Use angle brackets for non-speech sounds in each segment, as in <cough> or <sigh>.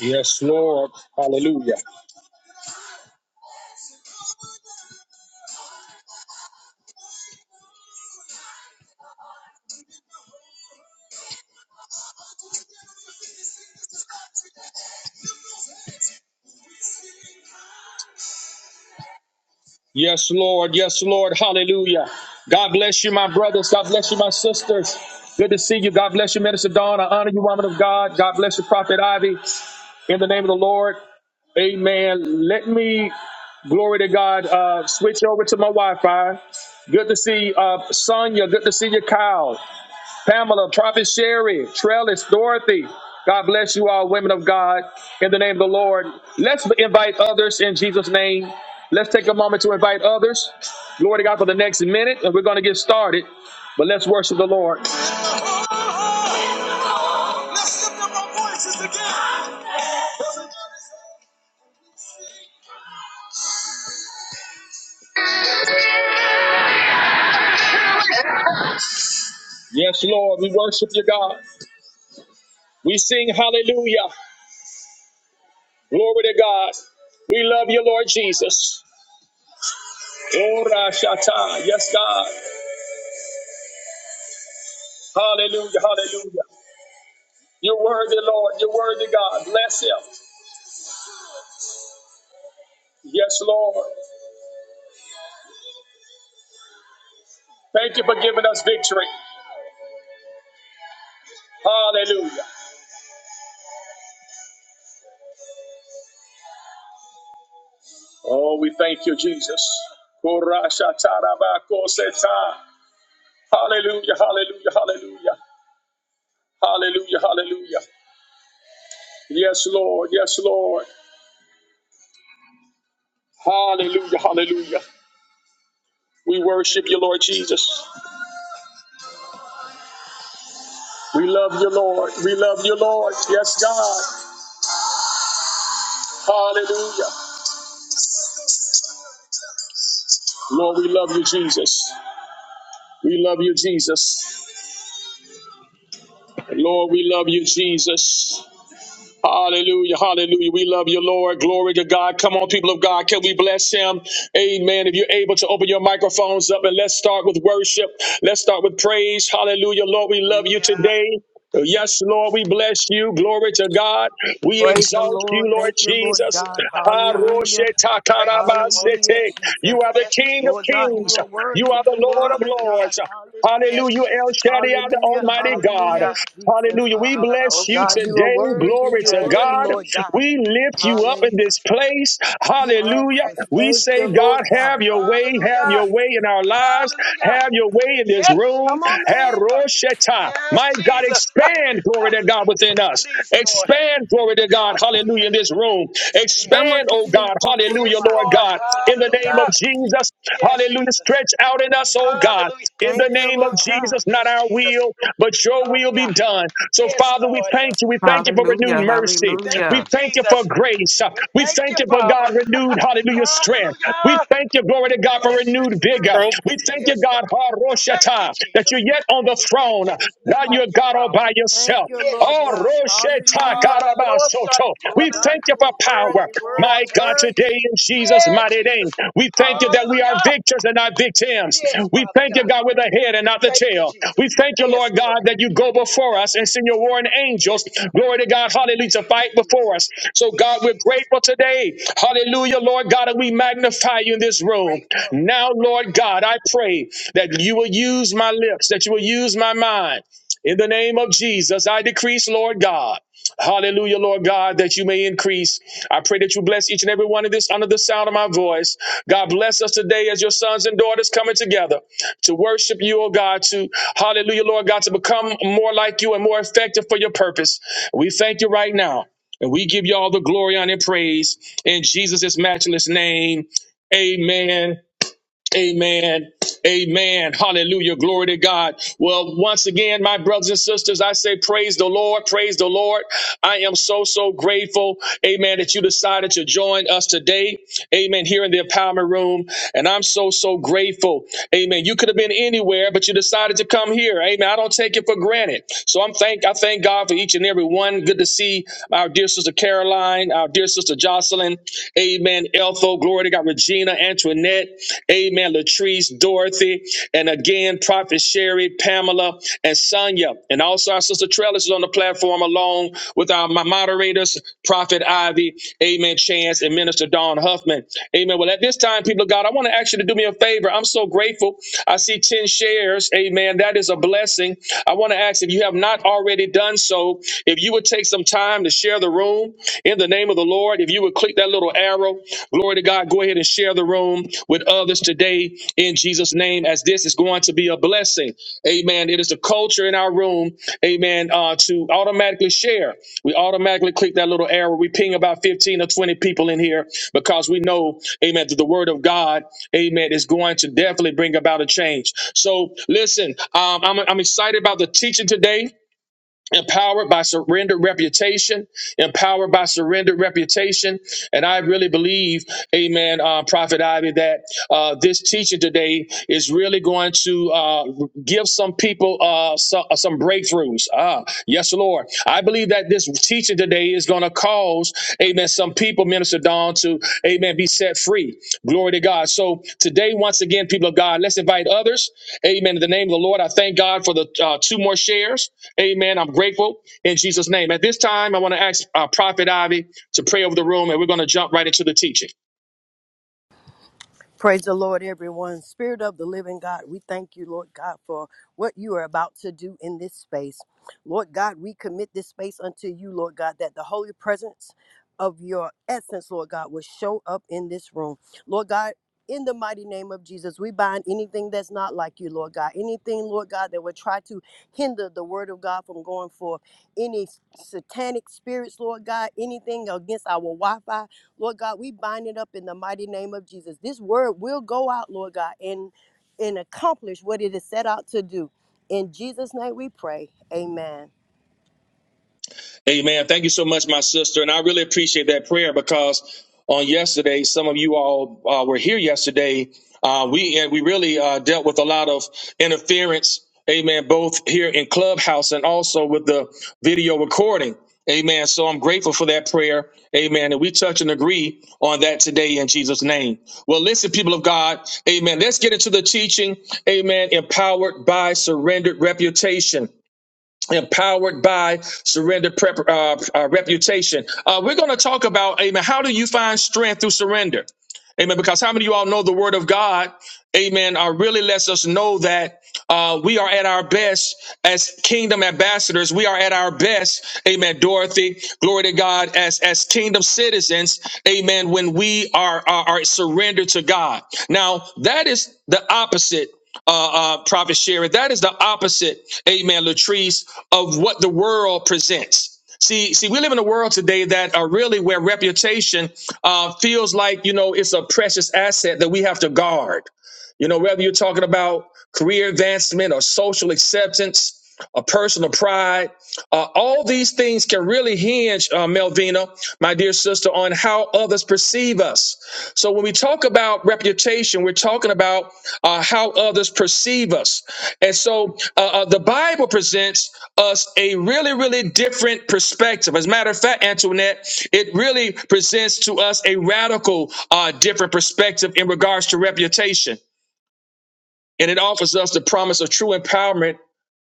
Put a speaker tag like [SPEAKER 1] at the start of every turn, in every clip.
[SPEAKER 1] Yes, Lord. Hallelujah. Yes, Lord. Yes, Lord. Hallelujah. God bless you, my brothers. God bless you, my sisters. Good to see you. God bless you, Minister Dawn. I honor you, woman of God. God bless you, Prophet Ivy. In the name of the Lord. Amen. Let me, glory to God, uh, switch over to my Wi Fi. Good to see uh, Sonia. Good to see you, Kyle. Pamela, Prophet Sherry, Trellis, Dorothy. God bless you all, women of God, in the name of the Lord. Let's invite others in Jesus' name. Let's take a moment to invite others. Glory to God for the next minute, and we're going to get started. But let's worship the Lord. Let's lift up our voices again. Yes, Lord, we worship you, God. We sing hallelujah. Glory to God. We love you, Lord Jesus. Ora shata. Yes, God. Hallelujah. Hallelujah. You're worthy, Lord. You're worthy, God. Bless him. Yes, Lord. Thank you for giving us victory. Hallelujah. Oh, we thank you, Jesus. Ora shata raba koseta. Hallelujah. Hallelujah. Hallelujah. Hallelujah. Hallelujah. Yes, Lord. Yes, Lord. Hallelujah. Hallelujah. We worship you, Lord Jesus. We love you, Lord. We love you, Lord. Yes, God. Hallelujah. Lord, we love you, Jesus. We love you, Jesus. Lord, we love you, Jesus. Hallelujah. Hallelujah. We love you, Lord. Glory to God. Come on, people of God. Can we bless him? Amen. If you're able to open your microphones up and let's start with worship. Let's start with praise. Hallelujah. Lord, we love you
[SPEAKER 2] Hallelujah.
[SPEAKER 1] today.
[SPEAKER 2] Thank you,
[SPEAKER 1] Yes, Lord,
[SPEAKER 2] Jesus.
[SPEAKER 1] we bless you. Glory to God.
[SPEAKER 2] Thank you,
[SPEAKER 1] We
[SPEAKER 3] Praise the
[SPEAKER 2] Jesus.
[SPEAKER 1] exalt you,
[SPEAKER 3] Lord.
[SPEAKER 1] Lord
[SPEAKER 3] Thank you,
[SPEAKER 2] We
[SPEAKER 3] Lord
[SPEAKER 1] Jesus.
[SPEAKER 2] thank
[SPEAKER 3] God.
[SPEAKER 2] you, Father God.
[SPEAKER 3] Hallelujah.
[SPEAKER 2] We praise your holy
[SPEAKER 3] Hallelujah,
[SPEAKER 1] Haroshe-takarabasete.
[SPEAKER 2] name.
[SPEAKER 3] Jesus.
[SPEAKER 1] You are the
[SPEAKER 2] Yes,
[SPEAKER 1] King of
[SPEAKER 2] Jesus,
[SPEAKER 3] Lord God,
[SPEAKER 2] you
[SPEAKER 3] you
[SPEAKER 1] kings.
[SPEAKER 3] are
[SPEAKER 2] are
[SPEAKER 1] You
[SPEAKER 2] worthy.
[SPEAKER 3] worthy.
[SPEAKER 1] are the
[SPEAKER 3] You're
[SPEAKER 1] Lord of
[SPEAKER 3] worthy,
[SPEAKER 2] Hallelujah.
[SPEAKER 3] God.
[SPEAKER 1] lords.
[SPEAKER 3] Hallelujah.
[SPEAKER 2] Yes,
[SPEAKER 1] Hallelujah, El
[SPEAKER 2] Jesus.
[SPEAKER 1] Shaddai, the
[SPEAKER 3] Hallelujah.
[SPEAKER 1] Almighty God.
[SPEAKER 3] Hallelujah,
[SPEAKER 2] Hallelujah.
[SPEAKER 3] Jesus.
[SPEAKER 1] Hallelujah. We bless
[SPEAKER 2] Hallelujah.
[SPEAKER 3] Oh
[SPEAKER 1] you
[SPEAKER 3] God,
[SPEAKER 2] Son.
[SPEAKER 3] you are
[SPEAKER 1] today.
[SPEAKER 3] worthy.
[SPEAKER 1] Glory
[SPEAKER 3] You're
[SPEAKER 1] to
[SPEAKER 2] Ta- ta-
[SPEAKER 3] worthy,
[SPEAKER 1] God.
[SPEAKER 2] ta- ta-
[SPEAKER 3] Lord
[SPEAKER 2] ta.
[SPEAKER 3] God.
[SPEAKER 1] We lift you
[SPEAKER 2] Yes,
[SPEAKER 1] up in
[SPEAKER 3] Hallelujah,
[SPEAKER 1] this
[SPEAKER 2] Jesus.
[SPEAKER 1] place.
[SPEAKER 2] You are
[SPEAKER 1] Hallelujah.
[SPEAKER 2] worthy,
[SPEAKER 3] Jesus.
[SPEAKER 1] We
[SPEAKER 2] Father
[SPEAKER 3] Thank you,
[SPEAKER 1] say,
[SPEAKER 3] Lord
[SPEAKER 1] God,
[SPEAKER 3] God.
[SPEAKER 1] have your way,
[SPEAKER 2] God.
[SPEAKER 1] have
[SPEAKER 2] Hallelujah.
[SPEAKER 1] your way in our lives,
[SPEAKER 2] Hallelujah.
[SPEAKER 1] have your way in this
[SPEAKER 2] Yes,
[SPEAKER 1] room.
[SPEAKER 3] Come
[SPEAKER 2] Jesus.
[SPEAKER 3] on,
[SPEAKER 1] Have
[SPEAKER 3] man.
[SPEAKER 2] <laughs>
[SPEAKER 1] Rosheta.
[SPEAKER 2] Yes,
[SPEAKER 1] My God,
[SPEAKER 2] Jesus.
[SPEAKER 1] expand,
[SPEAKER 2] <laughs>
[SPEAKER 1] glory to God. God, within
[SPEAKER 2] Hallelujah.
[SPEAKER 1] us.
[SPEAKER 2] Please, Lord.
[SPEAKER 1] Expand, glory to God,
[SPEAKER 2] Hallelujah.
[SPEAKER 1] hallelujah, in this room.
[SPEAKER 2] Expand,
[SPEAKER 3] Grandma's
[SPEAKER 1] Expand,
[SPEAKER 3] gonna
[SPEAKER 1] oh
[SPEAKER 3] sit
[SPEAKER 2] Jesus.
[SPEAKER 3] in the
[SPEAKER 1] God,
[SPEAKER 3] front for a little
[SPEAKER 1] hallelujah,
[SPEAKER 2] Yes,
[SPEAKER 3] while.
[SPEAKER 1] Lord
[SPEAKER 2] Lord.
[SPEAKER 1] God, in the name of
[SPEAKER 2] Hallelujah.
[SPEAKER 1] Jesus,
[SPEAKER 2] Yes,
[SPEAKER 1] hallelujah.
[SPEAKER 2] Jesus.
[SPEAKER 1] Stretch out in us, oh God,
[SPEAKER 2] Hallelujah.
[SPEAKER 1] in
[SPEAKER 3] Thank
[SPEAKER 1] the
[SPEAKER 3] you,
[SPEAKER 1] name of
[SPEAKER 3] Lord
[SPEAKER 2] Hallelujah.
[SPEAKER 3] God.
[SPEAKER 1] Jesus, not
[SPEAKER 2] Yes,
[SPEAKER 1] our
[SPEAKER 2] Jesus.
[SPEAKER 1] will, but your
[SPEAKER 2] Father
[SPEAKER 1] will
[SPEAKER 2] God.
[SPEAKER 1] be done. So,
[SPEAKER 2] Yes,
[SPEAKER 1] Father, we
[SPEAKER 2] Lord.
[SPEAKER 1] thank you. We
[SPEAKER 2] Hallelujah.
[SPEAKER 1] thank you for
[SPEAKER 4] Hallelujah, hallelujah,
[SPEAKER 1] renewed
[SPEAKER 2] We
[SPEAKER 1] mercy.
[SPEAKER 2] thank you,
[SPEAKER 1] We
[SPEAKER 4] hallelujah.
[SPEAKER 1] thank you for
[SPEAKER 2] Jesus.
[SPEAKER 1] grace.
[SPEAKER 2] We
[SPEAKER 1] We
[SPEAKER 2] thank you,
[SPEAKER 1] thank you for
[SPEAKER 2] Father.
[SPEAKER 1] God, renewed,
[SPEAKER 2] <laughs>
[SPEAKER 1] hallelujah, strength. We
[SPEAKER 2] Hallelujah.
[SPEAKER 1] thank you, glory to God, for
[SPEAKER 2] Yes,
[SPEAKER 1] renewed
[SPEAKER 2] Jesus.
[SPEAKER 1] vigor.
[SPEAKER 3] Thank you.
[SPEAKER 1] We thank you,
[SPEAKER 2] Yes,
[SPEAKER 1] God,
[SPEAKER 2] Lord. We thank you,
[SPEAKER 1] Haroshata, that you're
[SPEAKER 2] Jesus.
[SPEAKER 1] yet on the
[SPEAKER 2] We thank
[SPEAKER 1] throne.
[SPEAKER 2] you. There's none
[SPEAKER 1] God,
[SPEAKER 2] like
[SPEAKER 1] you're
[SPEAKER 2] you,
[SPEAKER 1] God all
[SPEAKER 2] Father.
[SPEAKER 1] by
[SPEAKER 3] Thank
[SPEAKER 1] yourself.
[SPEAKER 3] you,
[SPEAKER 2] Yes,
[SPEAKER 3] Lord
[SPEAKER 1] Oh,
[SPEAKER 3] God.
[SPEAKER 2] Jesus.
[SPEAKER 1] Rosheta
[SPEAKER 3] Hallelujah.
[SPEAKER 2] Hallelujah.
[SPEAKER 1] Karabasoto.
[SPEAKER 3] Lord
[SPEAKER 1] We
[SPEAKER 2] Shantadadada.
[SPEAKER 3] God,
[SPEAKER 1] thank you
[SPEAKER 3] you
[SPEAKER 1] for
[SPEAKER 3] are
[SPEAKER 1] power.
[SPEAKER 2] Lord,
[SPEAKER 3] worthy, worthy,
[SPEAKER 2] Lord,
[SPEAKER 1] My God,
[SPEAKER 2] today.
[SPEAKER 1] today
[SPEAKER 3] worthy.
[SPEAKER 1] in Jesus'
[SPEAKER 2] Yeah,
[SPEAKER 1] mighty name,
[SPEAKER 2] Jesus.
[SPEAKER 1] we thank you that we are
[SPEAKER 2] Hallelujah.
[SPEAKER 1] victors and not victims.
[SPEAKER 2] Yes,
[SPEAKER 1] We
[SPEAKER 2] Father
[SPEAKER 1] thank you,
[SPEAKER 2] God.
[SPEAKER 1] God, with the head and
[SPEAKER 2] We
[SPEAKER 1] not the
[SPEAKER 2] thank you,
[SPEAKER 1] tail. We
[SPEAKER 2] Jesus.
[SPEAKER 1] thank you,
[SPEAKER 2] Yes,
[SPEAKER 1] Lord God,
[SPEAKER 2] Lord.
[SPEAKER 1] that you go
[SPEAKER 2] We
[SPEAKER 1] before
[SPEAKER 2] thank
[SPEAKER 1] us
[SPEAKER 2] you,
[SPEAKER 1] and send your
[SPEAKER 2] Jesus.
[SPEAKER 1] warring angels.
[SPEAKER 2] Yes, Father
[SPEAKER 1] Glory to God, hallelujah, to
[SPEAKER 2] God.
[SPEAKER 1] fight
[SPEAKER 2] Hallelujah.
[SPEAKER 1] before us. So, God,
[SPEAKER 2] Yes,
[SPEAKER 1] we're
[SPEAKER 2] Jesus.
[SPEAKER 1] grateful today. Hallelujah,
[SPEAKER 2] Yes.
[SPEAKER 1] Lord God, and we magnify you in this
[SPEAKER 2] We're
[SPEAKER 1] room.
[SPEAKER 2] grateful.
[SPEAKER 1] Now,
[SPEAKER 2] We're
[SPEAKER 1] Lord
[SPEAKER 2] grateful.
[SPEAKER 1] God, I pray that you will
[SPEAKER 2] Yes,
[SPEAKER 1] use my lips, that you will use my mind. In the name of Jesus, I decrease, Lord God. Hallelujah, Lord God, that you may increase. I pray that you bless each and every one of this under the sound of my voice. God bless us today as your sons and daughters coming together to worship you, oh God, to hallelujah, Lord God, to become more like you and more effective for your purpose. We thank you right now. And we give you all the glory, honor, and praise in Jesus' matchless name. Amen Amen. Amen. Hallelujah. Glory to God. Well, once again, my brothers and sisters, I say praise the Lord. Praise the Lord. I am so, so grateful. Amen. That you decided to join us today. Amen. Here in the empowerment room. And I'm so, so grateful. Amen. You could have been anywhere, but you decided to come here. Amen. I don't take it for granted. So I'm thank, I thank God for each and every one. Good to see our dear sister Caroline, our dear sister Jocelyn. Amen. Amen. Eltho, glory to God. Regina, Antoinette, Amen. Latrice, Dorothy, and again, Prophet Sherry, Pamela, and Sonia. And also our sister Trellis is on the platform along with our my moderators, Prophet Ivy, Amen, Chance, and Minister Don Huffman. Amen. Well, at this time, people of God, I want to ask you to do me a favor. I'm so grateful. I see 10 shares. Amen. That is a blessing. I want to ask if you have not already done so, if you would take some time to share share the room in the name of the Lord. If you would click that little arrow, glory to God, go ahead and share the room with others today in Jesus' name, as this is going to be a blessing. Amen. It is the culture in our room, amen, uh, to automatically share. We automatically click that little arrow. We ping about 15 or 20 people in here because we know, amen, that the word of God, amen, is going to definitely bring about a change. So listen, um, I'm, I'm excited about the teaching today empowered by surrendered reputation empowered by surrendered reputation and i really believe amen uh, prophet ivy that uh, this teaching today is really going to uh, give some people uh, so, some breakthroughs ah yes lord i believe that this teaching today is going to cause, amen, some people, Minister Don, to, amen, be set free. Glory to God. So today, once again, people of God, let's invite others. Amen. In the name of the Lord, I thank God for the uh, two more shares. Amen. I'm grateful in Jesus' name. At this time, I want to ask uh, Prophet Ivy to pray over the room, and we're going to jump right into the teaching.
[SPEAKER 3] Praise the Lord, everyone. Spirit of the living God, we thank you, Lord God, for what you are about to do in this space. Lord God, we commit this space unto you, Lord God, that the holy presence of your essence, Lord God, will show up in this room. Lord God, in the mighty name of Jesus, we bind anything that's not like you, Lord God. Anything, Lord God, that would try to hinder the word of God from going forth. Any satanic spirits, Lord God, anything against our Wi Fi, Lord God, we bind it up in the mighty name of Jesus. This word will go out, Lord God, and and accomplish what it is set out to do. In Jesus' name we pray. Amen.
[SPEAKER 1] Amen. Thank you so much, my sister. And I really appreciate that prayer because on yesterday, some of you all uh, were here yesterday. Uh, we and we really uh, dealt with a lot of interference. Amen. Both here in Clubhouse and also with the video recording. Amen. So I'm grateful for that prayer. Amen. And we touch and agree on that today in Jesus' name. Well, listen, people of God. Amen. Let's get into the teaching. Amen. Empowered by surrendered reputation empowered by surrender prep, uh, uh, reputation. Uh, we're going to talk about, amen, how do you find strength through surrender? Amen. Because how many of you all know the word of God, amen, uh, really lets us know that uh, we are at our best as kingdom ambassadors. We are at our best, amen, Dorothy, glory to God, as, as kingdom citizens, amen, when we are, are, are surrendered to God. Now, that is the opposite uh, uh, Prophet Sherry. That is the opposite, Amen, Latrice, of what the world presents. See, see, we live in a world today that are really where reputation uh, feels like you know it's a precious asset that we have to guard. You know, whether you're talking about career advancement or social acceptance or personal pride, uh, all these things can really hinge, uh, Melvina, my dear sister, on how others perceive us. So when we talk about reputation, we're talking about uh, how others perceive us. And so uh, uh, the Bible presents us a really, really different perspective. As a matter of fact, Antoinette, it really presents to us a radical, uh, different perspective in regards to reputation. And it offers us the promise of true empowerment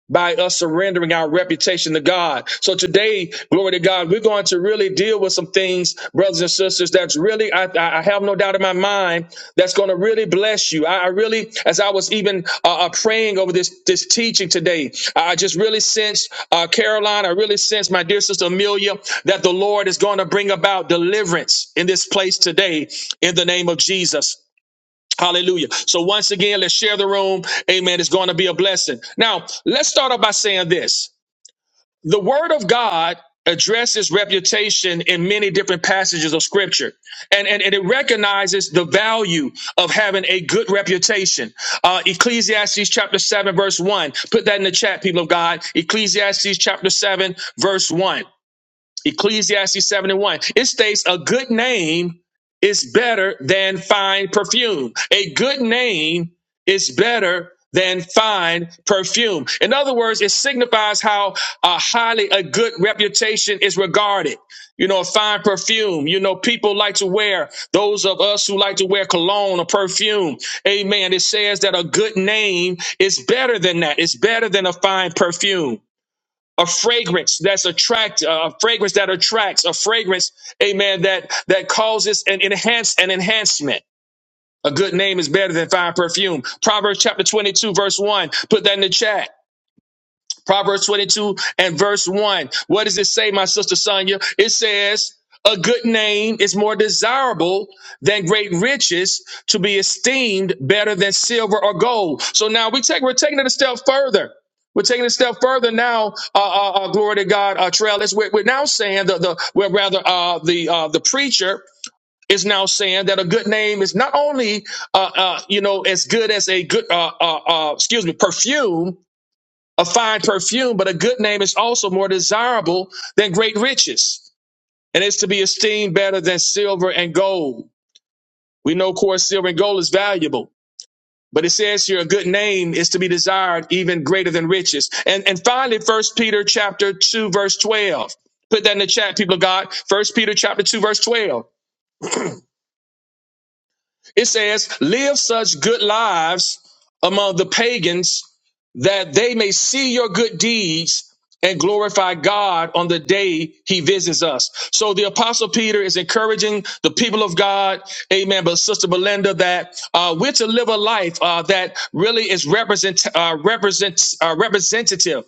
[SPEAKER 1] by us surrendering our reputation to God. So today, glory to God, we're going to really deal with some things, brothers and sisters, that's really, I, I I have no doubt in my mind, that's going to really bless you. I, I really, as I was even uh, uh, praying over this, this teaching today, I I just really sensed, uh, Caroline, I really sensed my dear sister Amelia, that the Lord is going to bring about deliverance in this place today in the name of Jesus. Hallelujah. So once again, let's share the room. Amen. It's going to be a blessing. Now, let's start off by saying this. The word of God addresses reputation in many different passages of scripture. And, and, and it recognizes the value of having a good reputation. Uh, Ecclesiastes chapter 7, verse 1. Put that in the chat, people of God. Ecclesiastes chapter 7, verse 1. Ecclesiastes 7 and 1. It states a good name is better than fine perfume. A good name is better than fine perfume. In other words, it signifies how uh, highly a good reputation is regarded. You know, a fine perfume. You know, people like to wear those of us who like to wear cologne or perfume. Amen. It says that a good name is better than that. It's better than a fine perfume a fragrance that's attract uh, a fragrance that attracts a fragrance amen that that causes an enhance an enhancement a good name is better than fine perfume proverbs chapter 22 verse 1 put that in the chat Proverbs 22 and verse 1. What does it say, my sister Sonia? It says, a good name is more desirable than great riches to be esteemed better than silver or gold. So now we take, we're taking it a step further. We're taking it a step further now. Uh, uh, uh, glory to God, uh, Trellis. We're, we're now saying that the, well, rather, uh, the, uh, the preacher is now saying that a good name is not only, uh, uh, you know, as good as a good, uh, uh, uh, excuse me, perfume, a fine perfume, but a good name is also more desirable than great riches, and is to be esteemed better than silver and gold. We know, of course, silver and gold is valuable, but it says here a good name is to be desired even greater than riches. And and finally, First Peter chapter two verse twelve. Put that in the chat, people of God. First Peter chapter two verse twelve. It says, "Live such good lives among the pagans." that they may see your good deeds and glorify God on the day he visits us. So the apostle Peter is encouraging the people of God, amen, but Sister Belinda, that uh, we're to live a life uh, that really is represent, uh, represents, uh, representative,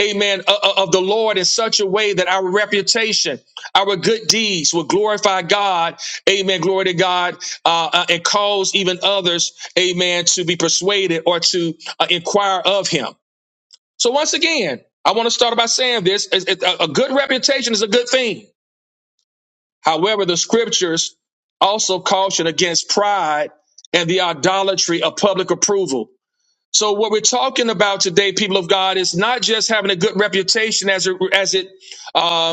[SPEAKER 1] amen, o- o- of the Lord in such a way that our reputation, our good deeds will glorify God, amen, glory to God, uh, uh, and cause even others, amen, to be persuaded or to uh, inquire of him. So once again, I want to start by saying this: is- is- a a good reputation is a good thing. However, the scriptures also caution against pride and the idolatry of public approval. So what we're talking about today, people of God, is not just having a good reputation as it, as it uh,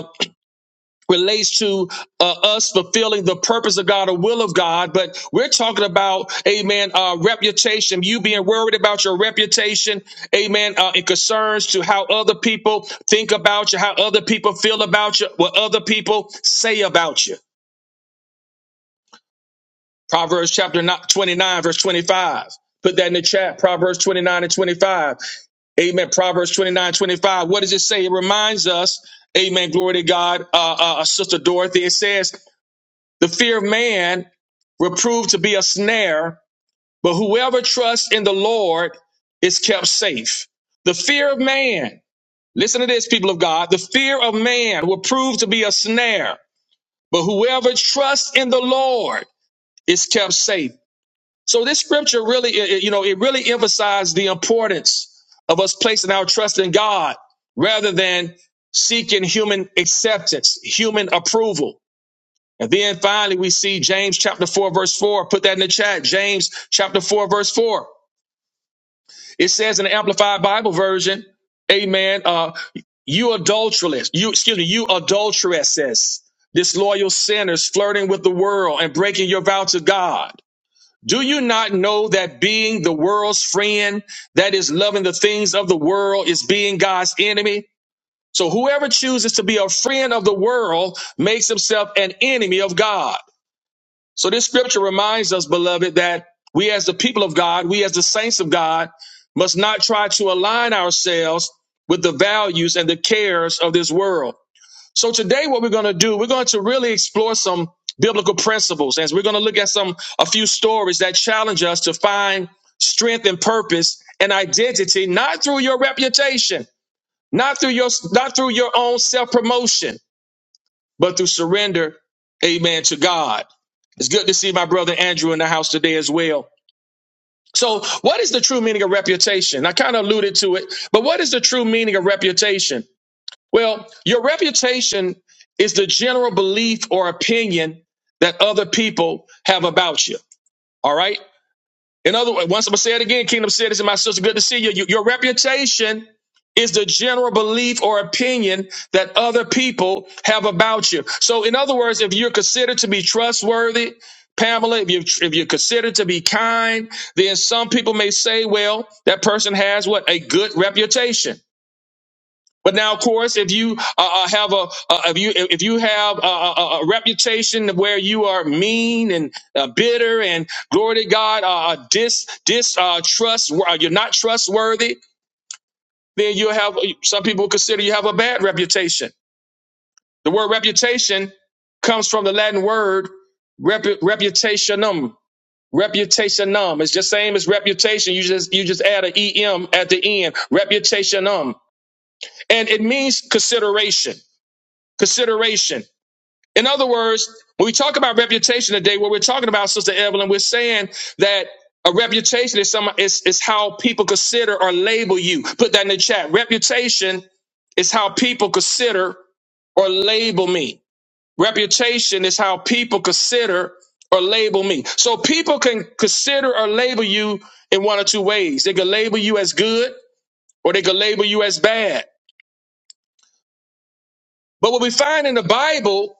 [SPEAKER 1] relates to uh, us fulfilling the purpose of God, the will of God, but we're talking about, amen, uh, reputation, you being worried about your reputation, amen, uh, it concerns to how other people think about you, how other people feel about you, what other people say about you. Proverbs chapter no- 29, verse 25. Put that in the chat, Proverbs 29 and 25. Amen. Proverbs 29, 25. What does it say? It reminds us, amen, glory to God, uh, uh, uh, Sister Dorothy. It says, The fear of man will prove to be a snare, but whoever trusts in the Lord is kept safe. The fear of man, listen to this, people of God, the fear of man will prove to be a snare, but whoever trusts in the Lord is kept safe. So this scripture really, it- it- you know, it really emphasized the importance of us placing our trust in God rather than seeking human acceptance, human approval. And then finally, we see James chapter 4, verse 4. Put that in the chat. James chapter 4, verse 4. It says in the Amplified Bible version, Amen. Uh, you adulteress, you excuse me, you adulteresses, disloyal sinners flirting with the world and breaking your vow to God. Do you not know that being the world's friend, that is loving the things of the world, is being God's enemy? So whoever chooses to be a friend of the world makes himself an enemy of God. So this scripture reminds us, beloved, that we as the people of God, we as the saints of God, must not try to align ourselves with the values and the cares of this world. So today what we're going to do, we're going to really explore some biblical principles and we're going to look at some a few stories that challenge us to find strength and purpose and identity not through your reputation, not through your not through your own self-promotion, but through surrender, amen, to God. It's good to see my brother Andrew in the house today as well. So, what is the true meaning of reputation? I kind of alluded to it, but what is the true meaning of reputation? Well, your reputation is the general belief or opinion that other people have about you. All right. In other words, once I'm gonna say it again, kingdom citizen, my sister, good to see you. You- Your reputation is the general belief or opinion that other people have about you. So, in other words, if you're considered to be trustworthy, Pamela, if you if you're considered to be kind, then some people may say, well, that person has what a good reputation. But now, of course, if you uh, uh, have a uh, if you if you have a, a, a reputation where you are mean and uh, bitter and glory to God, uh, uh, dis dis uh, trust, uh, you're not trustworthy, then you have some people consider you have a bad reputation. The word reputation comes from the Latin word repu- reputationum. Reputationum. It's just same as reputation. You just you just add a em at the end. Reputationum, and it means consideration. consideration. In other words, when we talk about reputation today, what we're talking about, Sister Evelyn, we're saying that a reputation is some is, is how people consider or label you. Put that in the chat. Reputation is how people consider or label me. Reputation is how people consider or label me. So people can consider or label you in one or two ways. They can label you as good or they can label you as bad. But what we find in the Bible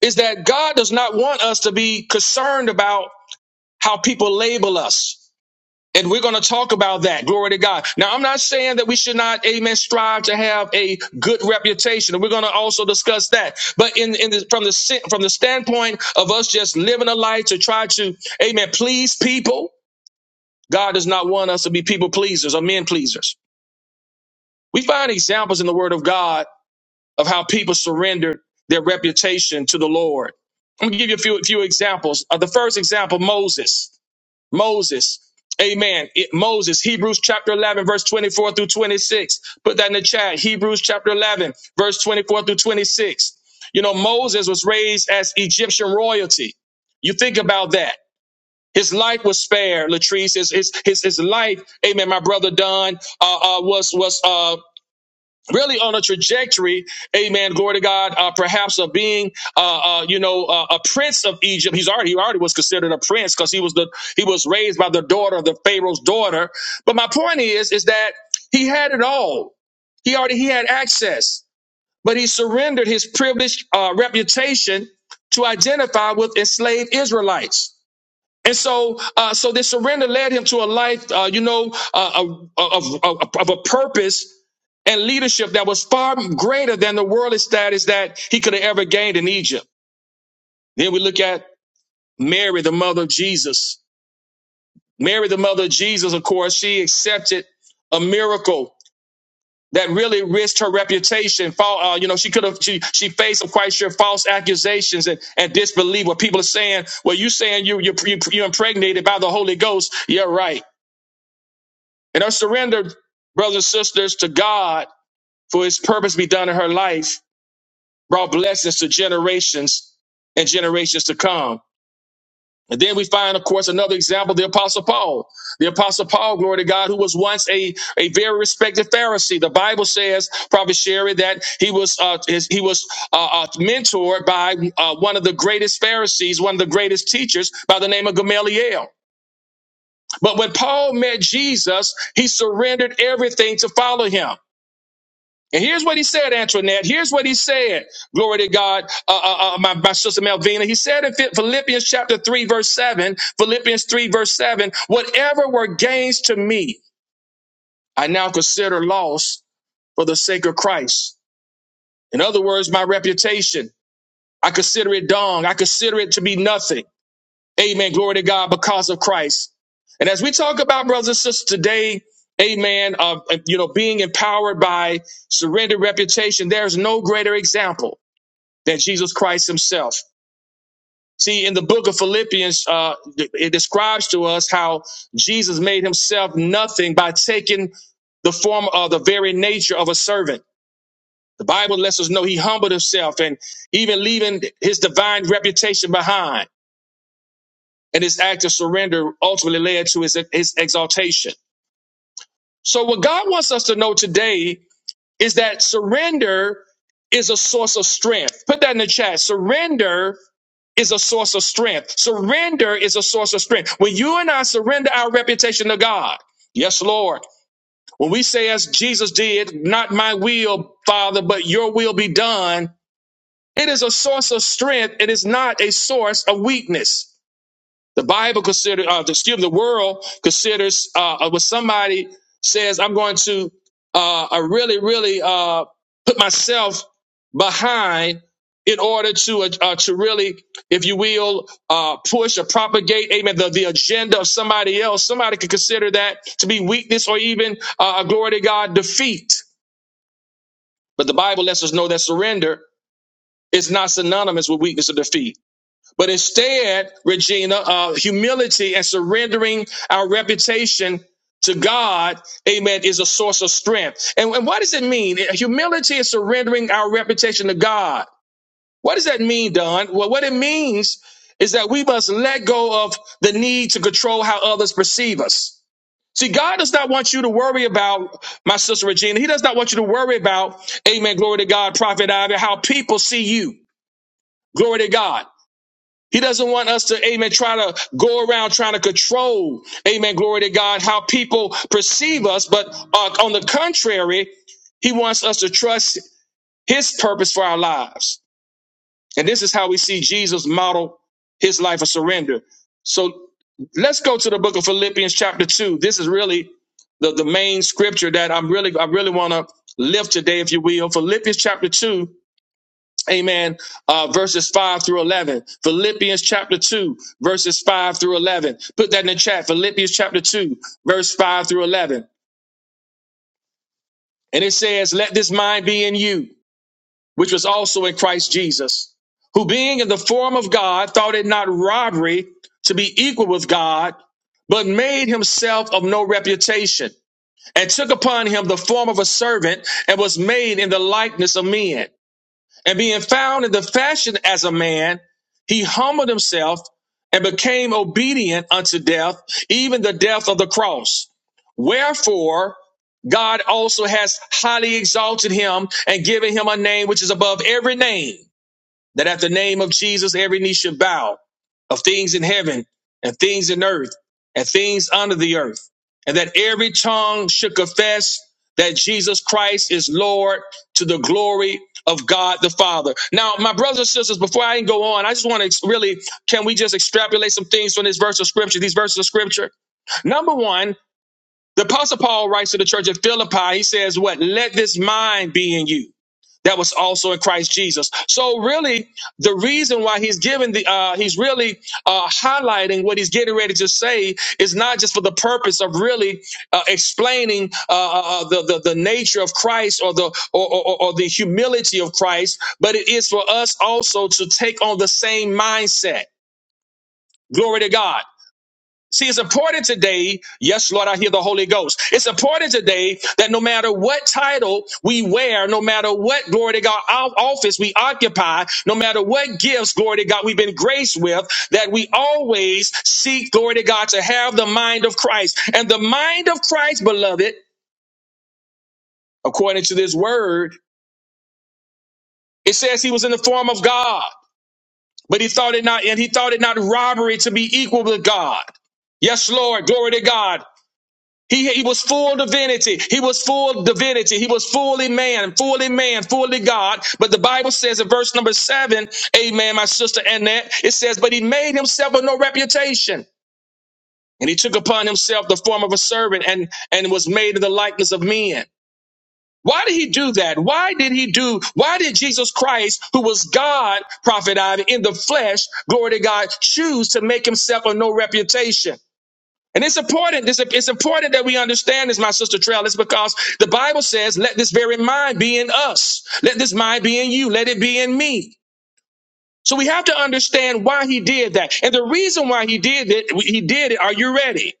[SPEAKER 1] is that God does not want us to be concerned about how people label us. And we're going to talk about that. Glory to God. Now, I'm not saying that we should not, amen, strive to have a good reputation. And we're going to also discuss that. But in, in the, from the si, from the standpoint of us just living a life to try to, amen, please people, God does not want us to be people pleasers or men pleasers. We find examples in the word of God of how people surrendered their reputation to the Lord. I'm gonna give you a few, few examples. Uh, the first example, Moses. Moses. Amen. It- Moses, Hebrews chapter 11, verse 24 through 26. Put that in the chat. Hebrews chapter 11, verse 24 through 26. You know, Moses was raised as Egyptian royalty. You think about that. His life was spared, Latrice. His, his, his, his life, amen, my brother Don, uh, uh, was, was, uh, really on a trajectory, amen, glory to God, uh, perhaps of being, uh, uh, you know, uh, a prince of Egypt. He's already, he already was considered a prince because he was the, he was raised by the daughter of the Pharaoh's daughter. But my point is, is that he had it all. He already, he had access, but he surrendered his privileged uh, reputation to identify with enslaved Israelites. And so, uh, so this surrender led him to a life, uh, you know, uh, of, of, of, of a purpose and leadership that was far greater than the worldly status that he could have ever gained in Egypt. Then we look at Mary, the mother of Jesus. Mary, the mother of Jesus, of course, she accepted a miracle that really risked her reputation. Fall, uh, you know, she could have, she, she faced, of quite sure, false accusations and, and disbelief What people are saying, well, you saying you, you, you, you're impregnated by the Holy Ghost. You're right. And her surrender, brothers and sisters, to God for his purpose be done in her life brought blessings to generations and generations to come. And then we find, of course, another example, the Apostle Paul. The Apostle Paul, glory to God, who was once a, a very respected Pharisee. The Bible says, Prophet Sherry, that he was uh, his, he was uh, uh, mentored by uh, one of the greatest Pharisees, one of the greatest teachers by the name of Gamaliel. But when Paul met Jesus, he surrendered everything to follow him. And here's what he said, Antoinette. Here's what he said. Glory to God, uh, uh, uh, my, my sister Melvina. He said in Philippians chapter 3, verse 7, Philippians 3, verse 7, whatever were gains to me, I now consider loss for the sake of Christ. In other words, my reputation, I consider it dung. I consider it to be nothing. Amen. Glory to God because of Christ. And as we talk about brothers and sisters today, amen, of, uh, you know, being empowered by surrendered reputation, there's no greater example than Jesus Christ himself. See, in the book of Philippians, uh, it describes to us how Jesus made himself nothing by taking the form of the very nature of a servant. The Bible lets us know he humbled himself and even leaving his divine reputation behind. And his act of surrender ultimately led to his, his exaltation. So, what God wants us to know today is that surrender is a source of strength. Put that in the chat. Surrender is a source of strength. Surrender is a source of strength. When you and I surrender our reputation to God, yes, Lord, when we say, as Jesus did, not my will, Father, but your will be done, it is a source of strength. It is not a source of weakness. The Bible consider, uh, excuse me, the world considers uh, uh, when somebody says, "I'm going to, uh, I really, really uh, put myself behind in order to, uh, uh, to really, if you will, uh, push or propagate, amen, the, the agenda of somebody else." Somebody could consider that to be weakness or even uh, a glory to God defeat. But the Bible lets us know that surrender is not synonymous with weakness or defeat. But instead, Regina, uh, humility and surrendering our reputation to God, amen, is a source of strength. And, and what does it mean? Humility is surrendering our reputation to God. What does that mean, Don? Well, what it means is that we must let go of the need to control how others perceive us. See, God does not want you to worry about, my sister Regina, He does not want you to worry about, amen, glory to God, Prophet Ivy, how people see you. Glory to God. He doesn't want us to, amen, try to go around trying to control, amen, glory to God, how people perceive us. But uh, on the contrary, he wants us to trust his purpose for our lives. And this is how we see Jesus model his life of surrender. So let's go to the book of Philippians chapter two. This is really the, the main scripture that I'm really, I really want to lift today, if you will. Philippians chapter two, Amen. Uh, verses 5 through 11. Philippians chapter 2, verses 5 through 11. Put that in the chat. Philippians chapter 2, verse 5 through 11. And it says, Let this mind be in you, which was also in Christ Jesus, who being in the form of God, thought it not robbery to be equal with God, but made himself of no reputation, and took upon him the form of a servant, and was made in the likeness of men. and being found in the fashion as a man, he humbled himself and became obedient unto death, even the death of the cross. Wherefore, God also has highly exalted him and given him a name which is above every name that at the name of Jesus, every knee should bow of things in heaven and things in earth and things under the earth, and that every tongue should confess that Jesus Christ is Lord to the glory of God the Father. Now, my brothers and sisters, before I go on, I just want to really, can we just extrapolate some things from this verse of scripture, these verses of scripture? Number one, the Apostle Paul writes to the church at Philippi, he says, What? Let this mind be in you that was also in Christ Jesus. So really, the reason why he's giving the uh, he's really uh, highlighting what he's getting ready to say is not just for the purpose of really uh, explaining uh, uh, uh, the, the the nature of Christ or the or, or, or or the humility of Christ, but it is for us also to take on the same mindset. Glory to God. See, it's important today. Yes, Lord, I hear the Holy Ghost. It's important today that no matter what title we wear, no matter what glory to God our office we occupy, no matter what gifts glory to God we've been graced with, that we always seek glory to God to have the mind of Christ. And the mind of Christ, beloved, according to this word, it says he was in the form of God, but he thought it not, and he thought it not robbery to be equal with God. Yes, Lord, glory to God. He, he was full divinity. He was full divinity. He was fully man, fully man, fully God. But the Bible says in verse number seven, amen, my sister Annette, it says, but he made himself of no reputation. And he took upon himself the form of a servant and, and was made in the likeness of men. Why did he do that? Why did he do, why did Jesus Christ, who was God, prophet Ivy, in the flesh, glory to God, choose to make himself of no reputation? And it's important. It's, it's important that we understand this, my sister Trail. It's because the Bible says, let this very mind be in us. Let this mind be in you. Let it be in me. So we have to understand why he did that. And the reason why he did it, he did it. Are you ready?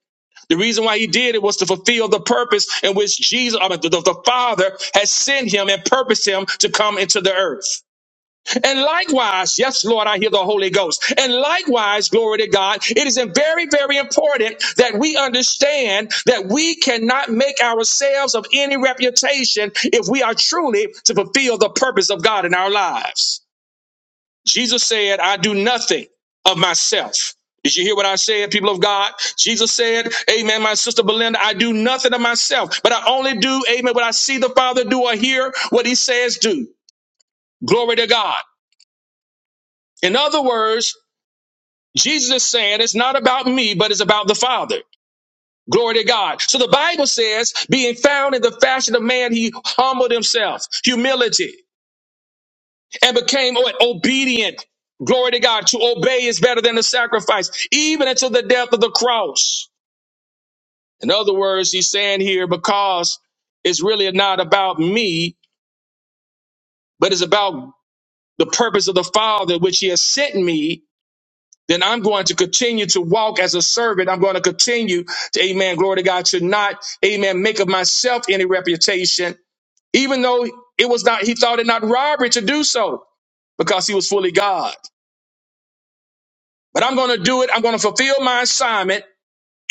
[SPEAKER 1] The reason why he did it was to fulfill the purpose in which Jesus, or the, the the Father has sent him and purposed him to come into the earth. And likewise, yes, Lord, I hear the Holy Ghost. And likewise, glory to God, it is very, very important that we understand that we cannot make ourselves of any reputation if we are truly to fulfill the purpose of God in our lives. Jesus said, I do nothing of myself. Did you hear what I said, people of God? Jesus said, Amen, my sister Belinda, I do nothing of myself, but I only do, Amen, what I see the Father do or hear what he says do. Glory to God. In other words, Jesus is saying it's not about me, but it's about the Father. Glory to God. So the Bible says, being found in the fashion of man, he humbled himself, humility, and became what? obedient. Glory to God. To obey is better than the sacrifice, even until the death of the cross. In other words, he's saying here, because it's really not about me, but it's about the purpose of the Father, which he has sent me then I'm going to continue to walk as a servant. I'm going to continue to, amen, glory to God, to not, amen, make of myself any reputation, even though it was not, he thought it not robbery to do so because he was fully God. But I'm going to do it. I'm going to fulfill my assignment.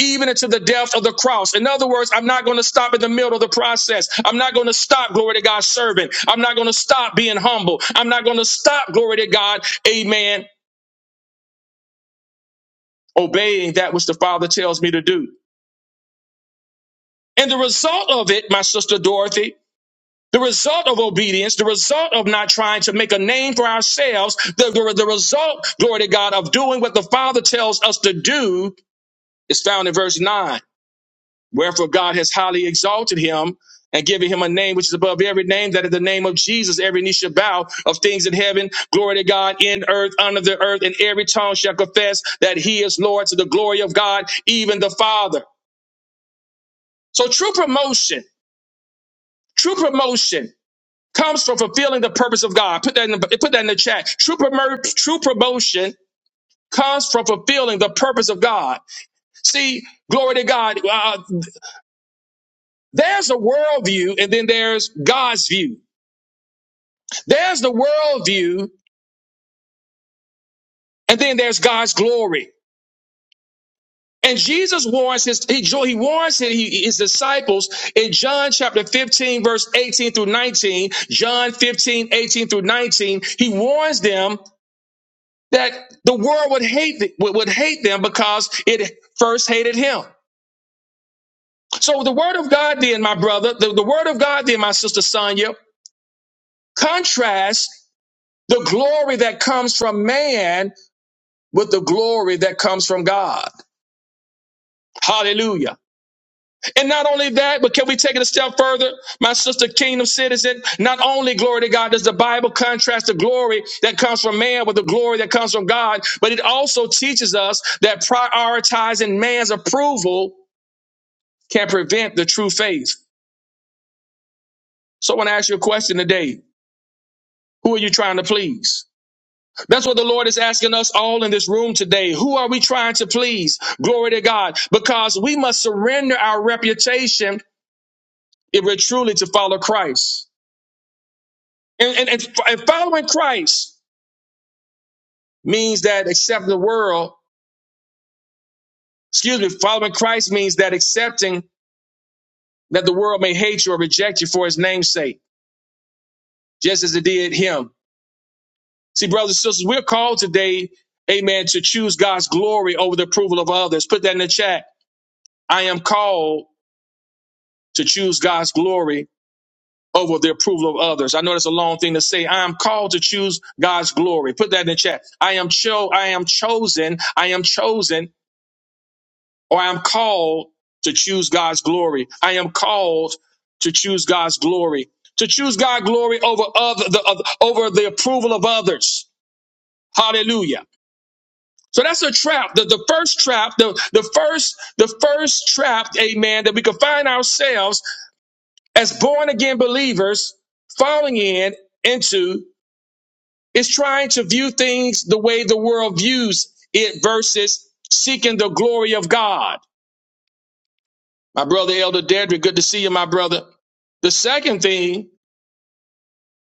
[SPEAKER 1] Even into the death of the cross. In other words, I'm not going to stop in the middle of the process. I'm not going to stop, glory to God, serving. I'm not going to stop being humble. I'm not going to stop, glory to God, amen, obeying that which the Father tells me to do. And the result of it, my sister Dorothy, the result of obedience, the result of not trying to make a name for ourselves, the, the, the result, glory to God, of doing what the Father tells us to do is found in verse 9. Wherefore God has highly exalted him and given him a name which is above every name, that at the name of Jesus every knee shall bow of things in heaven, glory to God, in earth, under the earth, and every tongue shall confess that he is Lord to the glory of God, even the Father. So true promotion, true promotion comes from fulfilling the purpose of God. Put that in the, put that in the chat. True, promo- true promotion comes from fulfilling the purpose of God. See, glory to God. Uh, there's a worldview and then there's God's view. There's the worldview and then there's God's glory. And Jesus warns his he, he warns his, his disciples in John chapter 15 verse 18 through 19, John 15 18 through 19, he warns them that the world would hate th- would would hate them because it first hated him. So the word of God, then, my brother, the, the word of God, then, my sister Sonia, contrasts the glory that comes from man with the glory that comes from God. Hallelujah. And not only that, but can we take it a step further? My sister, kingdom citizen, not only glory to God does the Bible contrast the glory that comes from man with the glory that comes from God, but it also teaches us that prioritizing man's approval can prevent the true faith. So I want to ask you a question today. Who are you trying to please? That's what the Lord is asking us all in this room today. Who are we trying to please? Glory to God. Because we must surrender our reputation if we're truly to follow Christ. And, and, and, and following Christ means that accepting the world, excuse me, following Christ means that accepting that the world may hate you or reject you for his name's sake, just as it did him. See, brothers and sisters, we're called today, amen, to choose God's glory over the approval of others. Put that in the chat. I am called to choose God's glory over the approval of others. I know that's a long thing to say. I am called to choose God's glory. Put that in the chat. I am cho- I am chosen. I am chosen or I am called to choose God's glory. I am called to choose God's glory. To choose God's glory over other, the, over the approval of others. Hallelujah. So that's a trap. The, the first trap, the, the first, the first trap, amen, that we could find ourselves as born again believers falling in into is trying to view things the way the world views it versus seeking the glory of God. My brother Elder Dedrick, good to see you, my brother. The second thing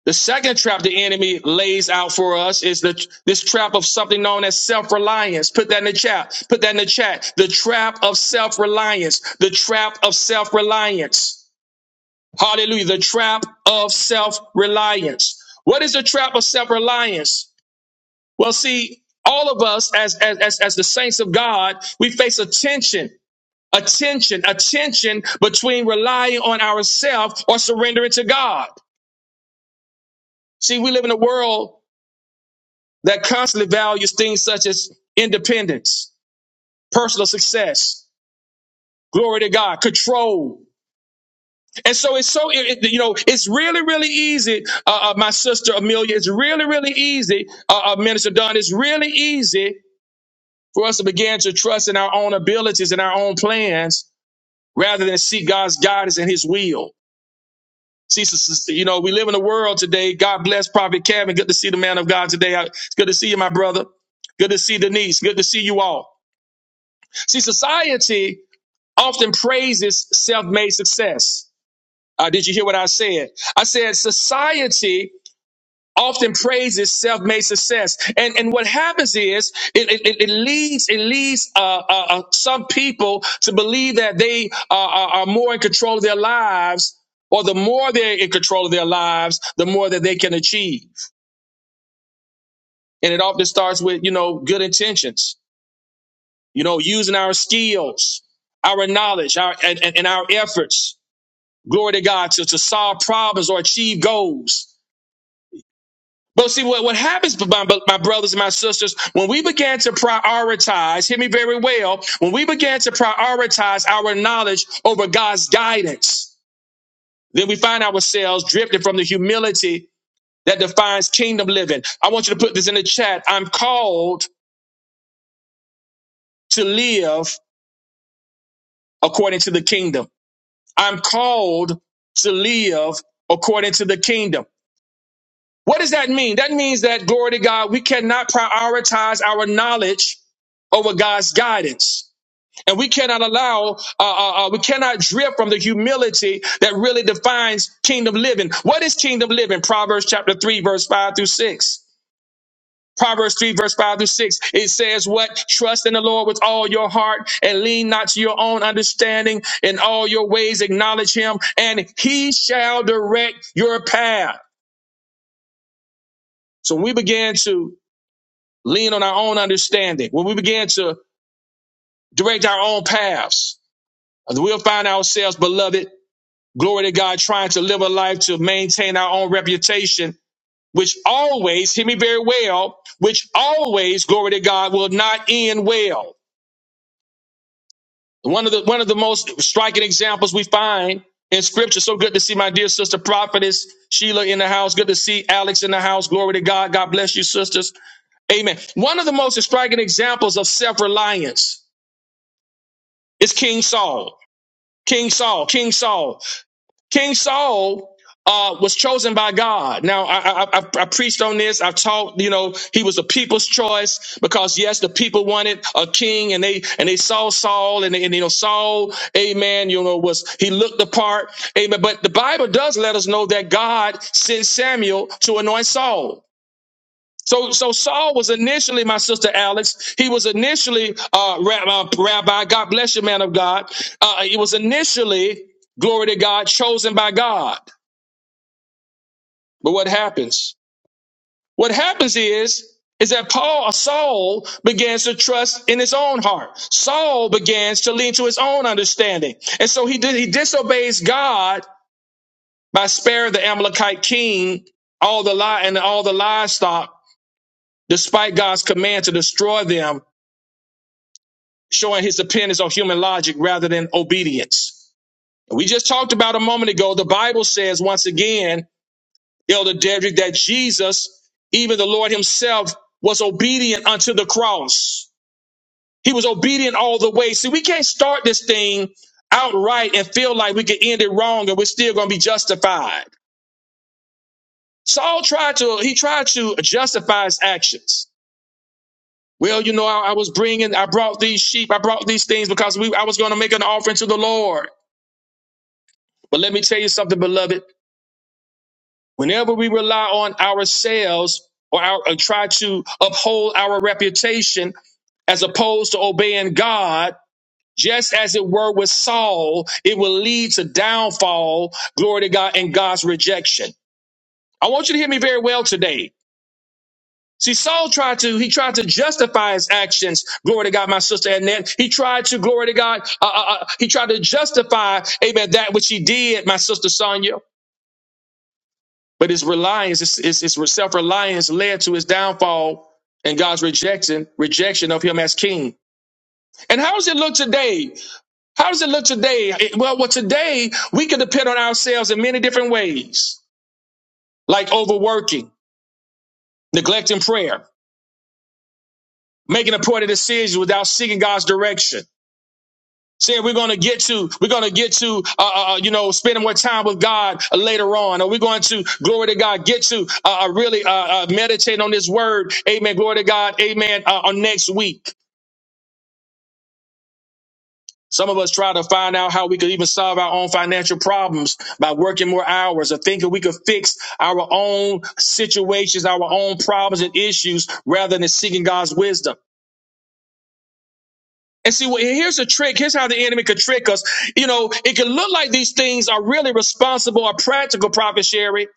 [SPEAKER 1] The second trap the enemy lays out for us is the this trap of something known as self-reliance. Put that in the chat. Put that in the chat. The trap of self-reliance. The trap of self-reliance. Hallelujah. The trap of self-reliance. What is the trap of self-reliance? Well, see, all of us as as as, as the saints of God, we face a tension. A tension, a tension between relying on ourselves or surrendering to God. See, we live in a world that constantly values things such as independence, personal success, glory to God, control. And so it's so, it, it- you know, it's really, really easy, uh, uh, my sister Amelia, it's really, really easy, uh, uh, Minister Dunn, it's really easy for us to begin to trust in our own abilities and our own plans rather than seek God's guidance and his will. See, sis- sis- you know, we live in a world today. God bless Prophet Kevin. Good to see the man of God today. I- It's good to see you, my brother. Good to see Denise. Good to see you all. See, society often praises self made success. Uh, did you hear what I said? I said society often praises self made success. And, and what happens is it, it, it leads, it leads uh, uh, uh, some people to believe that they uh, are, are more in control of their lives. Or the more they're in control of their lives, the more that they can achieve. And it often starts with, you know, good intentions, you know, using our skills, our knowledge, our and, and and our efforts glory to God, to, to solve problems or achieve goals. But see, what, what happens, my, my brothers and my sisters, when we began to prioritize, hear me very well, when we began to prioritize our knowledge over God's guidance, then we find ourselves drifting from the humility that defines kingdom living. I want you to put this in the chat. I'm called to live according to the kingdom. I'm called to live according to the kingdom. What does that mean? That means that, glory to God, we cannot prioritize our knowledge over God's guidance. And we cannot allow, uh, uh, uh, we cannot drift from the humility that really defines kingdom living. What is kingdom living? Proverbs chapter 3, verse 5 through 6. Proverbs 3, verse 5 through 6. It says, What? Trust in the Lord with all your heart and lean not to your own understanding. In all your ways, acknowledge him, and he shall direct your path. So when we began to lean on our own understanding, when we begin to direct our own paths, we'll find ourselves, beloved, glory to God, trying to live a life to maintain our own reputation, which always, hear me very well, which always, glory to God, will not end well. One of the one of the most striking examples we find in scripture. So good to see my dear sister prophetess Sheila in the house. Good to see Alex in the house. Glory to God. God bless you, sisters. Amen. One of the most striking examples of self-reliance It's King Saul. King Saul. King Saul. King Saul uh, was chosen by God. Now, I, I, I I preached on this. I've taught, you know, he was a people's choice because yes, the people wanted a king, and they and they saw Saul, and, they, and you know Saul, Amen. You know, was he looked the part, Amen. But the Bible does let us know that God sent Samuel to anoint Saul. So, so Saul was initially, my sister Alex, he was initially, uh, Rab- uh, Rabbi, God bless you, man of God. Uh, he was initially, glory to God, chosen by God. But what happens? What happens is, is that Paul, uh, Saul begins to trust in his own heart. Saul begins to lean to his own understanding. And so he did, he disobeys God by sparing the Amalekite king all the li- and all the livestock, despite God's command to destroy them showing his dependence on human logic rather than obedience. We just talked about a moment ago, the Bible says once again, Elder Dedrick, that Jesus, even the Lord himself, was obedient unto the cross. He was obedient all the way. See, we can't start this thing outright and feel like we could end it wrong and we're still going to be justified. Saul tried to, he tried to justify his actions. Well, you know, I, I was bringing, I brought these sheep, I brought these things because we, I was going to make an offering to the Lord. But let me tell you something, beloved. Whenever we rely on ourselves or, our, or try to uphold our reputation as opposed to obeying God, just as it were with Saul, it will lead to downfall, glory to God, and God's rejection. I want you to hear me very well today. See, Saul tried to, he tried to justify his actions. Glory to God, my sister Annette. He tried to, glory to God, uh, uh, uh, he tried to justify, amen, that which he did, my sister Sonia. But his reliance, his, his, his self reliance, led to his downfall and God's rejection rejection of him as king. And how does it look today? How does it look today? It- well, well, today we can depend on ourselves in many different ways, like overworking, neglecting prayer, making a point of decisions without seeking God's direction Said we're going to get to, we're going to get to, uh, uh, uh, you know, spending more time with God uh, later on. or we are going to, glory to God, get to uh, uh, really uh, uh, meditate on this word? Amen. Glory to God. Amen. Uh, on next week. Some of us try to find out how we could even solve our own financial problems by working more hours or thinking we could fix our own situations, our own problems and issues rather than seeking God's wisdom. And see, well, here's a trick. Here's how the enemy could trick us. You know, it can look like these things are really responsible or practical, Prophet Sherry.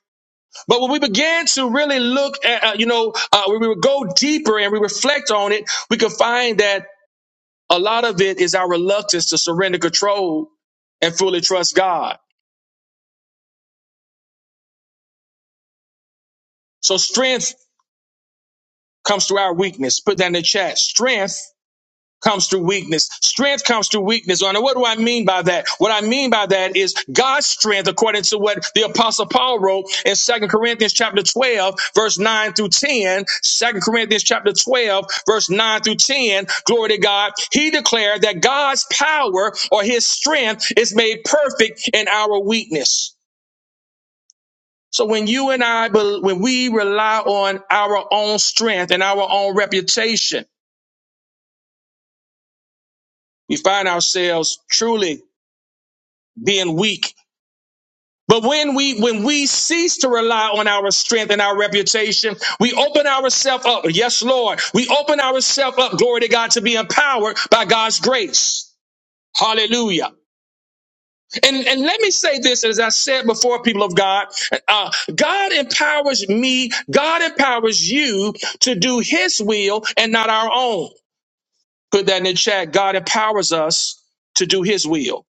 [SPEAKER 1] But when we began to really look at, uh, you know, uh, when we would go deeper and we reflect on it, we could find that a lot of it is our reluctance to surrender control and fully trust God. So strength comes through our weakness. Put that in the chat. Strength comes through weakness. Strength comes through weakness. And what do I mean by that? What I mean by that is God's strength, according to what the apostle Paul wrote in Second Corinthians chapter 12, verse 9 through 10. Second Corinthians chapter 12, verse 9 through 10. Glory to God. He declared that God's power or his strength is made perfect in our weakness. So when you and I, when we rely on our own strength and our own reputation, we find ourselves truly being weak But when we when we cease to rely on our strength and our reputation, we open ourselves up. Yes, Lord. We open ourselves up, glory to God, to be empowered by God's grace. Hallelujah. And, and let me say this, as I said before, people of God, uh, God empowers me, God empowers you to do His will and not our own. Put that in the chat. God empowers us to do His will.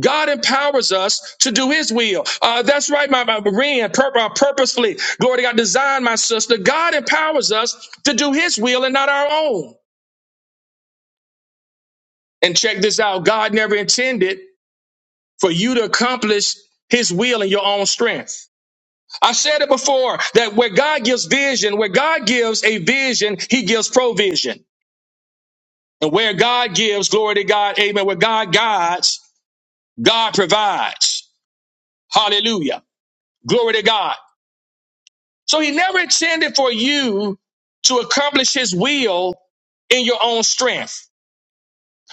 [SPEAKER 1] God empowers us to do His will. Uh, that's right, my, my Maria, pur- uh, purposefully. Glory to God, design my sister. God empowers us to do His will and not our own. And check this out: God never intended for you to accomplish His will in your own strength. I said it before that where God gives vision, where God gives a vision, He gives provision, and where God gives glory to God, Amen. Where God guides, God provides. Hallelujah. Glory to God. So he never intended for you to accomplish his will in your own strength.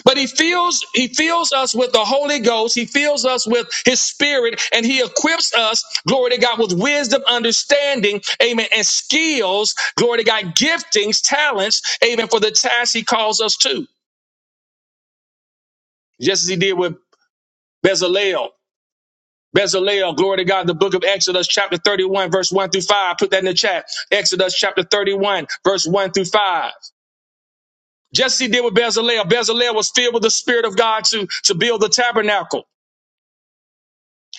[SPEAKER 1] But he fills he fills us with the Holy Ghost, he fills us with his spirit and he equips us, glory to God, with wisdom, understanding, amen, and skills, glory to God, giftings, talents, amen, for the task he calls us to. Just as he did with Bezalel. Bezalel, glory to God, the book of Exodus, chapter 31, verse 1 through 5. Put that in the chat. Exodus chapter 31, verse 1 through 5. Jesse did with Bezalel. Bezalel was filled with the Spirit of God to, to build the tabernacle.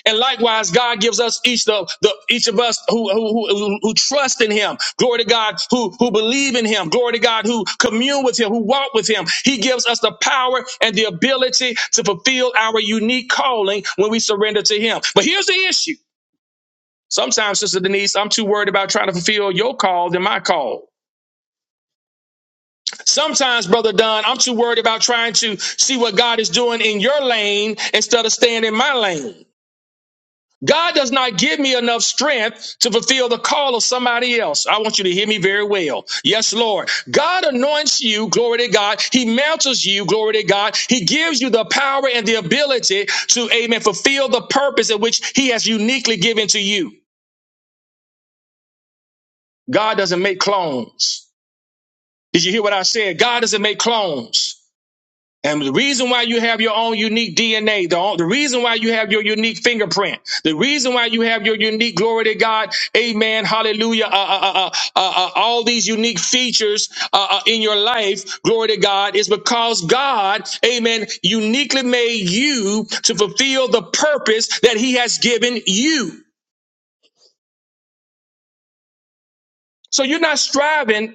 [SPEAKER 1] And likewise, God gives us each the, the each of us who, who who who trust in Him, glory to God, who who believe in Him, glory to God, who commune with Him, who walk with Him. He gives us the power and the ability to fulfill our unique calling when we surrender to Him. But here's the issue: sometimes, Sister Denise, I'm too worried about trying to fulfill your call than my call. Sometimes, Brother Don, I'm too worried about trying to see what God is doing in your lane instead of staying in my lane. God does not give me enough strength to fulfill the call of somebody else. I want you to hear me very well. Yes, Lord. God anoints you, glory to God. He mantles you, glory to God. He gives you the power and the ability to, amen, fulfill the purpose in which He has uniquely given to you. God doesn't make clones. Did you hear what I said? God doesn't make clones. And the reason why you have your own unique DNA, the, the reason why you have your unique fingerprint, the reason why you have your unique glory to God, amen, hallelujah, uh, uh, uh, uh, uh, uh, all these unique features uh, uh, in your life, glory to God, is because God, amen, uniquely made you to fulfill the purpose that He has given you. So you're not striving,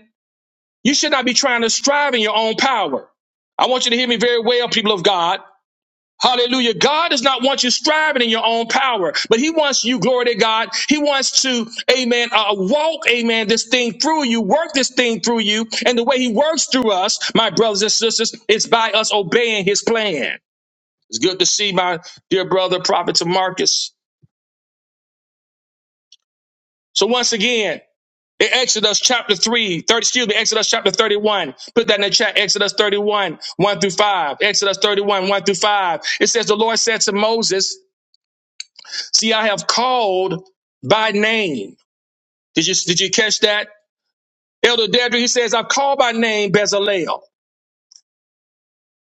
[SPEAKER 1] you should not be trying to strive in your own power. I want you to hear me very well, people of God. Hallelujah. God does not want you striving in your own power, but He wants you, glory to God. He wants to, amen, uh, walk, amen, this thing through you, work this thing through you. And the way He works through us, my brothers and sisters, is by us obeying His plan. It's good to see my dear brother, Prophet Marcus. So once again, in Exodus chapter 3, 30 excuse me, Exodus chapter 31. Put that in the chat. Exodus 31, 1 through 5. Exodus 31, 1 through 5. It says, The Lord said to Moses, See, I have called by name. Did you did you catch that? Elder Dedra, he says, I call by name Bezalel.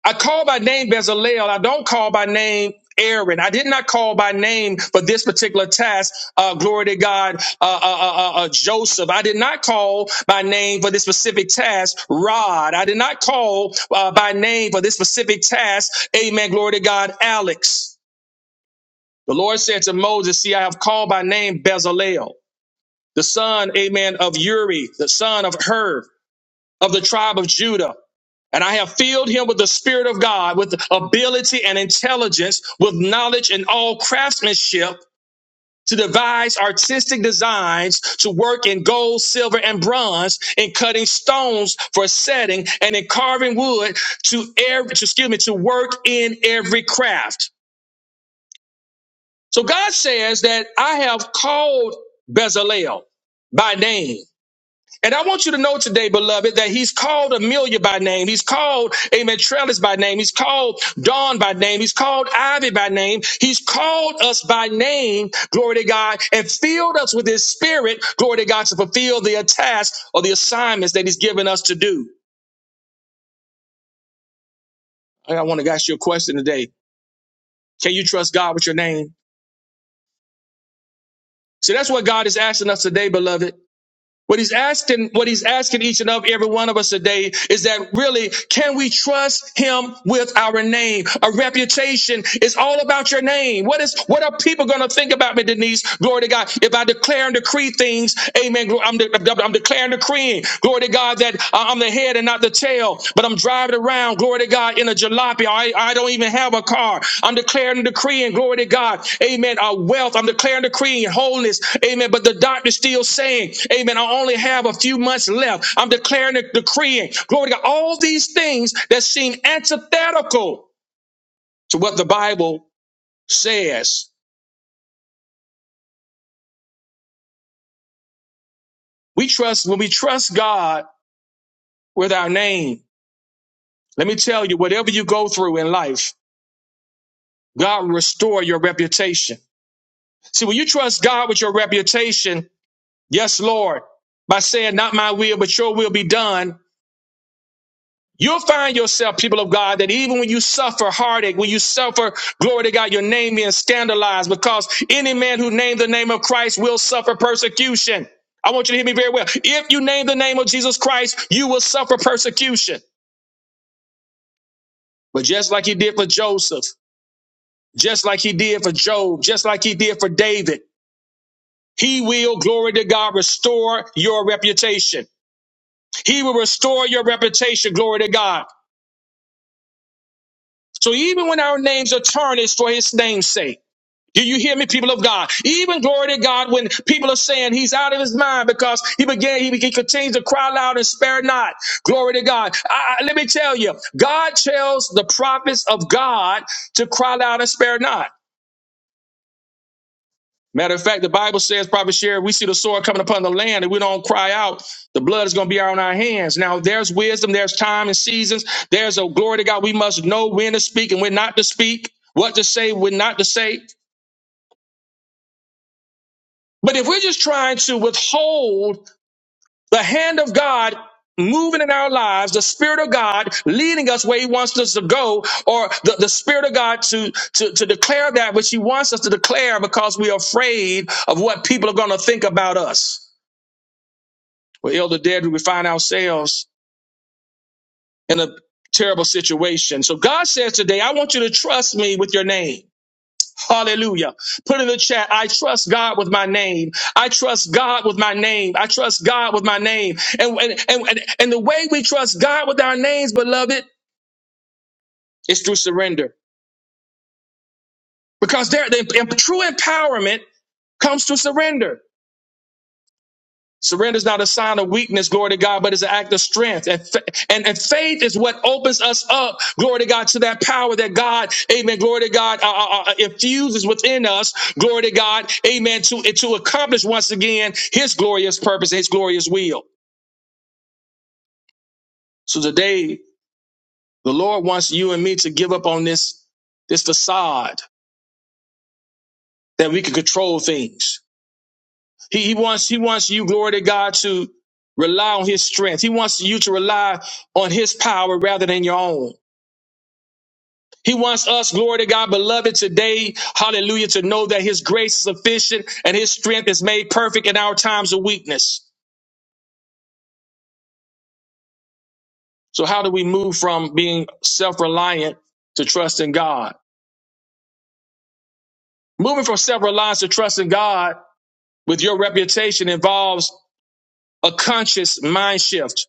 [SPEAKER 1] I call by name Bezalel. I don't call by name Aaron. I did not call by name for this particular task. Uh, glory to God, uh, uh, uh, uh, uh, Joseph. I did not call by name for this specific task. Rod. I did not call uh, by name for this specific task. Amen. Glory to God, Alex. The Lord said to Moses, See, I have called by name Bezalel. the son, amen, of Uri, the son of Hur, of the tribe of Judah. And I have filled him with the Spirit of God, with ability and intelligence, with knowledge and all craftsmanship to devise artistic designs, to work in gold, silver, and bronze, in cutting stones for setting, and in carving wood to, every, to excuse me, to work in every craft. So God says that I have called Bezalel by name And I want you to know today, beloved, that he's called Amelia by name. He's called, amen, Trellis by name. He's called Dawn by name. He's called Ivy by name. He's called us by name, glory to God, and filled us with his spirit, glory to God, to fulfill the task or the assignments that he's given us to do. Hey, I want to ask you a question today. Can you trust God with your name? So that's what God is asking us today, beloved. What he's asking, what he's asking each and every one of us today is that really, can we trust him with our name? A reputation is all about your name. What is, what are people going to think about me, Denise? Glory to God. If I declare and decree things, amen. glo- I'm, de- I'm declaring, decreeing. Glory to God that uh, I'm the head and not the the tail, but I'm driving around, glory to God, in a jalopy. I, I don't even have a car. I'm declaring and decreeing, glory to God, amen, our wealth. I'm declaring and decreeing wholeness, amen. But the doctor's still saying, amen, I only have a few months left. I'm declaring and decreeing, glory to God, all these things that seem antithetical to what the Bible says. We trust, when we trust God with our name, let me tell you, whatever you go through in life, God will restore your reputation. See, when you trust God with your reputation, yes, Lord, by saying, not my will, but your will be done, you'll find yourself, people of God, that even when you suffer heartache, when you suffer, glory to God, your name being scandalized, because any man who named the name of Christ will suffer persecution. I want you to hear me very well. If you name the name of Jesus Christ, you will suffer persecution. But just like he did for Joseph, just like he did for Job, just like he did for David, he will, glory to God, restore your reputation. He will restore your reputation. Glory to God. So even when our names are tarnished for his name's sake, do you hear me, people of God? Even glory to God when people are saying he's out of his mind because he began, he, he continues to cry loud and spare not. Glory to God. I, I- let me tell you, God tells the prophets of God to cry loud and spare not. Matter of fact, the Bible says, Prophet Sherry, we see the sword coming upon the land and we don't cry out, the blood is going to be on our hands. Now, there's wisdom, there's time and seasons. There's a glory to God. We must know when to speak and when not to speak, what to say, when not to say. But if we're just trying to withhold the hand of God moving in our lives, the Spirit of God leading us where He wants us to go, or the, the Spirit of God to, to, to declare that which He wants us to declare because we're afraid of what people are going to think about us. Well, Elder Dead, we find ourselves in a terrible situation. So God says today, I want you to trust me with your name. Hallelujah. Put in the chat, I trust God with my name. I trust God with my name. I trust God with my name. And, and, and, and and the way we trust God with our names, beloved, is through surrender. Because there, the, the true empowerment comes through surrender. Surrender is not a sign of weakness, glory to God, but it's an act of strength. And, fa- and, and faith is what opens us up, glory to God, to that power that God, amen, glory to God, uh, uh, uh, infuses within us, glory to God, amen, to, to accomplish once again his glorious purpose, his glorious will. So today, the Lord wants you and me to give up on this, this facade that we can control things He, he wants he wants you, glory to God, to rely on his strength. He wants you to rely on his power rather than your own. He wants us, glory to God, beloved, today, hallelujah, to know that his grace is sufficient and his strength is made perfect in our times of weakness. So how do we move from being self-reliant to trust in God? Moving from self-reliance to trust in God with your reputation involves a conscious mind shift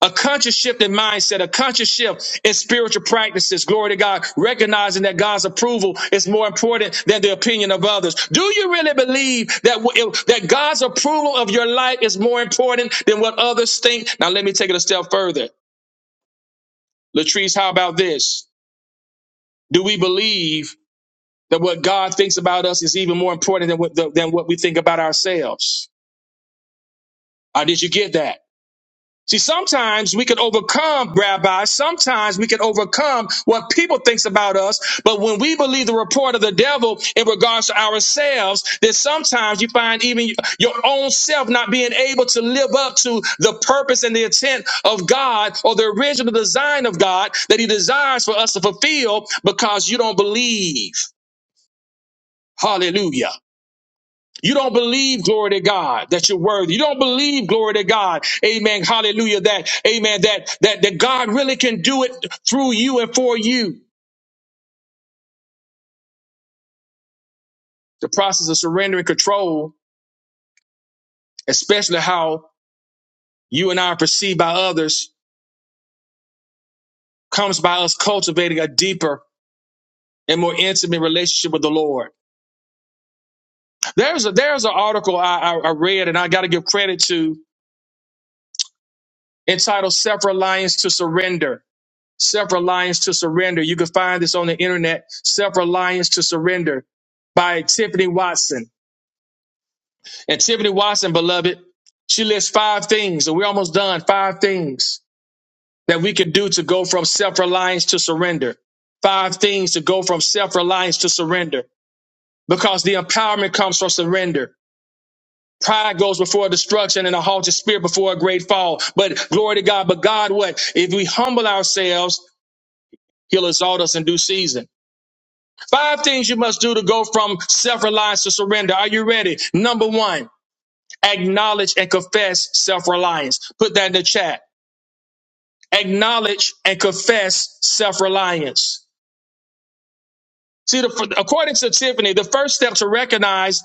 [SPEAKER 1] A conscious shift in mindset, a conscious shift in spiritual practices. Glory to God. Recognizing that God's approval is more important than the opinion of others. Do you really believe that, w- that God's approval of your life is more important than what others think? Now, let me take it a step further. Latrice, how about this? Do we believe that what God thinks about us is even more important than what, than what we think about ourselves? Or did you get that? See, sometimes we can overcome, Rabbi. Sometimes we can overcome what people thinks about us. But when we believe the report of the devil in regards to ourselves, then sometimes you find even your own self not being able to live up to the purpose and the intent of God or the original design of God that He desires for us to fulfill because you don't believe. Hallelujah. You don't believe, glory to God, that you're worthy. You don't believe, glory to God, amen, hallelujah, that, amen, that, that, that God really can do it through you and for you. The process of surrender and control, especially how you and I are perceived by others, comes by us cultivating a deeper and more intimate relationship with the Lord. There's a, there's an article I, I, I read and I got to give credit to entitled Self-Reliance to Surrender. Self Reliance to Surrender. You can find this on the internet. Self Reliance to Surrender by Tiffany Watson. And Tiffany Watson, beloved, she lists five things, and we're almost done. Five things that we can do to go from self reliance to surrender. Five things to go from self reliance to surrender. Because the empowerment comes from surrender. Pride goes before destruction and a haughty spirit before a great fall. But glory to God. But God, what? If we humble ourselves, He'll exalt us in due season. Five things you must do to go from self reliance to surrender. Are you ready? Number one, acknowledge and confess self reliance. Put that in the chat. Acknowledge and confess self reliance. See, the, according to Tiffany, the first step to recognize,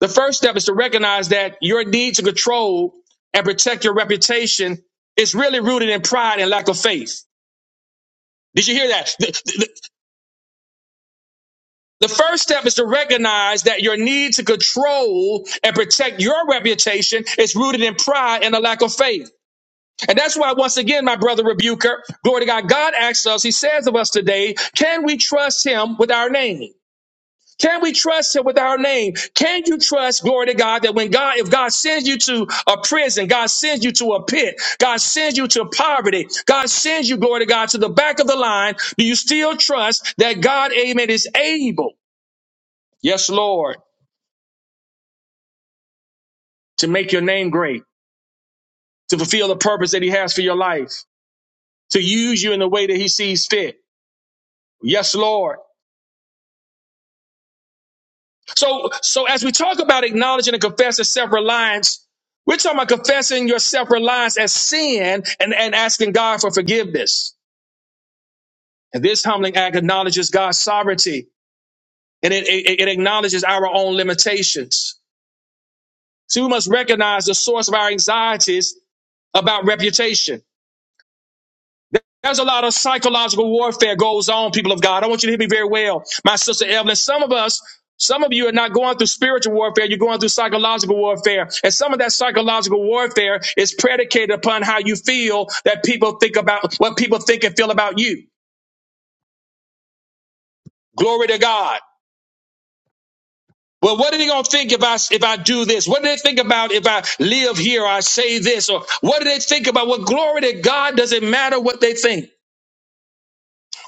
[SPEAKER 1] the first step is to recognize that your need to control and protect your reputation is really rooted in pride and lack of faith. Did you hear that? The, the, The first step is to recognize that your need to control and protect your reputation is rooted in pride and a lack of faith. And that's why, once again, my brother rebuker, glory to God, God asks us, He says of us today, can we trust Him with our name? Can we trust Him with our name? Can you trust, glory to God, that when God, if God sends you to a prison, God sends you to a pit, God sends you to poverty, God sends you, glory to God, to the back of the line, do you still trust that God, amen, is able? Yes, Lord. to make your name great, to fulfill the purpose that he has for your life, to use you in the way that he sees fit. Yes, Lord. So, so as we talk about acknowledging and confessing self-reliance, we're talking about confessing your self-reliance as sin and, and asking God for forgiveness. And this humbling act acknowledges God's sovereignty and it, it, it acknowledges our own limitations. So we must recognize the source of our anxieties about reputation There's a lot of psychological warfare goes on, people of God. I want you to hear me very well, my sister Evelyn. Some of us, some of you are not going through spiritual warfare. You're going through psychological warfare. And some of that psychological warfare is predicated upon how you feel that people think about what people think and feel about you. Glory to God. Well, what are they going to think if I, if I do this? What do they think about if I live here? Or I say this or what do they think about? Well, glory to God. Doesn't matter what they think.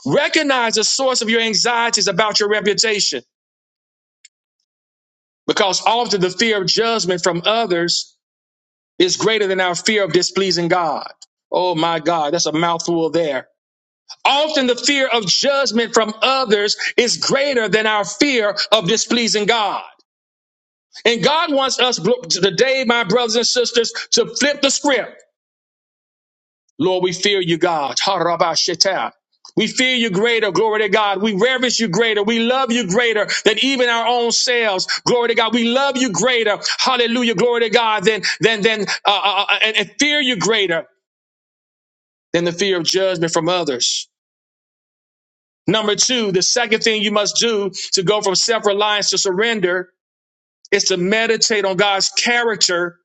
[SPEAKER 1] Recognize the source of your anxieties about your reputation. because often the fear of judgment from others is greater than our fear of displeasing God. Oh my God, that's a mouthful there. Often the fear of judgment from others is greater than our fear of displeasing God. And God wants us bro- today, my brothers and sisters, to flip the script. Lord, we fear you, God. Ha-ra-ba-shita. We fear you greater, glory to God. We reverence you greater. We love you greater than even our own selves. Glory to God. We love you greater. Hallelujah. Glory to God. Than than than uh, uh, uh, and, and fear you greater than the fear of judgment from others. Number two, the second thing you must do to go from self-reliance to surrender is to meditate on God's character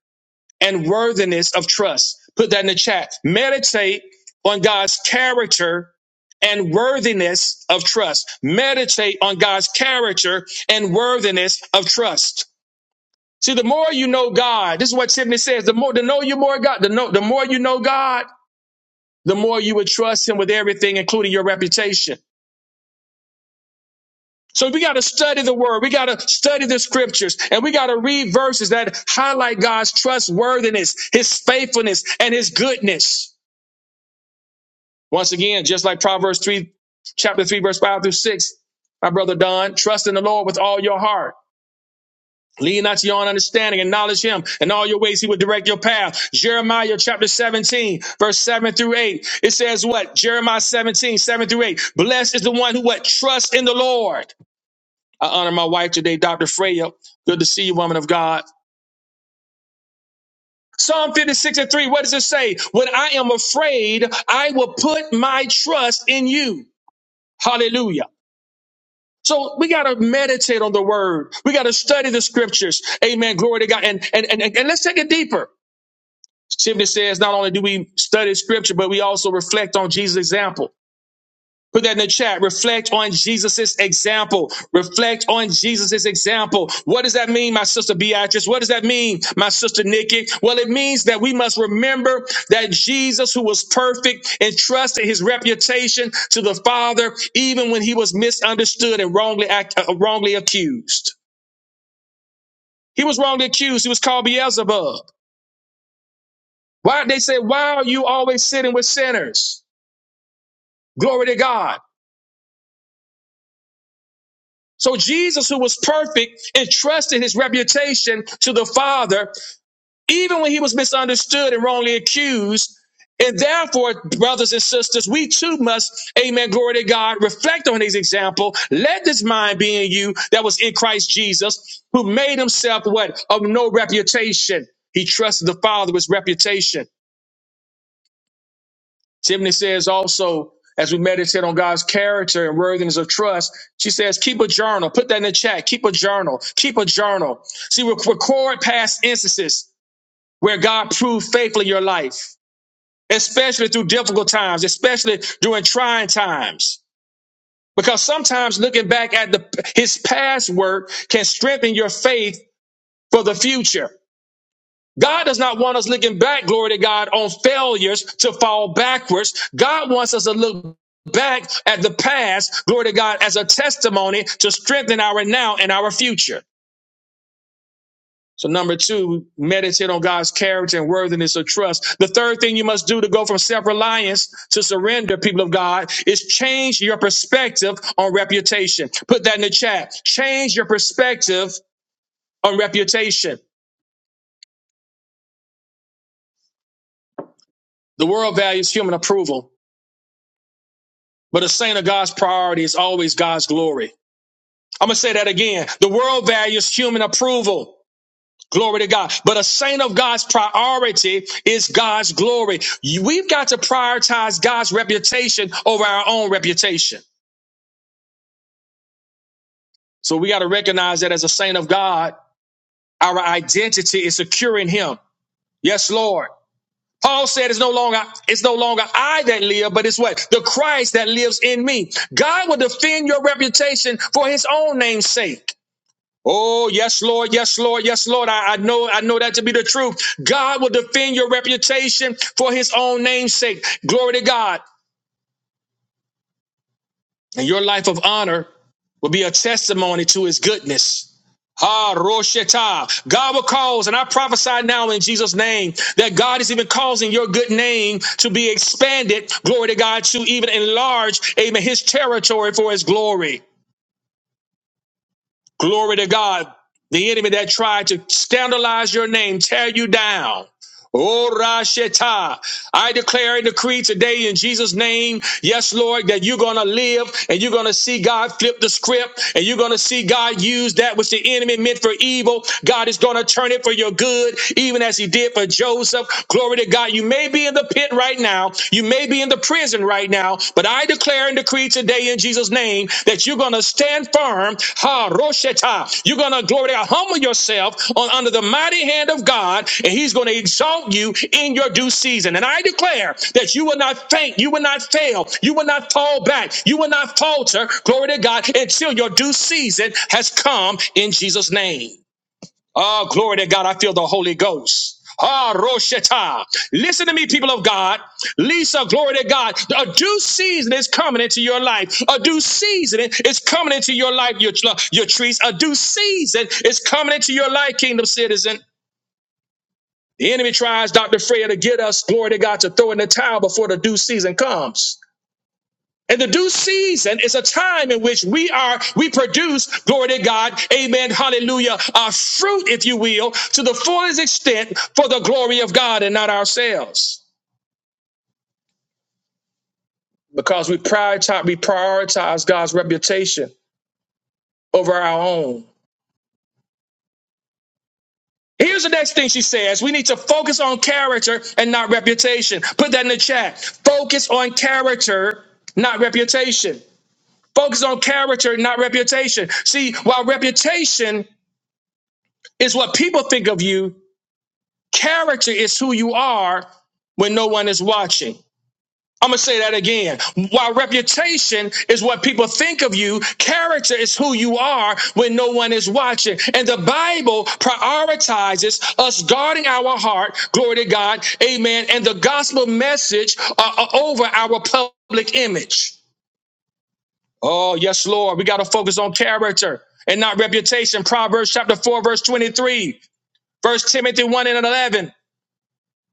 [SPEAKER 1] and worthiness of trust. Put that in the chat. Meditate on God's character and worthiness of trust. Meditate on God's character and worthiness of trust. See, the more you know God, this is what Tiffany says: the more the know you more God, the know, the more you know God, the more you would trust Him with everything, including your reputation. So we got to study the word. We got to study the scriptures and we got to read verses that highlight God's trustworthiness, his faithfulness and his goodness. Once again, just like Proverbs 3, chapter 3, verse 5 through 6, my brother Don, trust in the Lord with all your heart. Lean not to your own understanding, acknowledge him. In all your ways, he will direct your path. Jeremiah chapter 17, verse 7 through 8. It says what? Jeremiah 17, 7 through 8. Blessed is the one who what? Trust in the Lord. I honor my wife today, Dr. Freya. Good to see you, woman of God. Psalm 56 and 3, what does it say? When I am afraid, I will put my trust in you. Hallelujah. So we got to meditate on the word. We got to study the scriptures. Amen. Glory to God. And, and, and, and let's take it deeper. Tiffany says not only do we study scripture, but we also reflect on Jesus' example. Put that in the chat. Reflect on Jesus's example. Reflect on Jesus's example. What does that mean, my sister Beatrice? What does that mean, my sister Nikki? Well, it means that we must remember that Jesus, who was perfect, entrusted his reputation to the Father, even when he was misunderstood and wrongly act, uh, wrongly accused. He was wrongly accused. He was called Beelzebub. Why they say, "Why are you always sitting with sinners?" Glory to God. So Jesus, who was perfect, entrusted his reputation to the Father, even when he was misunderstood and wrongly accused. And therefore, brothers and sisters, we too must, amen, glory to God, reflect on his example. Let this mind be in you that was in Christ Jesus, who made himself what? Of no reputation. He trusted the Father with reputation. Tiffany says also, as we meditate on God's character and worthiness of trust, she says, keep a journal. Put that in the chat. Keep a journal. Keep a journal. See, rec- record past instances where God proved faithful in your life, especially through difficult times, especially during trying times. Because sometimes looking back at the, his past work can strengthen your faith for the future. God does not want us looking back, glory to God, on failures to fall backwards. God wants us to look back at the past, glory to God, as a testimony to strengthen our now and our future. So number two, meditate on God's character and worthiness of trust. The third thing you must do to go from self-reliance to surrender, people of God, is change your perspective on reputation. Put that in the chat. Change your perspective on reputation. The world values human approval But a saint of God's priority is always God's glory. I'm going to say that again. The world values human approval. Glory to God. But a saint of God's priority is God's glory. We've got to prioritize God's reputation over our own reputation. So we got to recognize that as a saint of God, our identity is secure in him. Yes, Lord. Paul said it's no longer it's no longer I that live, but it's what? The Christ that lives in me. God will defend your reputation for his own name's sake. Oh, yes, Lord, yes, Lord, yes, Lord. I, I know, I know that to be the truth. God will defend your reputation for his own name's sake. Glory to God. And your life of honor will be a testimony to his goodness. Ah, Rosheta. God will cause, and I prophesy now in Jesus' name that God is even causing your good name to be expanded. Glory to God to even enlarge, amen, his territory for his glory. Glory to God. The enemy that tried to scandalize your name, tear you down. Oh, Rasheta. I declare and decree today in Jesus' name, yes, Lord, that you're going to live and you're going to see God flip the script and you're going to see God use that which the enemy meant for evil. God is going to turn it for your good, even as he did for Joseph. Glory to God. You may be in the pit right now. You may be in the prison right now, but I declare and decree today in Jesus' name that you're going to stand firm. Ha, Rosheta. You're going to, glory to God, humble yourself on, under the mighty hand of God, and He's going to exalt you in your due season. And I declare that you will not faint, you will not fail, you will not fall back, you will not falter, glory to God, until your due season has come in Jesus' name. Oh, glory to God. I feel the Holy Ghost. Ah, Roshata. Listen to me, people of God. Lisa, glory to God. A due season is coming into your life. A due season is coming into your life, your, your trees. A due season is coming into your life, kingdom citizen. The enemy tries, Dr. Freya, to get us, glory to God, to throw in the towel before the due season comes. And the due season is a time in which we are, we produce, glory to God, amen, hallelujah, our fruit, if you will, to the fullest extent for the glory of God and not ourselves. Because we prioritize, we prioritize God's reputation over our own. Here's the next thing she says. We need to focus on character and not reputation. Put that in the chat. Focus on character, not reputation. Focus on character, not reputation. See, while reputation is what people think of you, Character is who you are when no one is watching. I'm going to say that again. While reputation is what people think of you, character is who you are when no one is watching. And the Bible prioritizes us guarding our heart, glory to God, amen, and the gospel message uh, uh, over our public image. Oh, yes, Lord. We got to focus on character and not reputation. Proverbs chapter 4, verse 23, verse Timothy 1 and 11.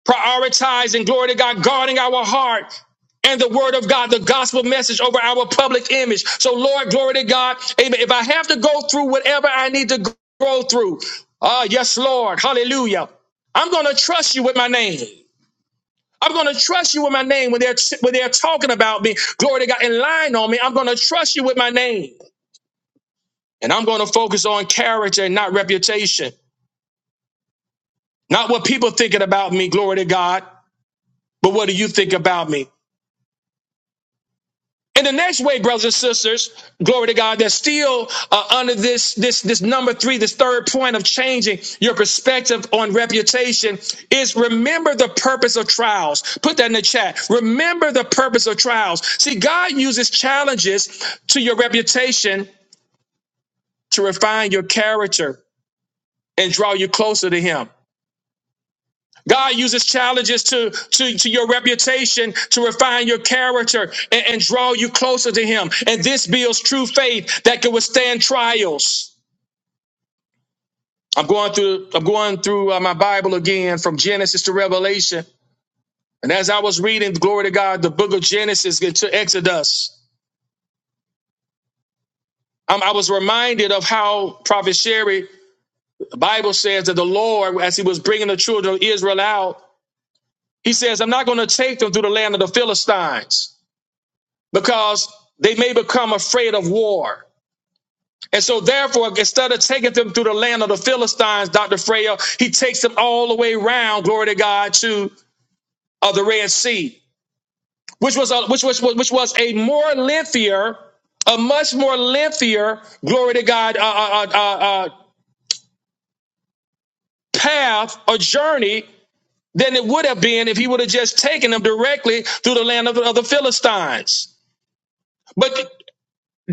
[SPEAKER 1] prioritizing glory to God, guarding our heart and the word of God, the gospel message over our public image. So, Lord, glory to God. Amen. If I have to go through whatever I need to go through, ah, yes, Lord, hallelujah. I'm going to trust you with my name. I'm going to trust you with my name when they're when they're talking about me, glory to God, and lying on me. I'm going to trust you with my name, and I'm going to focus on character and not reputation, not what people thinking about me, glory to God, but what do you think about me? And the next way, brothers and sisters, glory to God, that's still uh, under this this this number three, this third point of changing your perspective on reputation is remember the purpose of trials. Put that in the chat. Remember the purpose of trials. See, God uses challenges to your reputation to refine your character and draw you closer to Him. God uses challenges to, to, to your reputation to refine your character and, and draw you closer to Him. And this builds true faith that can withstand trials. I'm going through I'm going through uh, my Bible again from Genesis to Revelation. And as I was reading, glory to God, the book of Genesis to Exodus, um, I was reminded of how Prophet Sherry, the Bible says that the Lord, as He was bringing the children of Israel out, He says, "I'm not going to take them through the land of the Philistines." because they may become afraid of war. And so, therefore, instead of taking them through the land of the Philistines, Dr. Freya, he takes them all the way around, glory to God, to uh, the Red Sea, which was a, which was which was a more lengthier, a much more lengthier, glory to God, uh, uh, uh, uh, uh, path or journey than it would have been if he would have just taken them directly through the land of of the Philistines. But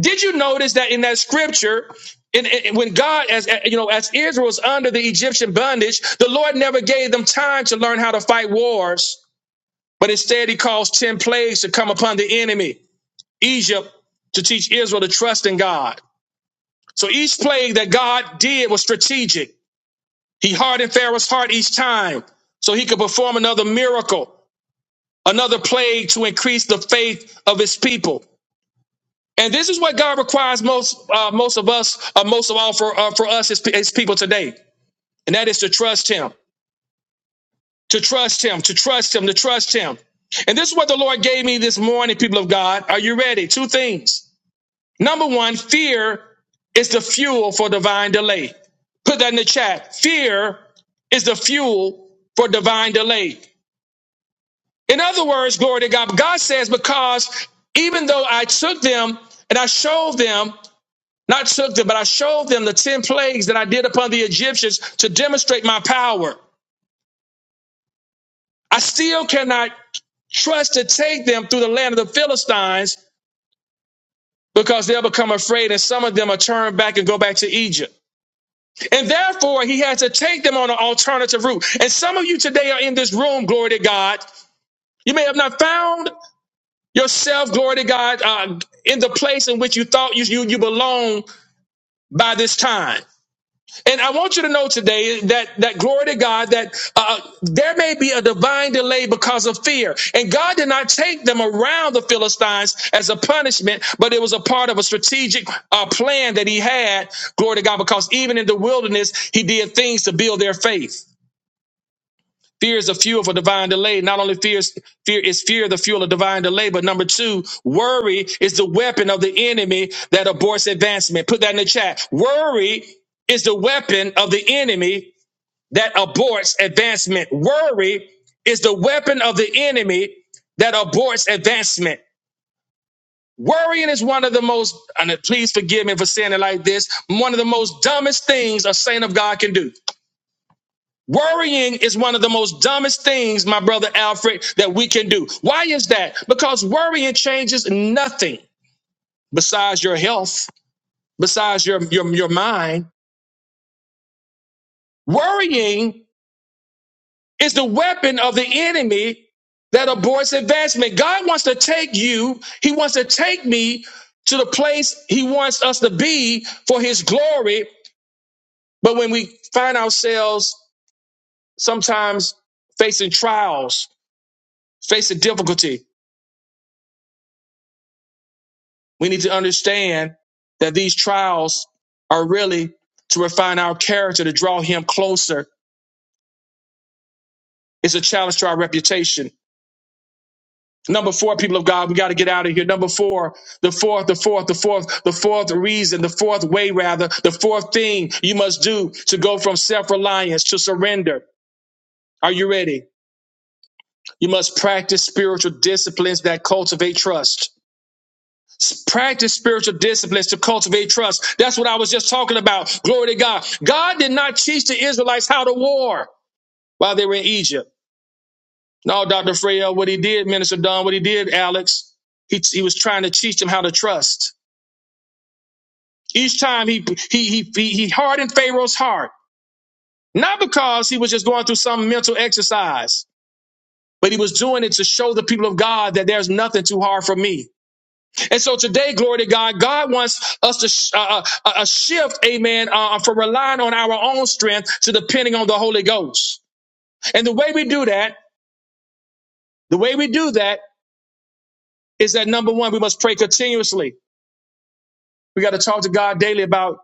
[SPEAKER 1] Did you notice that in that scripture, in, in- when God, as you know, as Israel was under the Egyptian bondage, the Lord never gave them time to learn how to fight wars, but instead He caused ten plagues to come upon the enemy, Egypt, to teach Israel to trust in God. So each plague that God did was strategic. He hardened Pharaoh's heart each time, so he could perform another miracle, another plague to increase the faith of His people. And this is what God requires most uh, most of us, uh, most of all for uh, for us as, as people today, and that is to trust Him, to trust Him, to trust Him, to trust Him. And this is what the Lord gave me this morning, people of God. Are you ready? Two things. Number one, fear is the fuel for divine delay. Put that in the chat. Fear is the fuel for divine delay. In other words, glory to God. God says, because even though I took them and I showed them Not took them, but I showed them the 10 plagues that I did upon the Egyptians to demonstrate my power. I still cannot trust to take them through the land of the Philistines because they'll become afraid and some of them are turned back and go back to Egypt. And therefore, he had to take them on an alternative route. And some of you today are in this room, glory to God. You may have not found yourself, glory to God, uh, in the place in which you thought you, you, you belong by this time. And I want you to know today that that glory to God that uh, there may be a divine delay because of fear, and God did not take them around the Philistines as a punishment, but it was a part of a strategic uh, plan that He had. Glory to God, because even in the wilderness, He did things to build their faith. Fear is a fuel for divine delay. Not only fear is, fear is fear the fuel of divine delay, but number two, worry is the weapon of the enemy that aborts advancement. Put that in the chat. Worry is the weapon of the enemy that aborts advancement. Worry is the weapon of the enemy that aborts advancement. Worrying is one of the most, and please forgive me for saying it like this, one of the most dumbest things a saint of God can do. Worrying is one of the most dumbest things, my brother Alfred, that we can do. Why is that? Because worrying changes nothing besides your health, besides your, your, your mind. Worrying is the weapon of the enemy that aborts advancement. God wants to take you, He wants to take me to the place He wants us to be for His glory. But when we find ourselves sometimes facing trials, facing difficulty. We need to understand that these trials are really to refine our character, to draw him closer. It's a challenge to our reputation. Number four, people of God, we got to get out of here. Number four, the fourth, the fourth, the fourth, the fourth reason, the fourth way, rather, the fourth thing you must do to go from self reliance to surrender. Are you ready? You must practice spiritual disciplines that cultivate trust. Practice spiritual disciplines to cultivate trust. That's what I was just talking about. Glory to God. God did not teach the Israelites how to war while they were in Egypt. No, Dr. Freya, what he did, Minister Don, what he did, Alex, he, he was trying to teach them how to trust. Each time he, he, he, he, he hardened Pharaoh's heart, not because he was just going through some mental exercise, but he was doing it to show the people of God that there's nothing too hard for me. And so today, glory to God, God wants us to sh- uh, uh, uh, uh, shift, amen, uh, uh, from relying on our own strength to depending on the Holy Ghost. And the way we do that, the way we do that is that number one, we must pray continuously. We got to talk to God daily about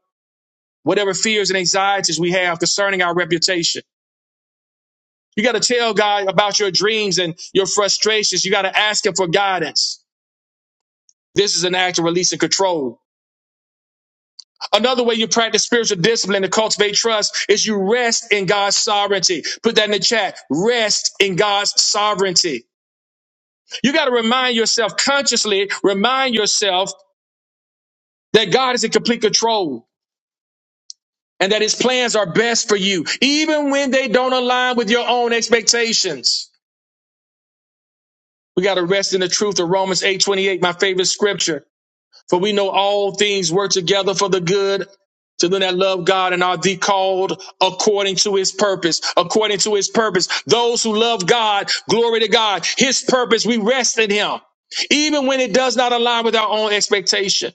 [SPEAKER 1] whatever fears and anxieties we have concerning our reputation. You got to tell God about your dreams and your frustrations. You got to ask Him for guidance. This is an act of releasing control. Another way you practice spiritual discipline to cultivate trust is you rest in God's sovereignty. Put that in the chat. Rest in God's sovereignty. You got to remind yourself consciously, remind yourself that God is in complete control and that his plans are best for you, even when they don't align with your own expectations. We got to rest in the truth of Romans 8:28, my favorite scripture. For we know all things work together for the good to them that love God and are the called according to his purpose. According to his purpose. Those who love God, glory to God. His purpose, we rest in him. Even when it does not align with our own expectation.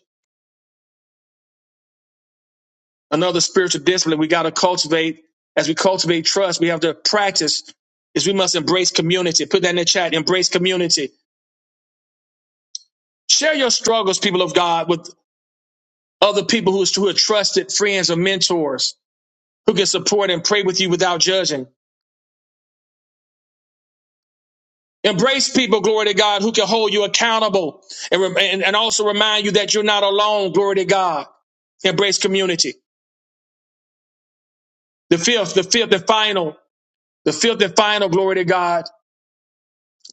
[SPEAKER 1] Another spiritual discipline we got to cultivate. As we cultivate trust, we have to practice is we must embrace community. Put that in the chat. Embrace community. Share your struggles, people of God, with other people who, who are trusted friends or mentors who can support and pray with you without judging. Embrace people, glory to God, who can hold you accountable and, rem- and, and also remind you that you're not alone, glory to God. Embrace community. The fifth, the fifth and final, the fifth and final, glory to God,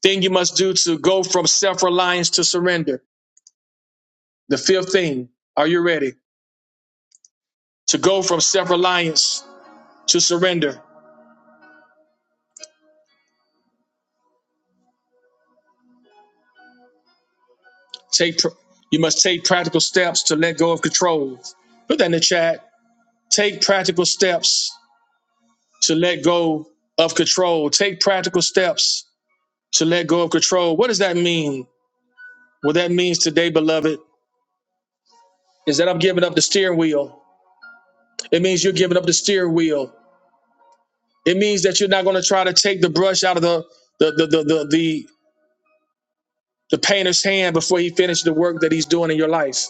[SPEAKER 1] thing you must do to go from self reliance to surrender. The fifth thing, are you ready? To go from self reliance to surrender. Take, pr- you must take practical steps to let go of control. Put that in the chat. Take practical steps to let go of control. Take practical steps to let go of control. What does that mean? What that means today, beloved, is that I'm giving up the steering wheel. It means you're giving up the steering wheel. It means that you're not going to try to take the brush out of the the the the the, the, the painter's hand before he finishes the work that he's doing in your life.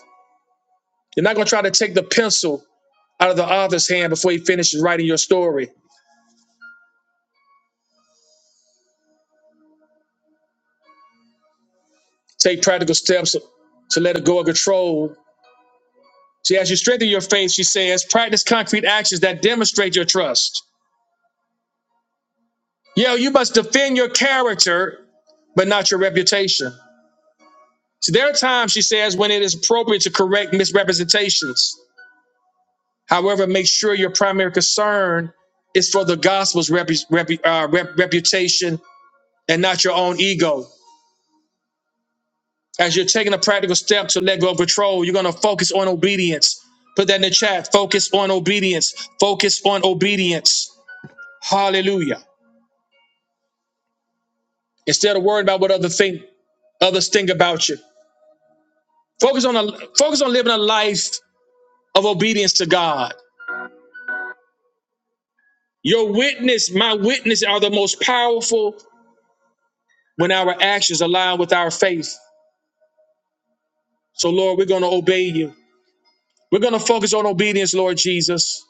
[SPEAKER 1] You're not going to try to take the pencil out of the author's hand before he finishes writing your story. Take practical steps to let go of control See, as you strengthen your faith, she says, practice concrete actions that demonstrate your trust. Yeah, you must defend your character, but not your reputation. So there are times, she says, when it is appropriate to correct misrepresentations. However, make sure your primary concern is for the gospel's repu- repu- uh, rep- reputation and not your own ego. As you're taking a practical step to let go of control, you're going to focus on obedience. Put that in the chat. Focus on obedience. Focus on obedience. Hallelujah. instead of worrying about what other think others think about you. Focus on a, focus on living a life of obedience to God. Your witness, my witness, are the most powerful in our actions. Allow faith. So, Lord, we're going to obey you. We're going to focus on obedience, Lord Jesus.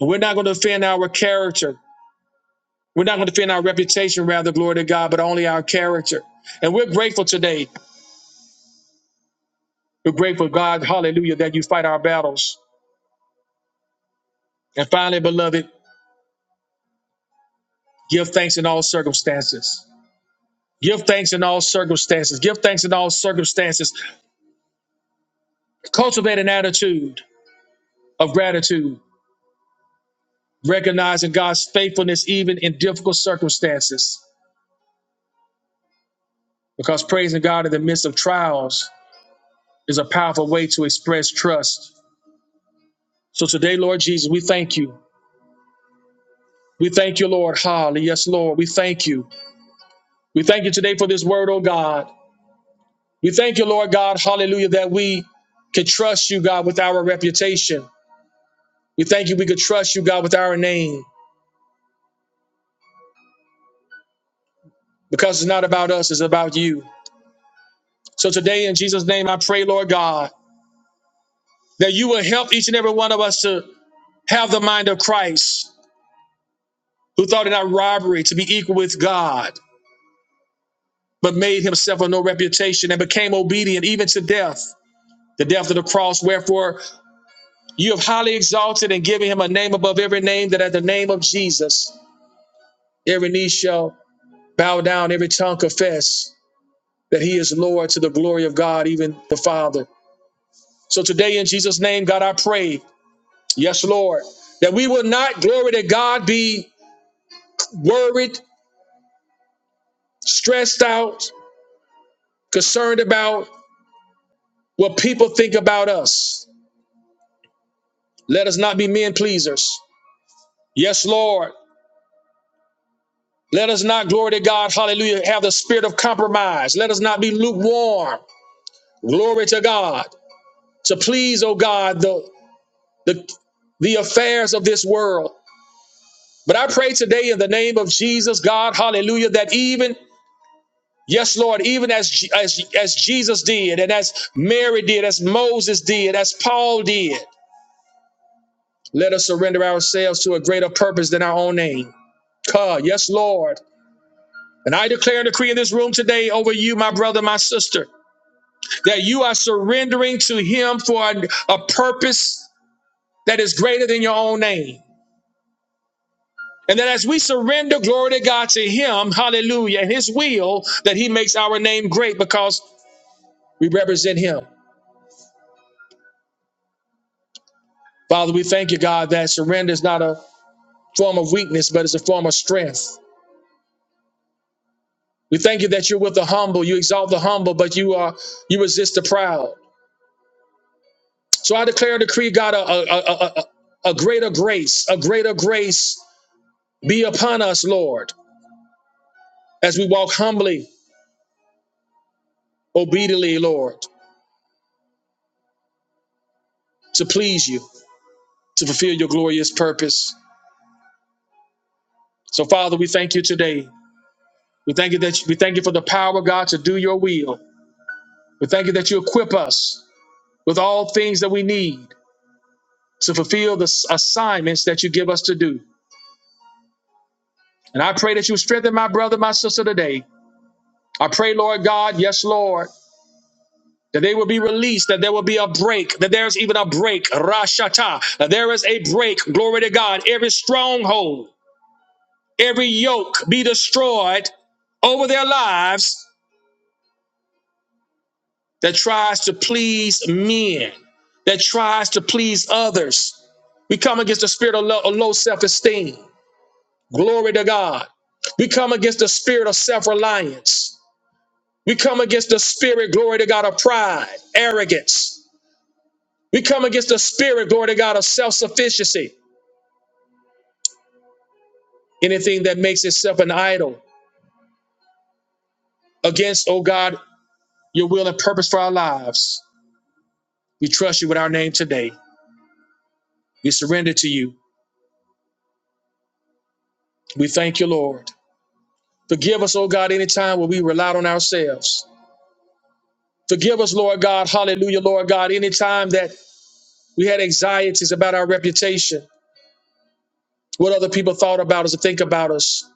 [SPEAKER 1] We're not going to defend our character. We're not going to defend our reputation, rather, glory to God, but only our character. And we're grateful today. We're grateful, God, hallelujah, that you fight our battles. And finally, beloved, give thanks in all circumstances Give thanks in all circumstances. Give thanks in all circumstances. Cultivate an attitude of gratitude, recognizing God's faithfulness even in difficult circumstances. Because praising God in the midst of trials is a powerful way to express trust. So today, Lord Jesus, we thank you. We thank you, Lord. Hallelujah. Yes, Lord. We thank you. We thank you today for this word, oh God. We thank you, Lord God. Hallelujah. That we can trust you, God, with our reputation. We thank you. We could trust you, God, with our name. because it's not about us, it's about you. So today, in Jesus' name, I pray, Lord God, that you will help each and every one of us to have the mind of Christ, who thought it not robbery to be equal with God, but made himself of no reputation and became obedient even to death, the death of the cross. Wherefore, you have highly exalted and given him a name above every name, that at the name of Jesus, every knee shall bow down, every tongue confess that he is Lord to the glory of God, even the Father. So today, in Jesus' name, God, I pray. Yes, Lord. That we will not, glory to God, be worried, stressed out, concerned about what people think about us. Let us not be men pleasers. Yes, Lord. Let us not, glory to God, hallelujah, have the spirit of compromise. Let us not be lukewarm. Glory to God. To please, oh God, the, the, the affairs of this world. But I pray today in the name of Jesus, God, hallelujah, that even Yes, Lord, even as, as, as Jesus did, and as Mary did, as Moses did, as Paul did, let us surrender ourselves to a greater purpose than our own name. Come, yes, Lord. And I declare and decree in this room today over you, my brother, my sister, that you are surrendering to Him for a, a purpose that is greater than your own name. And that as we surrender glory to God to Him, hallelujah, and His will, that He makes our name great because we represent Him. Father, we thank you, God, that surrender is not a form of weakness, but it's a form of strength. We thank you that you're with the humble. You exalt the humble, but you are you resist the proud. So I declare and decree, God, a, a, a, a, a greater grace, a greater grace be upon us, Lord, as we walk humbly, obediently, Lord, to please you, to fulfill your glorious purpose. So, Father, we thank you today. We thank you that we thank you for the power, God, to do your will. We thank you that you equip us with all things that we need to fulfill the s- assignments that you give us to do. And I pray that you strengthen my brother, my sister today. I pray, Lord God, yes, Lord. That they will be released, that there will be a break, that there's even a break, Rashata, that there is a break, glory to God. Every stronghold, every yoke be destroyed over their lives that tries to please men, that tries to please others. We come against the spirit of low, of low self esteem, glory to God. We come against the spirit of self reliance. We come against the spirit, glory to God, of pride, arrogance. We come against the spirit, glory to God, of self sufficiency. Anything that makes itself an idol against, oh God, your will and purpose for our lives. We trust you with our name today. We surrender to you. We thank you, Lord. Forgive us, oh God, any time where we relied on ourselves. Forgive us, Lord God, hallelujah, Lord God, any time that we had anxieties about our reputation, what other people thought about us or think about us.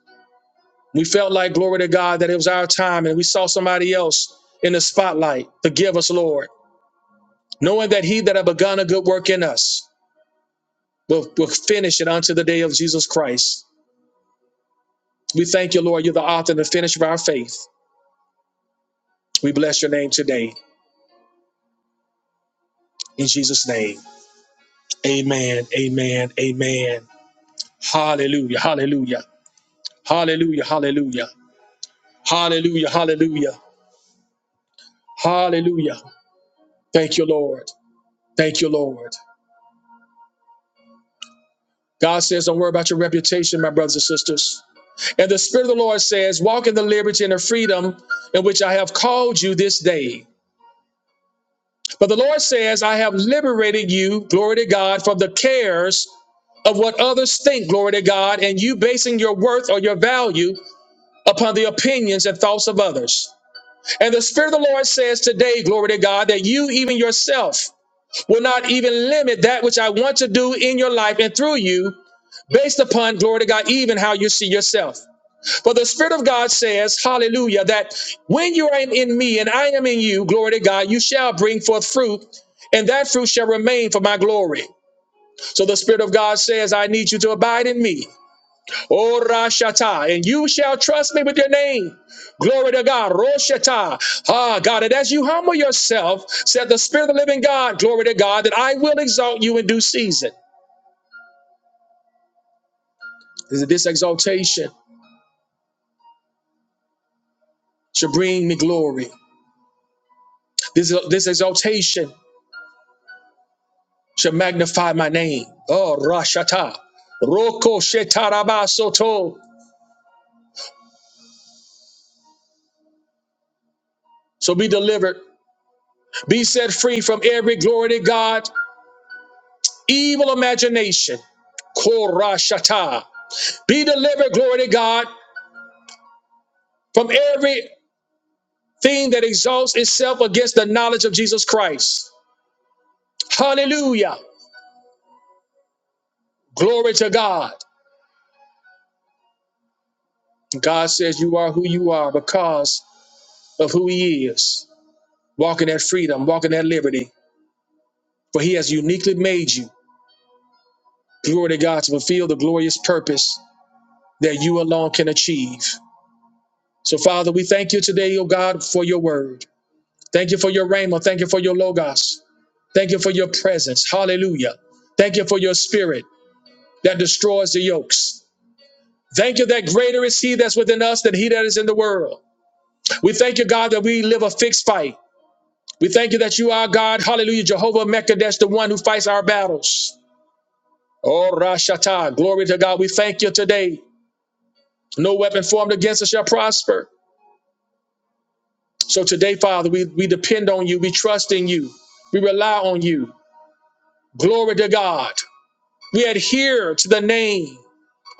[SPEAKER 1] We felt like, glory to God, that it was our time and we saw somebody else in the spotlight. Forgive us, Lord, knowing that he that have begun a good work in us will, will finish it unto the day of Jesus Christ. We thank you, Lord. You're the author and the finisher of our faith. We bless your name today. In Jesus' name, amen, amen, amen. Hallelujah, hallelujah, hallelujah, hallelujah, hallelujah, hallelujah, hallelujah. Thank you, Lord. Thank you, Lord. God says, don't worry about your reputation, my brothers and sisters. And the Spirit of the Lord says, Walk in the liberty and the freedom in which I have called you this day. But the Lord says, I have liberated you, glory to God, from the cares of what others think, glory to God, and you basing your worth or your value upon the opinions and thoughts of others. And the Spirit of the Lord says today, glory to God, that you, even yourself, will not even limit that which I want to do in your life and through you based upon, glory to God, even how you see yourself. For the Spirit of God says, hallelujah, that when you are in, in me and I am in you, glory to God, you shall bring forth fruit, and that fruit shall remain for my glory. So the Spirit of God says, I need you to abide in me. O Rashata, and you shall trust me with your name. Glory to God. Roshata. Ah, God, and as you humble yourself, said the Spirit of the living God, glory to God, that I will exalt you in due season. This, this exaltation should bring me glory. This, this exaltation shall magnify my name. Oh, Rashata. Roko Shetaraba Soto. So be delivered. Be set free from every glory to God, evil imagination. Korashata. Be delivered, glory to God, from everything that exalts itself against the knowledge of Jesus Christ. Hallelujah. Glory to God. God says you are who you are because of who He is. Walk in that freedom, walk in that liberty, for He has uniquely made you. glory to God, to fulfill the glorious purpose that you alone can achieve. So, Father, we thank you today, O God, for your word. Thank you for your rhema. Thank you for your logos. Thank you for your presence. Hallelujah. Thank you for your spirit that destroys the yokes. Thank you that greater is he that's within us than he that is in the world. We thank you, God, that we live a fixed fight. We thank you that you are God. Hallelujah. Jehovah Mecca, that's the one who fights our battles. Oh, Rashata. Glory to God. We thank you today. No weapon formed against us shall prosper. So today, Father, we, we depend on you. We trust in you. We rely on you. Glory to God. We adhere to the name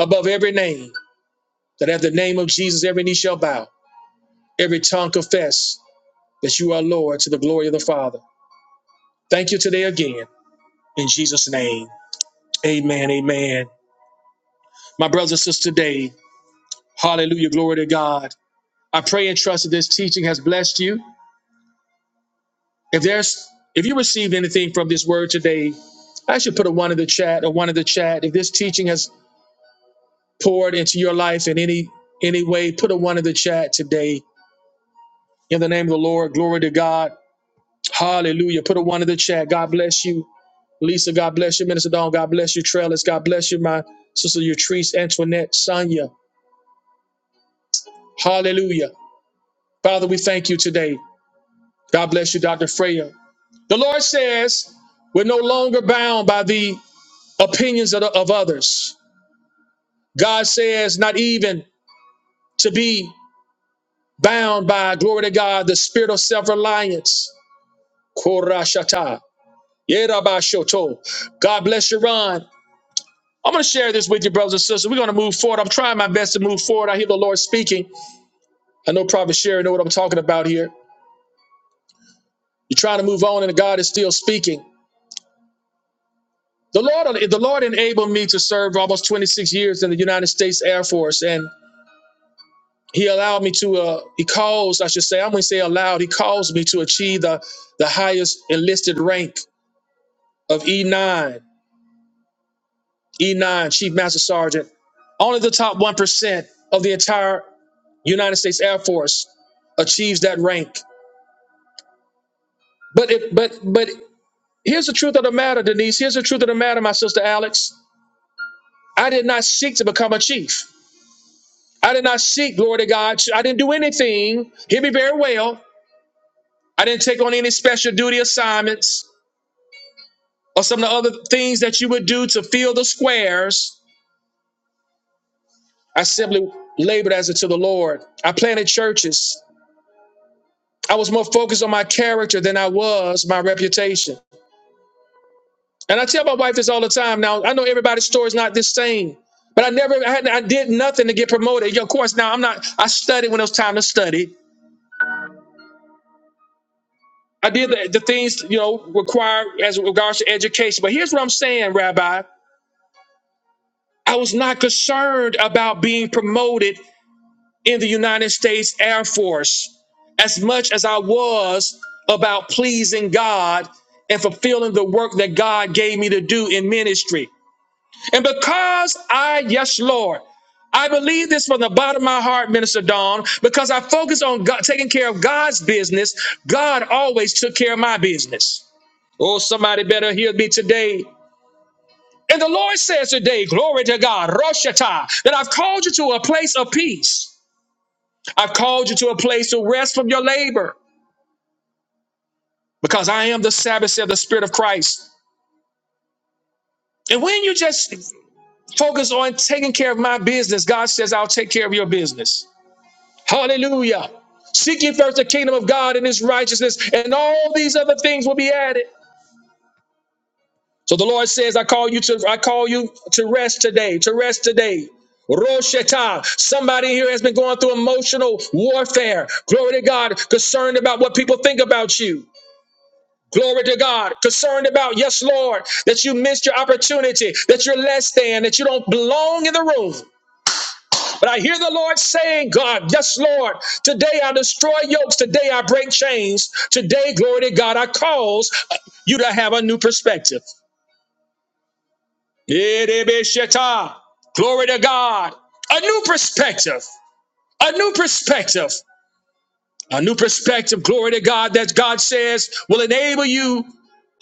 [SPEAKER 1] above every name, that at the name of Jesus, every knee shall bow, every tongue confess that you are Lord to the glory of the Father. Thank you today again. In Jesus' name, amen, amen. My brothers and sisters today, hallelujah, glory to God. I pray and trust that this teaching has blessed you. If there's if you received anything from this word today, I should put a one in the chat, a one in the chat. If this teaching has poured into your life in any any way, put a one in the chat today. In the name of the Lord, glory to God. Hallelujah. Put a one in the chat. God bless you. Lisa, God bless you. Minister Dawn, God bless you. Trellis, God bless you. My sister Yatrice, Antoinette, Sonia. Hallelujah. Father, we thank you today. God bless you, Dr. Freya. The Lord says, we're no longer bound by the opinions of, of others. God says, not even to be. bound by, glory to God, the spirit of self reliance. Korashata. Yerabashoto. God bless you, Ron. I'm going to share this with you, brothers and sisters. We're going to move forward. I'm trying my best to move forward. I hear the Lord speaking. I know Prophet Sherry know what I'm talking about here. You're trying to move on, and God is still speaking. The Lord, the Lord enabled me to serve almost 26 years in the United States Air Force, and He allowed me to. Uh, he caused, I should say, I'm going to say allowed. He caused me to achieve the the highest enlisted rank of E9 E9, Chief Master Sergeant. Only the top 1% of the entire United States Air Force achieves that rank. But it, but but here's the truth of the matter, Denise. Here's the truth of the matter, my sister Alex. I did not seek to become a chief. I did not seek, glory to God. I didn't do anything. Hear me very well. I didn't take on any special duty assignments or some of the other things that you would do to fill the squares. I simply labored as unto the Lord. I planted churches. I was more focused on my character than I was my reputation. And I tell my wife this all the time. Now I know everybody's story is not the same, but I never I, had, I did nothing to get promoted. Yeah, of course, now I'm not. I studied when it was time to study. I did the, the things you know required as regards to education. But here's what I'm saying, Rabbi. I was not concerned about being promoted in the United States Air Force as much as I was about pleasing God and fulfilling the work that God gave me to do in ministry. And because I, yes, Lord, I believe this from the bottom of my heart, Minister Dawn, because I focused on God, taking care of God's business, God always took care of my business. Oh, somebody better hear me today. And the Lord says today, glory to God, Roshata, that I've called you to a place of peace. I've called you to a place to rest from your labor because I am the Sabbath, said the Spirit of Christ. And when you just focus on taking care of my business, God says, I'll take care of your business. Hallelujah. Seek ye first the kingdom of God and his righteousness, and all these other things will be added. So the Lord says, I call you to I call you to rest today, to rest today. Roshata. Somebody here has been going through emotional warfare. Glory to God, concerned about what people think about you. Glory to God. Concerned about, yes, Lord, that you missed your opportunity, that you're less than, that you don't belong in the room. But I hear the Lord saying, God, yes, Lord, today I destroy yokes. Today I break chains. Today, glory to God, I cause you to have a new perspective. Yedebesheta. Glory to God. A new perspective. A new perspective. A new perspective, glory to God, that God says will enable you.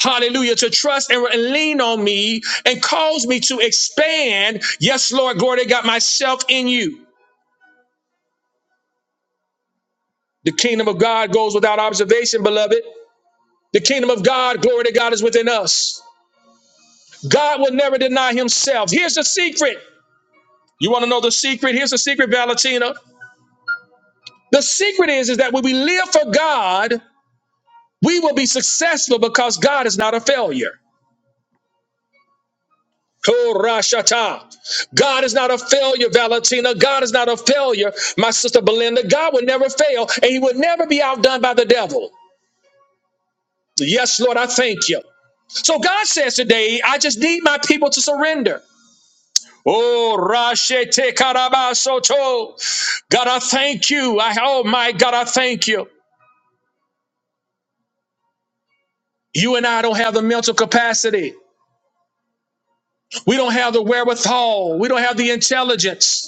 [SPEAKER 1] hallelujah, to trust and, lean on me and cause me to expand. Yes, Lord, glory to God, myself in you. The kingdom of God goes without observation, beloved. The kingdom of God, glory to God, is within us. God will never deny himself. Here's the secret. You want to know the secret? Here's the secret, Valentina. The secret is, is that when we live for God, we will be successful because God is not a failure. Korashata. God is not a failure, Valentina. God is not a failure, my sister Belinda. God will never fail, and He will never be outdone by the devil. Yes, Lord, I thank you. So God says today, I just need my people to surrender. Oh, Rashete Karabasoto. God, I thank you. I, oh, my God, I thank you. You and I don't have the mental capacity. We don't have the wherewithal. We don't have the intelligence.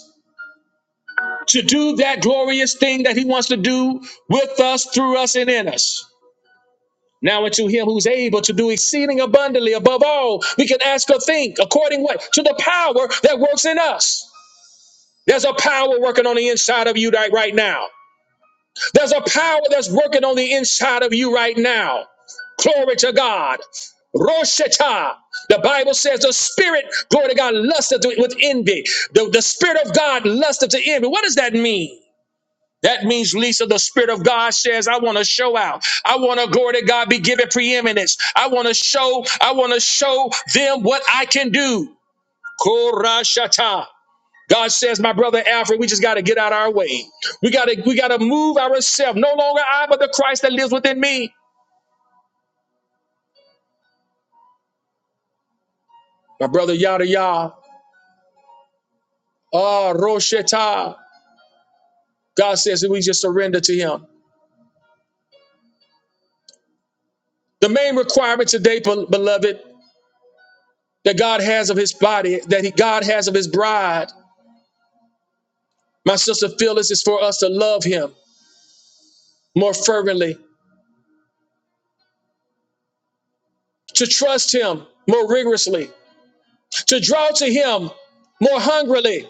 [SPEAKER 1] to do that glorious thing that he wants to do with us, through us, and in us. Now unto him who's able to do exceeding abundantly above all we can ask or think, according what? To the power that works in us. There's a power working on the inside of you right, right now. There's a power that's working on the inside of you right now. Glory to God. Roshata. The Bible says the spirit, glory to God, lusteth with envy. The, the spirit of God lusteth to envy. What does that mean? That means, Lisa, the Spirit of God says, I want to show out. I want to, glory to God, be given preeminence. I want to show, I want to show them what I can do. Korashata. God says, my brother Alfred, we just got to get out of our way. We got to, we got to move ourselves. No longer I, but the Christ that lives within me. My brother, yada yada. Ah, Roshata. God says that we just surrender to him. The main requirement today, bel- beloved, that God has of his body, that he, God has of his bride My sister Phyllis is for us to love him more fervently, to trust him more rigorously, to draw to him more hungrily.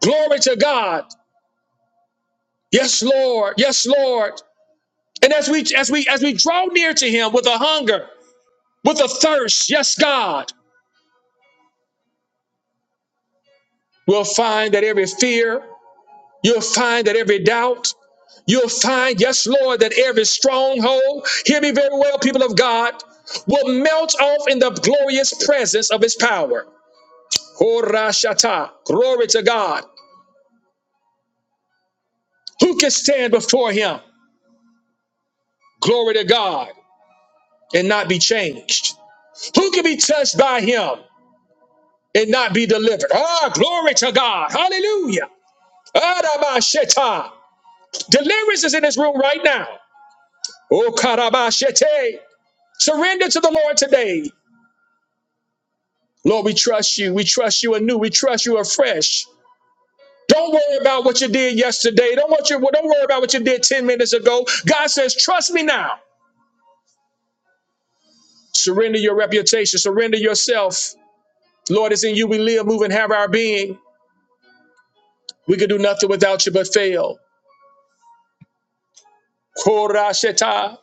[SPEAKER 1] Glory to God. Yes, Lord. Yes, Lord. And as we as we as we draw near to him with a hunger, with a thirst, yes, God, we'll find that every fear, you'll find that every doubt, you'll find, yes, Lord, that every stronghold, hear me very well, people of God, will melt off in the glorious presence of his power. Horashata. Glory to God. Who can stand before him? Glory to God and not be changed. Who can be touched by him and not be delivered? Ah, glory to God. Hallelujah. Arabasheta. Deliverance is in this room right now. Oh, Karabashete. Surrender to the Lord today. Lord, we trust you. We trust you anew. We trust you afresh. Don't worry about what you did yesterday. Don't, what you, don't worry about what you did 10 minutes ago. God says, trust me now. Surrender your reputation. Surrender yourself. Lord, it's in you we live, move, and have our being. We can do nothing without you but fail. Korasheta.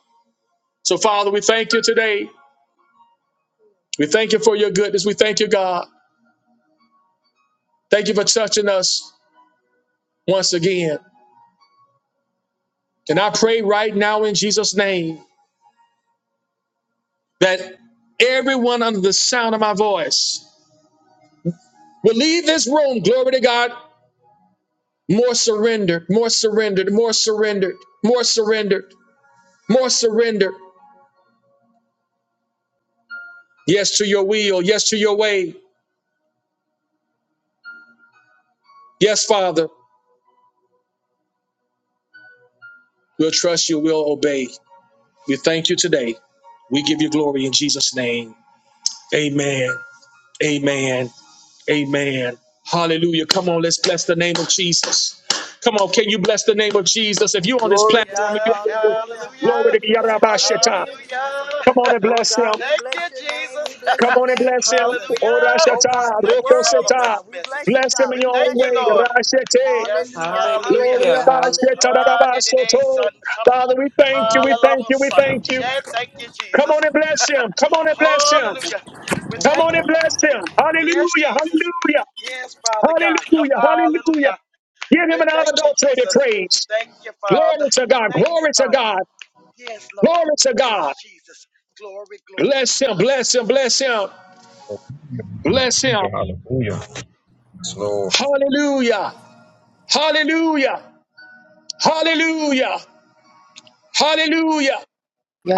[SPEAKER 1] So, Father, we thank you today. We thank you for your goodness. We thank you, God. Thank you for touching us once again. And I pray right now in Jesus' name that everyone under the sound of my voice will leave this room, glory to God, more surrendered, more surrendered, more surrendered, more surrendered, more surrendered. Yes to your will. Yes to your way. Yes, Father. We'll trust you. We'll obey. We thank you today. We give you glory in Jesus' name. Amen. Amen. Amen. Hallelujah. Come on, let's bless the name of Jesus. Come on, can you bless the name of Jesus? If you're on this
[SPEAKER 2] Lord.
[SPEAKER 3] Glory
[SPEAKER 1] platform,
[SPEAKER 3] God,
[SPEAKER 1] if you're
[SPEAKER 3] hallelujah,
[SPEAKER 2] Hallelujah.
[SPEAKER 1] glory
[SPEAKER 2] Hallelujah.
[SPEAKER 1] to
[SPEAKER 3] hallelujah,
[SPEAKER 1] Yarabasheta.
[SPEAKER 3] hallelujah, Jesus.
[SPEAKER 2] Hallelujah.
[SPEAKER 1] Come on
[SPEAKER 2] <laughs>
[SPEAKER 1] and
[SPEAKER 3] Lord
[SPEAKER 1] bless
[SPEAKER 3] God,
[SPEAKER 1] him.
[SPEAKER 3] we
[SPEAKER 2] thank you,
[SPEAKER 3] bless your name,
[SPEAKER 2] Jesus.
[SPEAKER 3] we
[SPEAKER 2] <laughs>
[SPEAKER 3] bless
[SPEAKER 1] Come
[SPEAKER 3] your
[SPEAKER 1] on and
[SPEAKER 3] name,
[SPEAKER 1] bless him.
[SPEAKER 3] Jesus.
[SPEAKER 2] hallelujah.
[SPEAKER 3] Oh God,
[SPEAKER 1] Orashata,
[SPEAKER 3] you're
[SPEAKER 2] Thank you,
[SPEAKER 3] worthy,
[SPEAKER 2] Father, for
[SPEAKER 1] Rokoseta.
[SPEAKER 2] this
[SPEAKER 3] God. We
[SPEAKER 2] message.
[SPEAKER 3] bless you,
[SPEAKER 1] Bless him
[SPEAKER 3] God.
[SPEAKER 1] in
[SPEAKER 2] We
[SPEAKER 3] We
[SPEAKER 1] your
[SPEAKER 2] thank
[SPEAKER 1] own
[SPEAKER 2] you,
[SPEAKER 3] bless you,
[SPEAKER 1] way.
[SPEAKER 2] Lord.
[SPEAKER 3] Lord.
[SPEAKER 1] Rashete.
[SPEAKER 2] Yes,
[SPEAKER 3] Hallelujah,
[SPEAKER 2] hallelujah.
[SPEAKER 1] Glory to
[SPEAKER 3] hallelujah,
[SPEAKER 1] God.
[SPEAKER 4] Hallelujah!
[SPEAKER 3] hallelujah.
[SPEAKER 2] Ah, da, da, da,
[SPEAKER 1] Shetadadabasoto.
[SPEAKER 2] son, son.
[SPEAKER 1] Father, we thank you, we thank you, we
[SPEAKER 2] Hallelujah.
[SPEAKER 1] thank you.
[SPEAKER 2] Yeah, Thank you,
[SPEAKER 1] Come
[SPEAKER 2] Jesus.
[SPEAKER 1] on and bless him. Come on and bless him.
[SPEAKER 2] Hallelujah. We
[SPEAKER 1] Come
[SPEAKER 5] Yes,
[SPEAKER 2] thank
[SPEAKER 1] on
[SPEAKER 2] you,
[SPEAKER 1] and
[SPEAKER 5] Lord.
[SPEAKER 1] bless
[SPEAKER 2] Father.
[SPEAKER 1] him.
[SPEAKER 2] Yes,
[SPEAKER 1] Hallelujah,
[SPEAKER 2] Jesus.
[SPEAKER 1] hallelujah,
[SPEAKER 2] Yes, Father God. <laughs>
[SPEAKER 1] hallelujah, hallelujah.
[SPEAKER 2] Hallelujah.
[SPEAKER 1] Give
[SPEAKER 2] We
[SPEAKER 1] him an
[SPEAKER 2] thank you,
[SPEAKER 1] unadulterated
[SPEAKER 2] Jesus.
[SPEAKER 1] praise.
[SPEAKER 2] Thank you, Father.
[SPEAKER 1] Glory to God,
[SPEAKER 2] Thank you,
[SPEAKER 1] glory to
[SPEAKER 2] Father.
[SPEAKER 1] God,
[SPEAKER 2] Yes, Lord.
[SPEAKER 1] glory to
[SPEAKER 2] Yes,
[SPEAKER 1] God.
[SPEAKER 2] Jesus. Glory, glory.
[SPEAKER 1] Bless him, bless him, bless him, bless him.
[SPEAKER 6] Yeah, Hallelujah. Yes, Lord.
[SPEAKER 1] Hallelujah, hallelujah, hallelujah, hallelujah.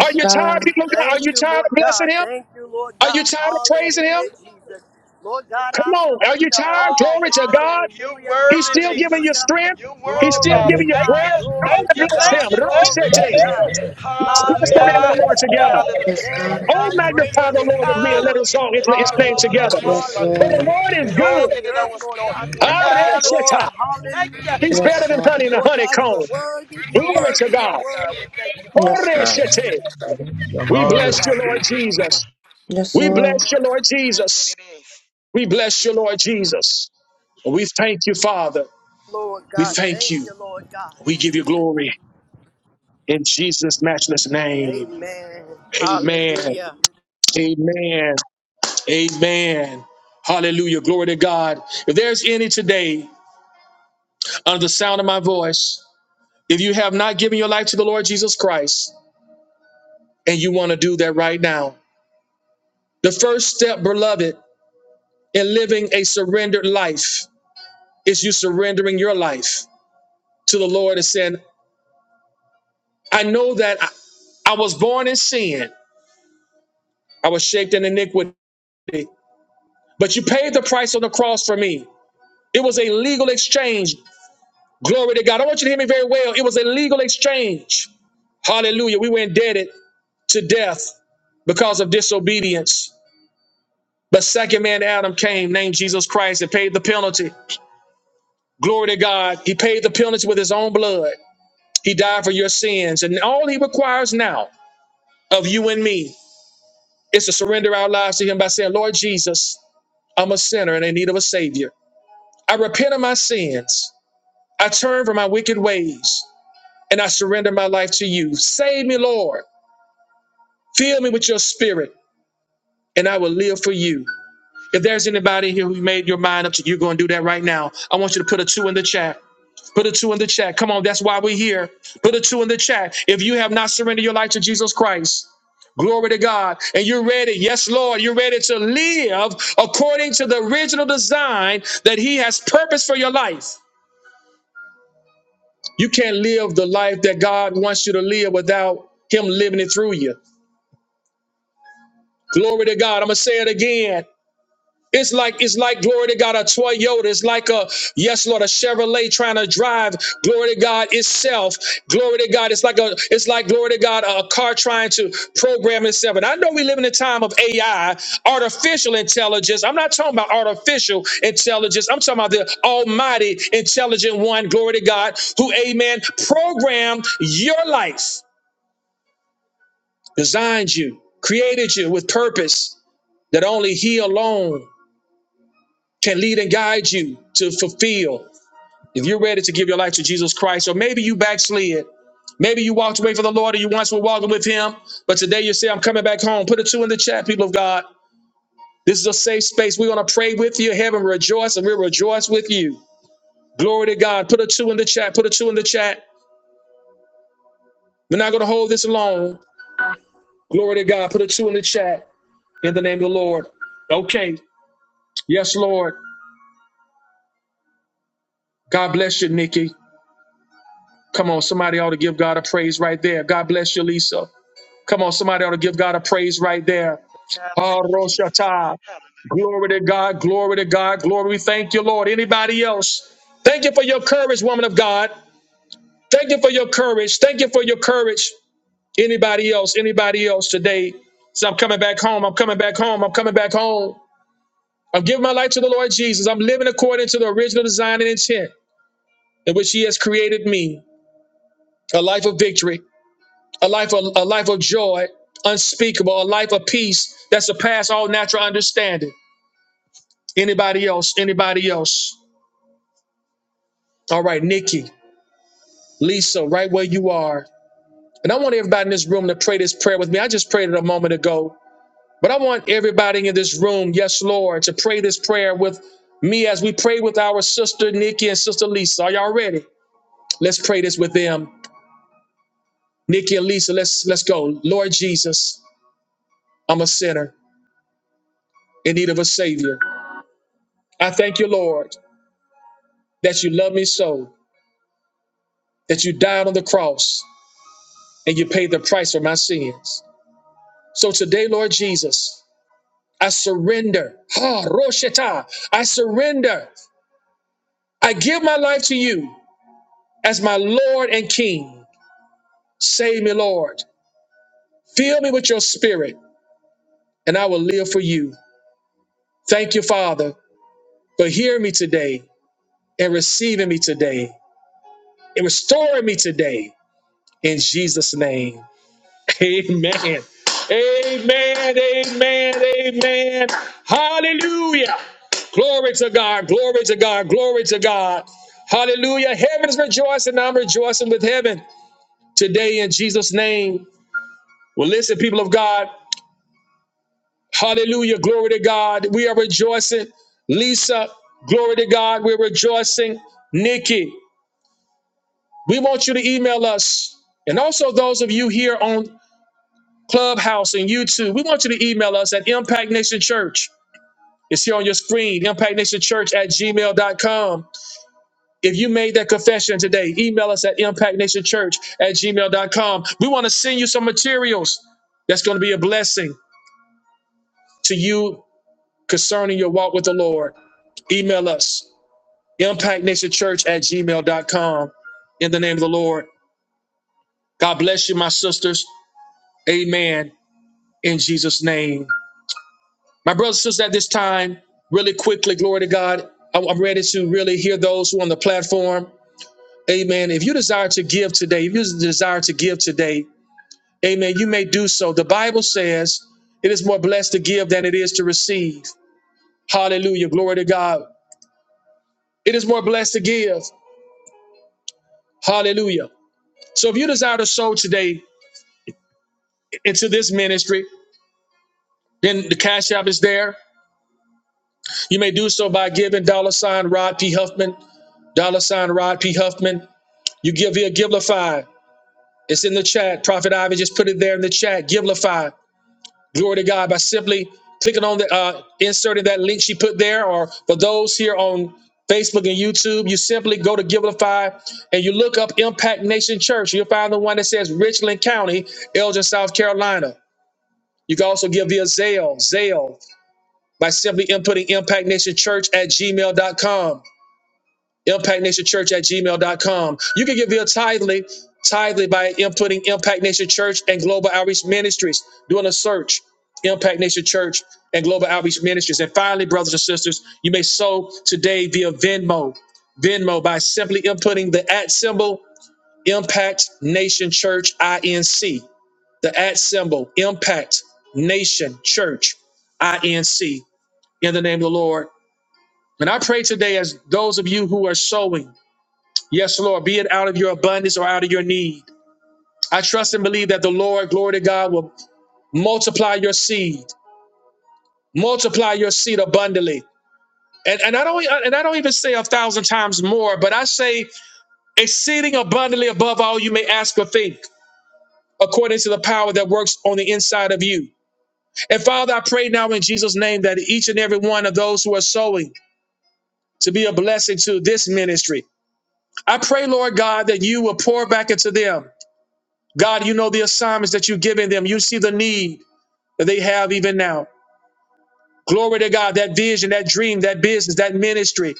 [SPEAKER 1] Are you tired,
[SPEAKER 5] God.
[SPEAKER 1] people of God? Are
[SPEAKER 3] Thank
[SPEAKER 1] you
[SPEAKER 3] you,
[SPEAKER 1] tired
[SPEAKER 3] Lord
[SPEAKER 1] of blessing
[SPEAKER 3] God.
[SPEAKER 1] him?
[SPEAKER 3] Thank you, Lord
[SPEAKER 1] Are you
[SPEAKER 3] God.
[SPEAKER 1] tired of praising him?
[SPEAKER 3] Hallelujah, Jesus. Lord God,
[SPEAKER 1] Come
[SPEAKER 3] I
[SPEAKER 1] on. Are you
[SPEAKER 3] surrender
[SPEAKER 1] tired?
[SPEAKER 3] all.
[SPEAKER 1] Glory
[SPEAKER 2] Hallelujah.
[SPEAKER 1] to God.
[SPEAKER 2] You're
[SPEAKER 3] Hallelujah,
[SPEAKER 1] He's
[SPEAKER 2] worthy,
[SPEAKER 1] still giving
[SPEAKER 2] Jesus.
[SPEAKER 1] you
[SPEAKER 3] hallelujah.
[SPEAKER 1] strength.
[SPEAKER 2] You're
[SPEAKER 1] He's
[SPEAKER 2] worthy,
[SPEAKER 1] still
[SPEAKER 3] Glory
[SPEAKER 2] Father.
[SPEAKER 3] to
[SPEAKER 1] giving you
[SPEAKER 2] Thank
[SPEAKER 3] God,
[SPEAKER 1] breath.
[SPEAKER 2] you.
[SPEAKER 1] Come
[SPEAKER 2] Thank
[SPEAKER 1] on
[SPEAKER 3] glory to
[SPEAKER 2] you.
[SPEAKER 1] and
[SPEAKER 2] Thank
[SPEAKER 1] bless him.
[SPEAKER 5] Yes,
[SPEAKER 3] God,
[SPEAKER 2] you. Thank
[SPEAKER 1] Bless
[SPEAKER 3] glory
[SPEAKER 2] you,
[SPEAKER 1] it,
[SPEAKER 3] to
[SPEAKER 1] team.
[SPEAKER 2] Jesus.
[SPEAKER 3] God.
[SPEAKER 1] Let's bless the name of
[SPEAKER 2] Hallelujah.
[SPEAKER 1] the
[SPEAKER 3] Hallelujah,
[SPEAKER 1] Lord
[SPEAKER 3] Jesus.
[SPEAKER 1] together.
[SPEAKER 5] Yes,
[SPEAKER 2] Hallelujah.
[SPEAKER 3] There is
[SPEAKER 5] God.
[SPEAKER 2] Thank
[SPEAKER 1] Oh,
[SPEAKER 3] none
[SPEAKER 2] you,
[SPEAKER 1] magnify
[SPEAKER 3] greater
[SPEAKER 1] the
[SPEAKER 2] Jesus.
[SPEAKER 3] than
[SPEAKER 1] Lord with
[SPEAKER 3] you,
[SPEAKER 1] me and let
[SPEAKER 3] Lord.
[SPEAKER 1] his
[SPEAKER 2] Hallelujah.
[SPEAKER 1] song, his, his name
[SPEAKER 2] Oh, Lord,
[SPEAKER 3] Hallelujah,
[SPEAKER 1] together.
[SPEAKER 2] what's
[SPEAKER 5] Yes,
[SPEAKER 2] son?
[SPEAKER 1] For the
[SPEAKER 3] hallelujah.
[SPEAKER 5] Lord.
[SPEAKER 1] Lord is
[SPEAKER 3] And all
[SPEAKER 2] Ted
[SPEAKER 1] good.
[SPEAKER 2] did
[SPEAKER 3] the
[SPEAKER 2] it
[SPEAKER 3] earth,
[SPEAKER 2] on
[SPEAKER 3] Lord
[SPEAKER 2] store.
[SPEAKER 3] God, we
[SPEAKER 2] <laughs>
[SPEAKER 3] give you
[SPEAKER 2] Hallelujah.
[SPEAKER 3] glory.
[SPEAKER 1] Areshita.
[SPEAKER 2] Thank
[SPEAKER 3] Hallelujah,
[SPEAKER 2] you.
[SPEAKER 1] He's
[SPEAKER 5] Yes,
[SPEAKER 1] better
[SPEAKER 3] Jesus.
[SPEAKER 1] than honey
[SPEAKER 5] Father.
[SPEAKER 1] in
[SPEAKER 2] Thank
[SPEAKER 1] a
[SPEAKER 3] Lord
[SPEAKER 2] you,
[SPEAKER 3] God, you are
[SPEAKER 1] honeycomb.
[SPEAKER 2] Jesus.
[SPEAKER 3] worthy, you're
[SPEAKER 2] You're
[SPEAKER 1] Glory
[SPEAKER 2] worthy,
[SPEAKER 1] to
[SPEAKER 3] worthy, you're
[SPEAKER 1] God.
[SPEAKER 2] Father
[SPEAKER 3] worthy,
[SPEAKER 2] God. We thank you for
[SPEAKER 5] Yes,
[SPEAKER 2] all of your
[SPEAKER 5] God.
[SPEAKER 2] blessings,
[SPEAKER 1] Oreshite.
[SPEAKER 2] Jesus.
[SPEAKER 6] Yeah,
[SPEAKER 2] We
[SPEAKER 1] We
[SPEAKER 2] thank you,
[SPEAKER 1] bless
[SPEAKER 6] Hallelujah.
[SPEAKER 1] you,
[SPEAKER 2] Father
[SPEAKER 1] Lord
[SPEAKER 2] God.
[SPEAKER 1] Jesus.
[SPEAKER 5] Yes,
[SPEAKER 1] We
[SPEAKER 5] Lord.
[SPEAKER 1] bless
[SPEAKER 2] Oh,
[SPEAKER 1] you, Lord
[SPEAKER 2] to- to- that
[SPEAKER 1] Jesus.
[SPEAKER 2] it is.
[SPEAKER 1] We
[SPEAKER 2] Thank
[SPEAKER 1] bless
[SPEAKER 2] you,
[SPEAKER 1] you, Lord
[SPEAKER 2] Jesus.
[SPEAKER 1] Jesus. We
[SPEAKER 2] Yes.
[SPEAKER 1] thank you, Father.
[SPEAKER 3] Lord
[SPEAKER 1] We
[SPEAKER 3] God.
[SPEAKER 1] thank
[SPEAKER 3] Thank
[SPEAKER 1] you.
[SPEAKER 3] you, Lord God.
[SPEAKER 1] We give you glory. In Jesus' matchless name.
[SPEAKER 3] Amen.
[SPEAKER 1] Amen.
[SPEAKER 3] Hallelujah.
[SPEAKER 1] Amen. Amen. Hallelujah. Glory to God. If there's any today under the sound of my voice, if you have not given your life to the Lord Jesus Christ and you want to do that right now, the first step, beloved, in living a surrendered life is you surrendering your life to the Lord and saying, I know that I, I was born in sin, I was shaped in iniquity, but you paid the price on the cross for me. It was a legal exchange. Glory to God. I want you to hear me very well. It was a legal exchange. Hallelujah. We were indebted to death because of disobedience. But second man Adam came, named Jesus Christ, and paid the penalty. Glory to God. He paid the penalty with his own blood. He died for your sins. And all he requires now of you and me is to surrender our lives to him by saying, Lord Jesus, I'm a sinner and in need of a savior. I repent of my sins. I turn from my wicked ways. and I surrender my life to you. Save me, Lord. Fill me with your spirit, and I will live for you. If there's anybody here who made your mind up to you're going to do that right now, I want you to put a two in the chat. Put a two in the chat. Come on, that's why we're here. Put a two in the chat. If you have not surrendered your life to Jesus Christ, glory to God, and you're ready, yes, Lord, you're ready to live according to the original design that He has purposed for your life. You can't live the life that God wants you to live without Him living it through you. Glory to God. I'm gonna say it again. It's like it's like glory to God a Toyota. It's like a yes Lord a Chevrolet trying to drive glory to God itself. Glory to God. It's like a it's like glory to God a, car trying to program itself. And I know we live in a time of AI, artificial intelligence. I'm not talking about artificial intelligence. I'm talking about the Almighty intelligent one. Glory to God who Amen programmed your life, designed you, created you with purpose that only He alone can lead and guide you to fulfill. If you're ready to give your life to Jesus Christ, or maybe you backslid, maybe you walked away from the Lord, or you once were walking with Him, but today you say, I'm coming back home. Put a two in the chat, people of God. Safe space. We're going to pray with you. Heaven rejoice, and we'll rejoice with you. Glory to God. Put a two in the chat. Put a two in the chat. Don't hold this alone. Glory to God. Put a two in the chat in the name of the Lord. Okay, Lord. Okay. Come on, somebody ought to give God right there. God, so somebody ought to give God a praise right there.
[SPEAKER 2] God,
[SPEAKER 1] Oh,
[SPEAKER 2] thank you, Jesus.
[SPEAKER 1] Roshata.
[SPEAKER 2] Hallelujah.
[SPEAKER 1] Glory to God. Glory to God. Glory. We thank you, Lord. Anybody else? Thank you for your courage, woman of God. Thank you for your courage. Thank you for your courage. Anybody else? Anybody else today? So I'm coming back home. I'm coming back home. I'm coming back home. I'm giving my life to the Lord Jesus. I'm living according to the original design and intent in which He has created me. A life of victory, a life of a life of joy, unspeakable, a life of peace that surpasses all natural understanding. Anybody else? Anybody else? All right, Nikki. Lisa, right where you are. And I want everybody in this room to pray this prayer with me. I just prayed it a moment ago, but I want everybody in this room, yes, Lord, to pray this prayer with me as we pray with our sister Nikki and sister Lisa. Are y'all ready? Let's pray this with them. Nikki and Lisa, let's let's go. Lord Jesus, I'm a sinner in need of a savior. I thank you, Lord, that you love me so, that you died on the cross and you paid the price for my sins. So today, Lord Jesus, I surrender. Ha, Roshata. I surrender. I give my life to you as my Lord and King. Save me, Lord. Fill me with your spirit, and I will live for you. Thank you, Father, for hearing me today and receiving me today and restoring me today. In Jesus' name. <laughs> Amen. Amen. Amen. Amen. Hallelujah. Glory to God, glory to God, glory to God. Hallelujah. Heaven is rejoicing. I'm rejoicing with heaven today in Jesus' name. Well, listen, people of God. Hallelujah. Glory to God. We are rejoicing. Lisa, glory to God. We're rejoicing. Nikki, we want you to email us. And also those of you here on Clubhouse and YouTube, we want you to email us at Impact Nation Church. It's here on your screen, Impact Nation Church at gmail dot com. If you made that confession today, email us at impactnationchurch at gmail dot com. We want to send you some materials that's going to be a blessing to you concerning your walk with the Lord. Email us, impactnationchurch at gmail dot com. In the name of the Lord. God bless you, my sisters. Amen. In Jesus' name. My brothers and sisters, at this time, really quickly, glory to God. I'm I'm ready to really hear those who are on the platform. Amen. If you desire to give today, if you desire to give today, Amen. You may do so. The Bible says it is more blessed to give than it is to receive. Hallelujah. Glory to God. It is more blessed to give. Hallelujah. So if you desire to sow today into this ministry, then the cash app is there. You may do so by giving dollar sign Rod P. Huffman, dollar sign Rod P. Huffman. You give via Givelify. It's in the chat. Prophet Ivy just put it there in the chat. Givelify. Glory to God by simply clicking on the uh, inserting that link she put there, or for those here on Facebook and YouTube, you simply go to Givelify and you look up Impact Nation Church. You'll find the one that says Richland County, Elgin, South Carolina. You can also give via Zelle, Zelle, by simply inputting Impact Nation Church at gmail.com impactnationchurch at gmail.com. You can give your tithely, tithely by inputting Impact Nation Church and Global Outreach Ministries, doing a search, Impact Nation Church and Global Outreach Ministries. And finally, brothers and sisters, you may sow today via Venmo, Venmo by simply inputting the at symbol Impact Nation Church INC, the at symbol Impact Nation Church INC in the name of the Lord. And I pray today as those of you who are sowing, Yes, Lord, be it out of your abundance or out of your need. I trust and believe that the Lord, glory to God, will multiply your seed, multiply your seed abundantly. And, and I don't and I don't even say a thousand times more, but I say exceeding abundantly above all you may ask or think, according to the power that works on the inside of you. And Father, I pray now in Jesus' name that each and every one of those who are sowing to be a blessing to this ministry. I pray, Lord God, that you will pour back into them God, you know the assignments that you've given them. You see the need that they have even now. Glory to God, that vision, that dream, that business, that ministry,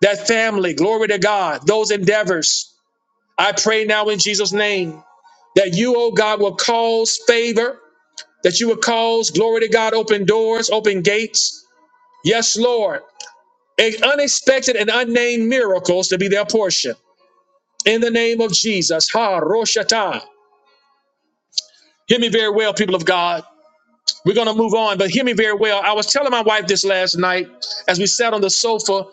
[SPEAKER 1] that family. Glory to God, those endeavors. I pray now in Jesus' name that you, oh God, will cause favor, that you will cause, glory to God, open doors, open gates. Yes, Lord. And unexpected and unnamed miracles to be their portion. In the name of Jesus. Ha, Roshata. Hear me very well, people of God. We're going to move on, but hear me very well. I was telling my wife this last night as we sat on the sofa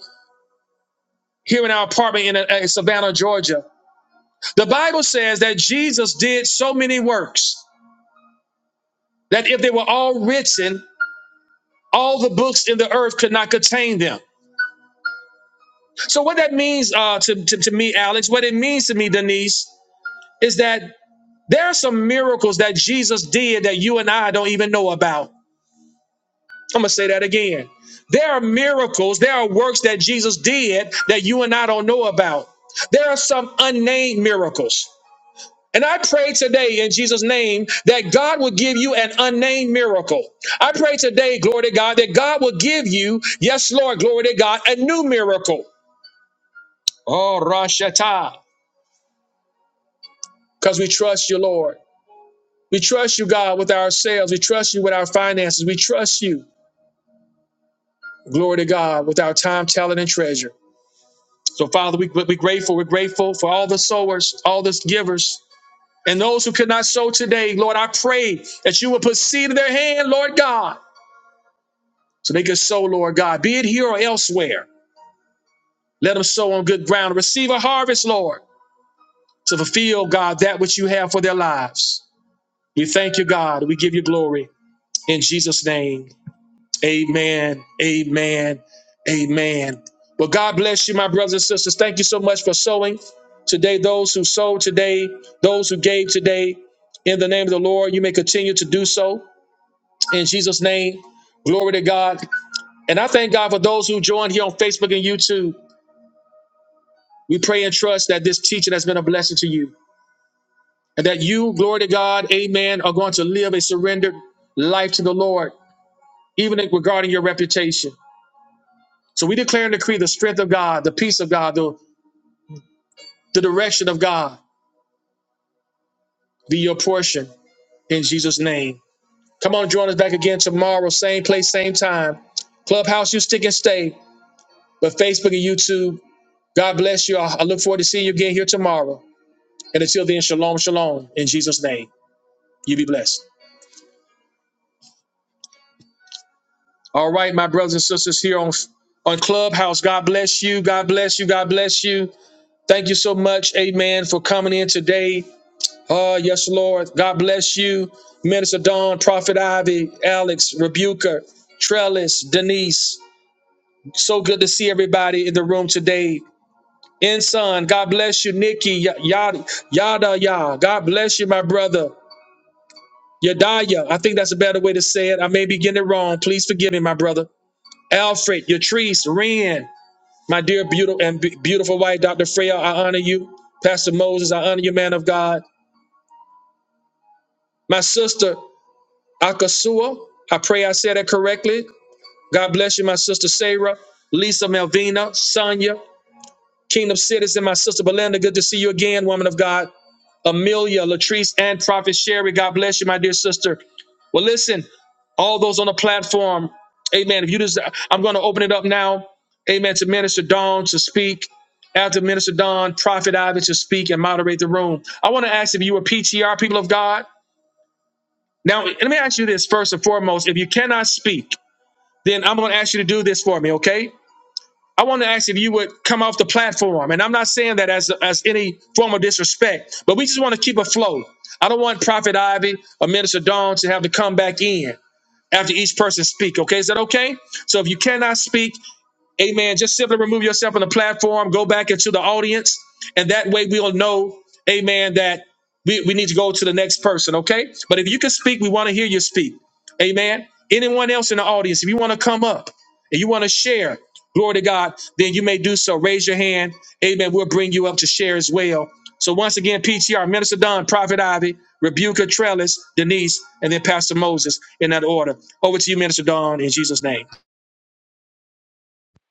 [SPEAKER 1] here in our apartment in uh, Savannah, Georgia. The Bible says that Jesus did so many works that if they were all written, all the books in the earth could not contain them. So, what that means uh, to, to, to me, Alex, what it means to me, Denise, is that there are some miracles that Jesus did that you and I don't even know about. I'm going to say that again. There are miracles, there are works that Jesus did that you and I don't know about. There are some unnamed miracles. And I pray today in Jesus' name that God will give you an unnamed miracle. I pray today, glory to God, that God will give you, yes, Lord, glory to God, a new miracle. Oh, Rashata, because we trust you, Lord. We trust you, God, with ourselves. We trust you with our finances. We trust you, glory to God, with our time, talent, and treasure. So, Father, we, we're grateful. We're grateful for all the sowers, all the givers, and those who could not sow today. Lord, I pray that you will put seed in their hand, Lord God, so they can sow, Lord God, be it here or elsewhere. Let them sow on good ground, receive a harvest, Lord, to fulfill, God, that which you have for their lives. We thank you, God. We give you glory in Jesus' name. Amen. Amen. Amen. Well, God bless you, my brothers and sisters. Thank you so much for sowing today. Those who sowed today, those who gave today, in the name of the Lord, you may continue to do so. In Jesus' name, glory to God. And I thank God for those who joined here on Facebook and YouTube. We pray and trust that this teaching has been a blessing to you and that you, glory to God, amen, are going to live a surrendered life to the Lord, even regarding your reputation. So we declare and decree the strength of God, the peace of God, The direction of God be your portion in Jesus' name. Come on, join us back again tomorrow, same place, same time. Clubhouse, you stick and stay, but Facebook and YouTube, God bless you. I I look forward to seeing you again here tomorrow. And until then, shalom, shalom, in Jesus' name. You be blessed. All right, my brothers and sisters here on on Clubhouse. God bless you. God bless you. God bless you. Thank you so much, amen, for coming in today. Oh yes, Lord. God bless you, Minister Dawn, Prophet Ivy, Alex, Rebuker, Trellis, Denise. So good to see everybody in the room today. Ensign, God bless you, Nikki, y- yada, yada, yada. God bless you, my brother. Yadaya, I think that's a better way to say it. I may be getting it wrong. Please forgive me, my brother. Alfred, Yatrice, Ren, my dear beautiful and be- beautiful wife, Dr. Freya, I honor you. Pastor Moses, I honor you, man of God. My sister, Akasua. I pray I said that correctly. God bless you, my sister Sarah, Lisa Melvina, Sonia, Kingdom Citizen, my sister Belinda. Good to see you again, woman of God. Amelia, Latrice, and Prophet Sherry. God bless you, my dear sister. Well, listen, all those on the platform, amen. If you just I'm gonna open it up now. Amen. To Minister Dawn to speak. After Minister Dawn, Prophet Ivan to speak and moderate the room. I want to ask if you are PTR people of God. Now, let me ask you this first and foremost. If you cannot speak, then I'm going to ask you to do this for me, okay? I want to ask if you would come off the platform, and I'm not saying that as as any form of disrespect, but we just want to keep a flow. I don't want Prophet Ivy or Minister Dawn to have to come back in after each person speak. Okay, is that okay? So if you cannot speak, Amen. Just simply remove yourself from the platform, go back into the audience, and that way we'll know, amen, that we, we need to go to the next person, okay? But if you can speak, we want to hear you speak. Amen. Anyone else in the audience, if you want to come up and you want to share, glory to God, then you may do so. Raise your hand. Amen. We'll bring you up to share as well. So once again, PTR, Minister Don, Prophet Ivy, Rebuka Trellis, Denise, and then Pastor Moses in that order. Over to you, Minister Don, in Jesus' name.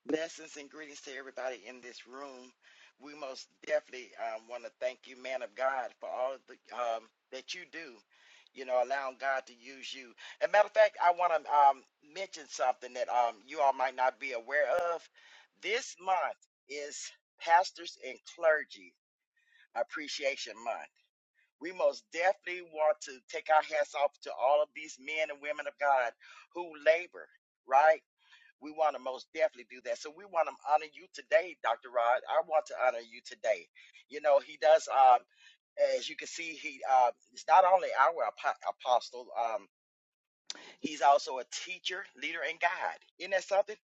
[SPEAKER 2] Blessings and greetings to everybody in this room. We most definitely um, want to thank you, man of God, for all the, um, that you do. You know, allowing God to use you. And matter of fact, I want to um, mention something that um, you all might not be aware of. This month is Pastors and Clergy Appreciation Month. We most definitely want to take our hats off to all of these men and women of God who labor, right? We want to most definitely do that. So we want to honor you today, Dr. Rod. I want to honor you today. You know, he does um, as you can see, he uh, is not only our apo- apostle, um, he's also a teacher, leader, and guide. Isn't that something?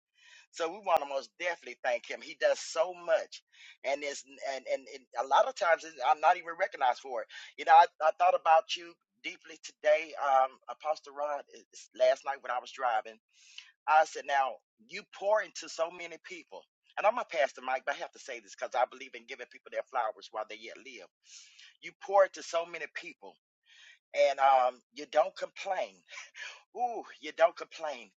[SPEAKER 2] So we want to most definitely thank him. He does so much, and it's and and, and a lot of times it's- I'm not even recognized for it. You know, I, I thought about you deeply today, um, Apostle Rod, is- last night when I was driving. I said, now you pour into so many people. And I'm gonna pass the mic, but I have to say this because I believe in giving people their flowers while they yet live. You pour into so many people, and um, you don't complain. Ooh, you don't complain.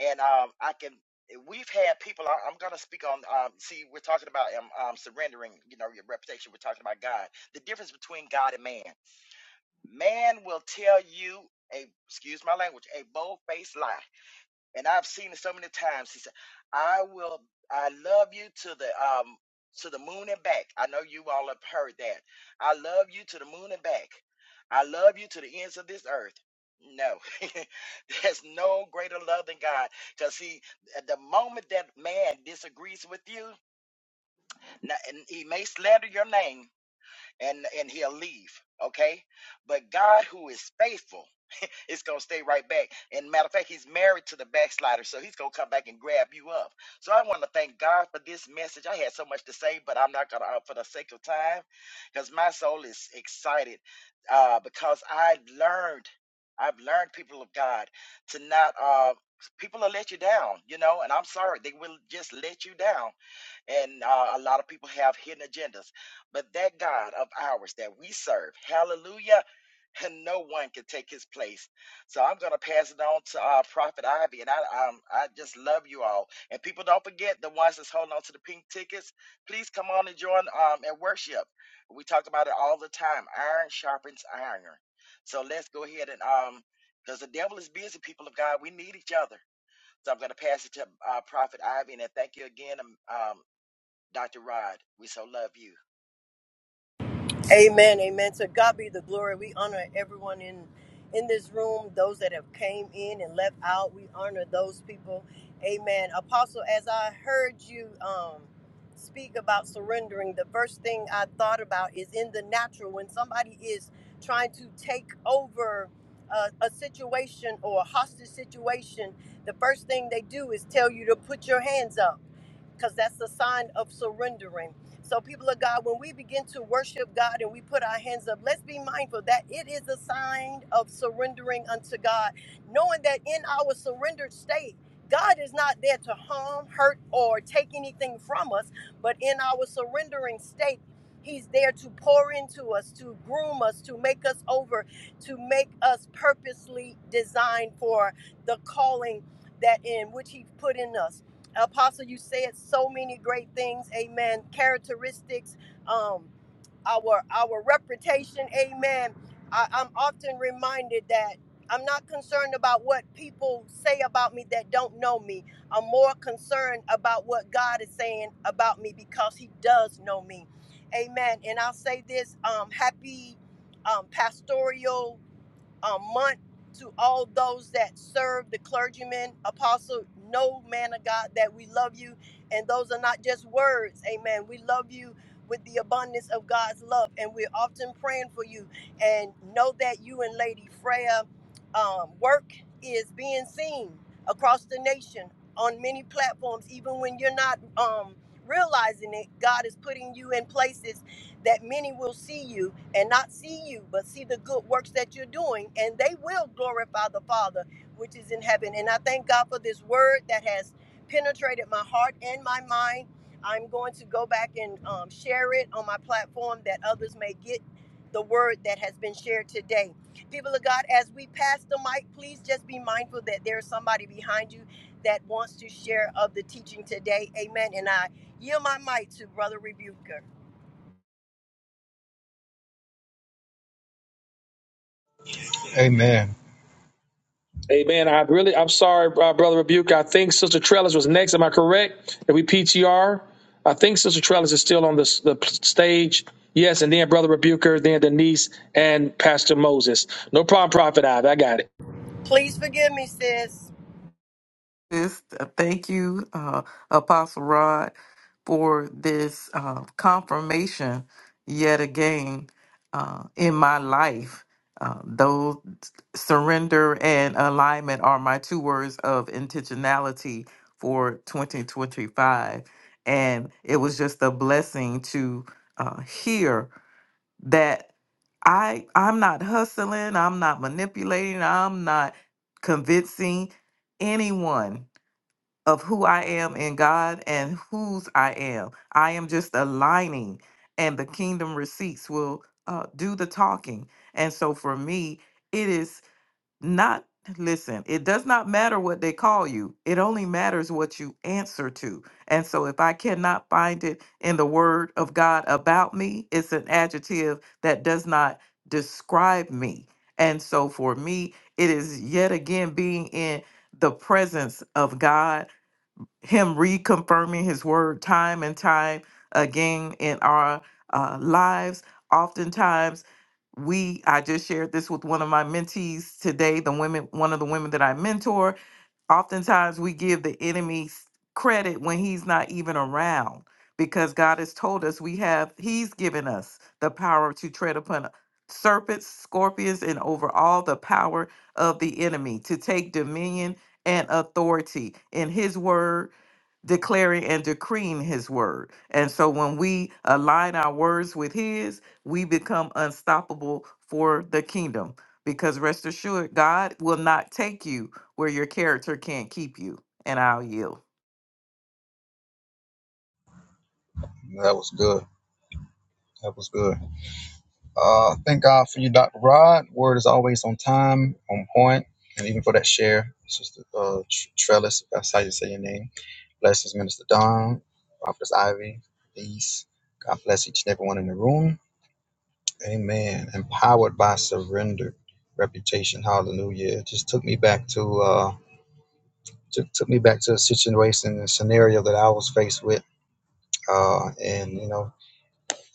[SPEAKER 2] And um, I can. eh, We've had people. I- I'm gonna speak on. Um, see, we're talking about um, um, surrendering. You know, your reputation. We're talking about God. The difference between God and man. Man will tell you a excuse my language a bold faced lie and I've seen it so many times. He said, "I will, I love you to the um to the moon and back." I know you all have heard that. I love you to the moon and back. I love you to the ends of this earth. No, <laughs> there's no greater love than God. Because see, the moment that man disagrees with you, n- and he may slander your name, and and he'll leave okay but god who is faithful <laughs> is going to stay right back and matter of fact he's married to the backslider so he's going to come back and grab you up so i want to thank god for this message i had so much to say but i'm not going to for the sake of time because my soul is excited uh, because i learned i've learned people of god to not uh, people will let you down you know and i'm sorry they will just let you down and uh, a lot of people have hidden agendas. But that God of ours that we serve, hallelujah, and no one can take his place. So I'm going to pass it on to uh, Prophet Ivy, and I, um, I just love you all. And people, don't forget the ones that's holding on to the pink tickets. Please come on and join um, and worship. We talk about it all the time. Iron sharpens iron. So let's go ahead and um, because the devil is busy. People of God, we need each other. So I'm going to pass it to uh, Prophet Ivy, and then thank you again, um, um, Dr. Rod, we so love you.
[SPEAKER 3] Amen. Amen. To God be the glory. We honor everyone in in this room, those that have came in and left out. We honor those people. Amen. Apostle, as I heard you um speak about surrendering, the first thing I thought about is in the natural when somebody is trying to take over a, a situation or a hostage situation, the first thing they do is tell you to put your hands up because that's a sign of surrendering. So, people of God, when we begin to worship God and we put our hands up, let's be mindful that it is a sign of surrendering unto God, knowing that in our surrendered state, God is not there to harm, hurt, or take anything from us, but in our surrendering state, He's there to pour into us, to groom us, to make us over, to make us purposely designed for the calling that in which He put in us. Apostle, you said so many great things. Amen. Characteristics, um, our our reputation. Amen. I, I'm often reminded that I'm not concerned about what people say about me that don't know me. I'm more concerned about what God is saying about me because He does know me. Amen. And I'll say this: um, Happy um, pastoral a month to all those that serve the clergyman, apostle, no man of God, that we love you. And those are not just words. Amen. We love you with the abundance of God's love. And we're often praying for you. And know that you and Lady Freya um, work is being seen across the nation on many platforms, even when you're not um, realizing it. God is putting you in places that many will see you and not see you, but see the good works that you're doing, and they will glorify the Father which is in heaven. And I thank God for this word that has penetrated my heart and my mind. I'm going to go back and um, share it on my platform that others may get the word that has been shared today. People of God, as we pass the mic, please just be mindful that there's somebody behind you that wants to share of the teaching today. Amen. And I yield my mic to Brother Rebuker.
[SPEAKER 6] Amen.
[SPEAKER 1] Amen. I really, I'm sorry, uh, Brother Rebuke. I think Sister Trellis was next. Am I correct? If we PTR, I think Sister Trellis is still on the, the stage. Yes, and then Brother Rebuker, then Denise, and Pastor Moses. No problem, Prophet Ivy. I got it.
[SPEAKER 3] Please forgive me, sis.
[SPEAKER 4] This, uh, thank you, uh, Apostle Rod, for this uh, confirmation yet again uh, in my life. Uh, those surrender and alignment are my two words of intentionality for 2025. And it was just a blessing to uh, hear that I I'm not hustling, I'm not manipulating, I'm not convincing anyone of who I am in God and whose I am. I am just aligning and the kingdom receipts will uh, do the talking. And so for me, it is not listen it does not matter what they call you it only matters what you answer to and so if i cannot find it in the word of god about me it's an adjective that does not describe me and so for me it is yet again being in the presence of god him reconfirming his word time and time again in our uh, lives. Oftentimes, we I just shared this with one of my mentees today, the women, one of the women that I mentor. Oftentimes, we give the enemy s- credit when he's not even around because God has told us we have, he's given us the power to tread upon serpents, scorpions, and over all the power of the enemy, to take dominion and authority in his word declaring and decreeing his word. And so when we align our words with his, we become unstoppable for the kingdom. Because rest assured, God will not take you where your character can't keep you. And I'll yield.
[SPEAKER 6] That was good. That was good. Uh, thank God for you, Dr. Rod. Word is always on time, on point, and even for that share, Sister uh, Tr- Trellis, if that's how you say your name. Blessings, Minister Don, Prophetess Ivy, Peace. God bless each and everyone in the room. Amen. Empowered by surrender, reputation. Hallelujah. It just took me back to uh, took, took me back to a situation and scenario that I was faced with Uh, and, you know,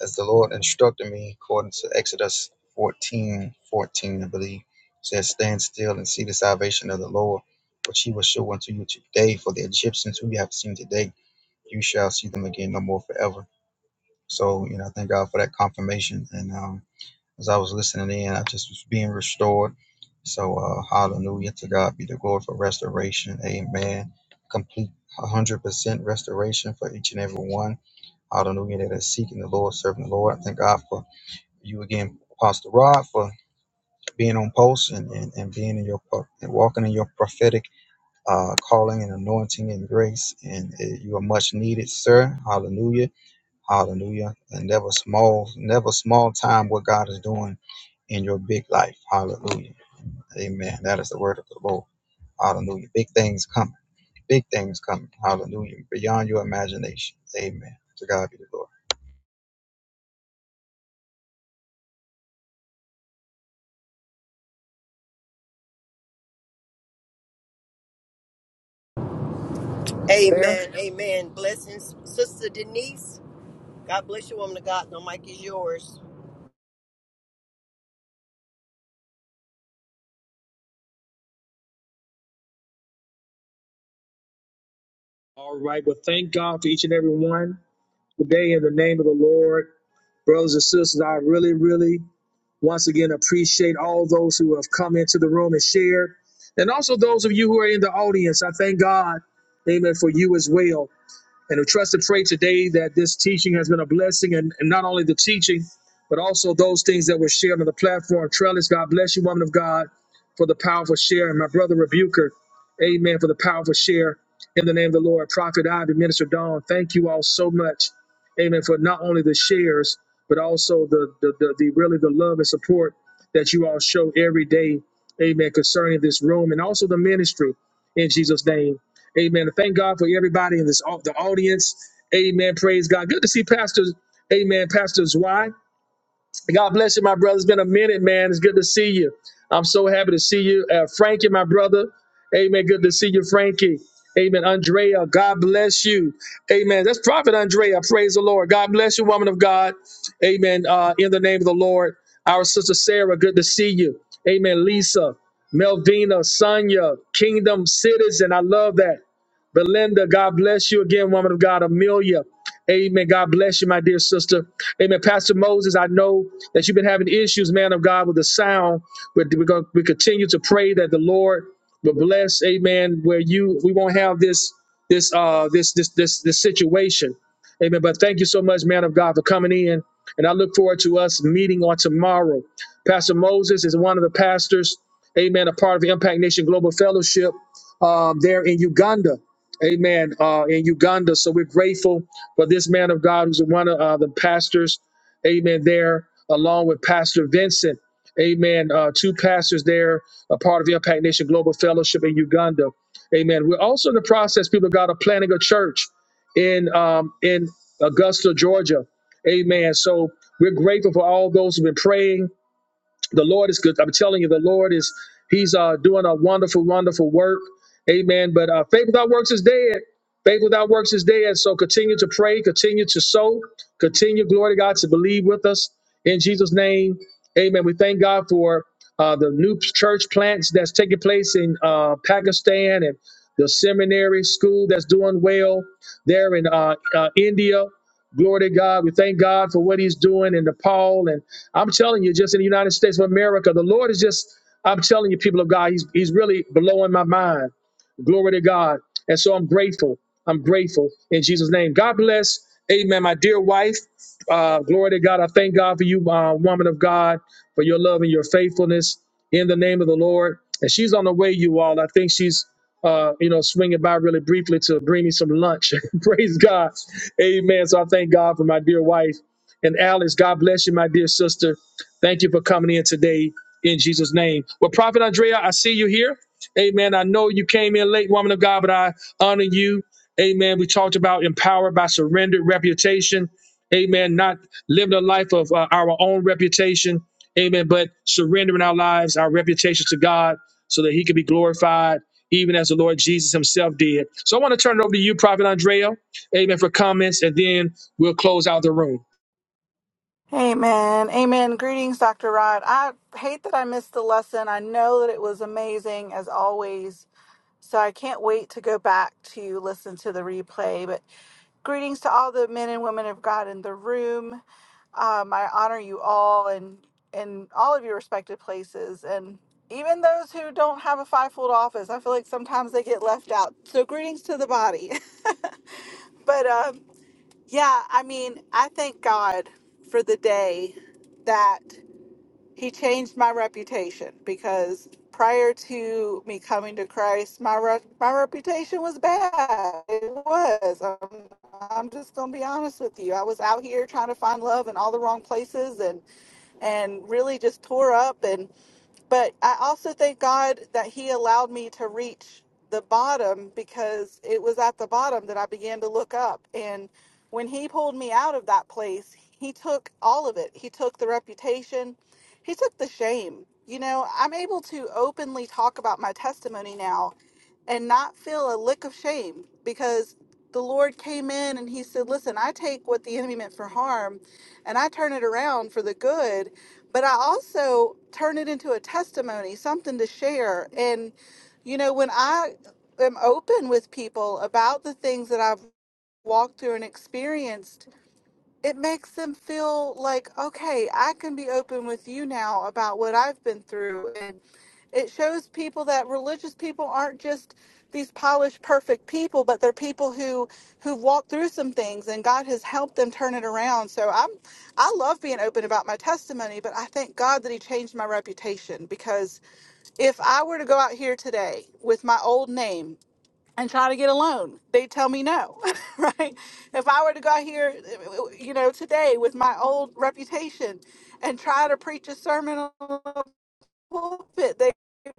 [SPEAKER 6] as the Lord instructed me, according to Exodus 14:14, I believe, says, Stand still and see the salvation of the Lord, which he will show unto you today. For the Egyptians who you have seen today, you shall see them again no more forever. So, you know, I thank God for that confirmation. And um, as I was listening in, I just was being restored. So, uh, hallelujah to God be the glory for restoration. Amen. Complete 100% restoration for each and every one Hallelujah. That are seeking the Lord, serving the Lord. I thank God for you again, Pastor Rod, for being on post and, and, and being in your and walking in your prophetic uh, calling and anointing and grace. And uh, you are much needed, sir. Hallelujah. Hallelujah. And never small, never small time what God is doing in your big life. Hallelujah. Amen. That is the word of the Lord. Hallelujah. Big things coming. Big things coming. Hallelujah. Beyond your imagination. Amen. To God be the glory.
[SPEAKER 1] There.
[SPEAKER 3] Amen. Amen. Blessings, Sister Denise. God bless you, woman of God. The mic is yours.
[SPEAKER 1] All right. Well, thank God for each and every one today in the name of the Lord. Brothers and sisters, I really, really once again appreciate all those who have come into the room and shared. And also those of you who are in the audience, I thank God, amen, for you as well. And we trust and pray today that this teaching has been a blessing, and, and not only the teaching, but also those things that were shared on the platform. Trellis, God bless you, woman of God, for the powerful share. And my brother Rebuker, amen, for the powerful share. In the name of the Lord, Prophet Ivy, Minister Dawn, thank you all so much, amen, for not only the shares, but also the, the, the, the really the love and support. To you, Brother Key, Bless you. God. Amen. Uh, in the name of the Lord, our sister Sarah, good to see you. Amen. Lisa, Melvina, Sonia, Kingdom Citizen. I love that. Belinda, God bless you again, woman of God. Amelia, amen. God bless you, my dear sister. Amen. Pastor Moses, I know that you've been having issues, man of God, with the sound. But we're going to we continue to pray that the Lord will bless, amen, where you we won't have this this uh this this this this situation. Amen. But thank you so much, man of God, for coming in. And I look forward to us meeting on tomorrow. Pastor Moses is one of the pastors, amen, a part of the Impact Nation Global Fellowship um, there in Uganda. Amen. Uh, in Uganda. So we're grateful for this man of God who's one of uh, the pastors. Amen. There, along with Pastor Vincent. Amen. Uh, two pastors there, a part of the Impact Nation Global Fellowship in Uganda. Amen. We're also in the process, people of God, of planning a church in um, in Augusta, Georgia. Amen. So we're grateful for all those who've been praying the Lord is good. I'm telling you, the Lord is He's uh, doing a wonderful, wonderful work. Amen. But uh, faith without works is dead. Faith without works is dead. So continue to pray, continue to sow, continue, glory to God, to believe with us in Jesus' name. Amen. We thank God for uh, the new church plants that's taking place in uh, Pakistan and the seminary school that's doing well there in uh, uh, India. Glory to God. We thank God for what He's doing in Nepal and I'm telling you, just in the United States of America, the Lord is just, I'm telling you, people of God, He's He's really blowing my mind. Glory to God. And so I'm grateful. I'm grateful in Jesus' name. God bless. Amen. My dear wife, uh, glory to God. I thank God for you, uh, woman of God, for your love and your faithfulness in the name of the Lord. And she's on the way, you all. I think she's, uh, you know, swinging by really briefly to bring me some lunch. <laughs> Praise God. Amen. So I thank God for my dear wife. Alice, God bless you, my dear sister. Thank you for coming in today. Jesus' name. Well, Prophet Andrea, I see you here. Amen. I know you came in late, woman of God, but I honor you. Amen. We talked about empowered by surrendered reputation and not live of uh, our own reputation. Amen. But surrendering our lives, our reputation to God so that he can be glorified, even as the Lord Jesus himself did. So I want to turn it over to you, Prophet Andrea. Amen. For comments, and then we'll close out the room.
[SPEAKER 7] Amen. Amen. Greetings, Dr. Rod. I hate that I missed the lesson. I know that it was amazing as always. So I can't wait to go back to listen to the replay. But greetings to all the men and women of God in the room. Um, I honor you all and in all of your respective places. And even those who don't have a fivefold office, I feel like sometimes they get left out. So greetings to the body. <laughs> but um yeah, I mean, I thank God for the day that He changed my reputation because prior to me coming to Christ, my rep- my reputation was bad. It was. I'm, I'm just gonna be honest with you. I was out here trying to find love in all the wrong places, and and really just tore up. But I also thank God that He allowed me to reach the bottom because it was at the bottom that I began to look up. And when He pulled me out of that place, He took all of it. He took the reputation, He took the shame. You know, I'm able to openly talk about my testimony now and not feel a lick of shame because the Lord came in and He said, Listen, I take what the enemy meant for harm and I turn it around for the good but I also turn it into a testimony, something to share. And, you know, when I am open with people about the things that I've walked through and experienced, it makes them feel like okay i can be open with you now about what i've been through and it shows people that religious people aren't just these polished perfect people but they're people who who've walked through some things and god has helped them turn it around so i'm i love being open about my testimony but i thank god that he changed my reputation because if i were to go out here today with my old name and try to get a loan. They tell me no, <laughs> right? If I were to go out here, you know, today with my old reputation and try to preach a sermon pulpit, they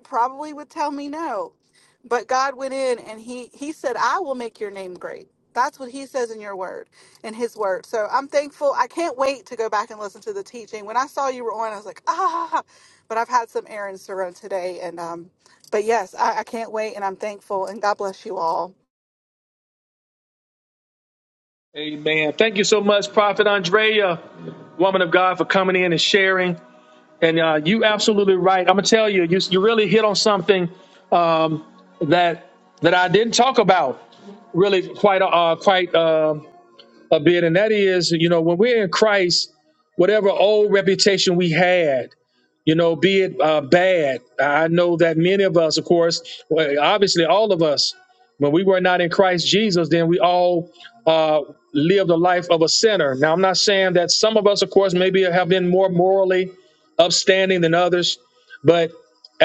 [SPEAKER 7] probably would tell me no. But God went in and he he said, "I will make your name great." That's what he says in your word, in his word. So I'm thankful. I can't wait to go back and listen to the teaching. When I saw you were on, I was like, ah, but I've had some errands to run today. And, um, but yes, I, I can't wait and I'm thankful and God bless you all.
[SPEAKER 1] Amen. Thank you so much, Prophet Andrea, woman of God, for coming in and sharing. And uh, you absolutely right. I'm gonna tell you, you you really hit on something um, that that I didn't talk about really quite a, uh, quite uh, a bit, and that is, you know, when we're in Christ, whatever old reputation we had, you know, be it uh, bad. I know that many of us, of course, well, obviously all of us, when we were not in Christ Jesus, then we all uh, lived a life of a sinner. Now, I'm not saying that some of us, of course, maybe have been more morally upstanding than others, but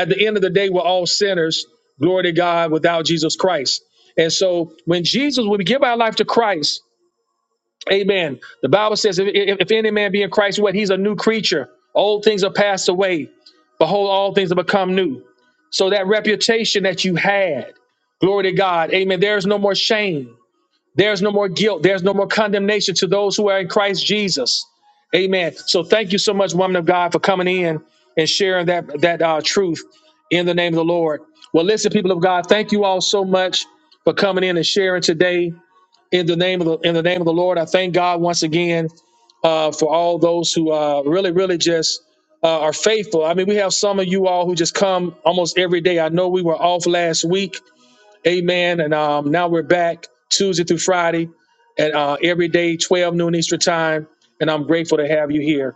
[SPEAKER 1] at the end of the day, we're all sinners, glory to God, without Jesus Christ. And so when Jesus, when we give our life to Christ, amen, the Bible says, if, if if any man be in Christ, what? He's a new creature. Old things are passed away. Behold, all things have become new. So that reputation that you had, glory to God, amen, there's no more shame. There's no more guilt. There's no more condemnation to those who are in Christ Jesus. Amen. So thank you so much, woman of God, for coming in and sharing that that uh, truth. in the name of the Lord. Well, listen, people of God, thank you all so much for coming in and sharing today in the name of the in the name of the Lord. I thank God once again uh, for all those who uh, really, really just uh, are faithful. I mean, we have some of you all who just come almost every day. I know we were off last week, Amen, and um, now we're back Tuesday through Friday at uh, every day, 12 noon Eastern time, and I'm grateful to have you here.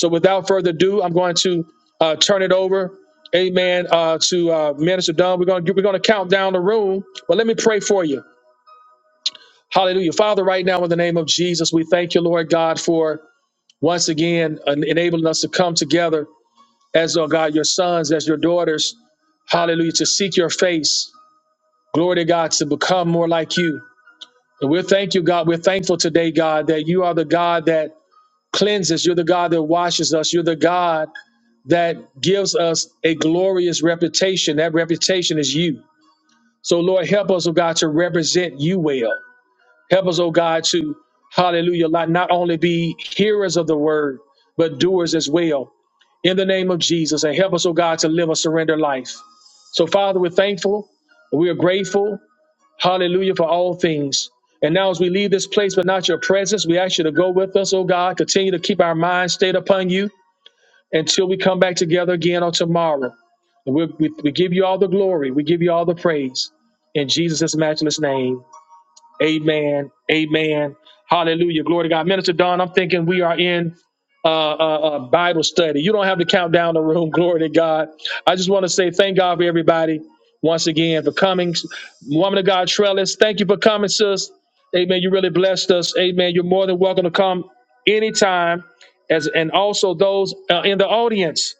[SPEAKER 1] So without further ado, I'm going to uh, turn it over, amen, uh, to uh, Minister Dunn. We're going to we're going to count down the room, but let me pray for you. Hallelujah. Father, right now in the name of Jesus, we thank you, Lord God, for once again en- enabling us to come together as, oh God, your sons, as your daughters. Hallelujah. To seek your face. Glory to God, to become more like you. And we thank you, God. We're thankful today, God, that you are the God that cleanses. You're the God that washes us. You're the God that gives us a glorious reputation. That reputation is you. So, Lord, help us, oh God, to represent you well. Help us, oh God, to, hallelujah, not, only be hearers of the word as well, Jesus, and your life. We are grateful, for all things. Now, as we leave this place, but not your presence, oh God, can I stayed upon you, please. And your glory to God. Minister Don, I'm thinking we are in uh, uh, uh, Bible study. You don't have to count down the room. <laughs> Glory to God. I just want to say thank God for everybody once again for coming. Woman of God, Trellis, thank you for coming, sis. Amen. You really blessed us. Amen. You're more than welcome to come anytime. As and also those uh, in the audience.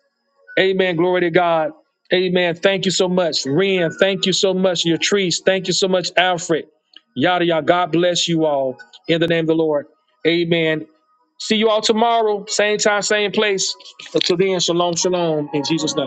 [SPEAKER 1] Amen. Glory to God. Amen. Thank you so much, Ren. Thank you so much, Yatrice. Thank you so much, Alfred. Yada yada. God bless you all in the name of the Lord. Amen. See you all tomorrow, same time, same place. Until then, shalom, shalom, in Jesus' name.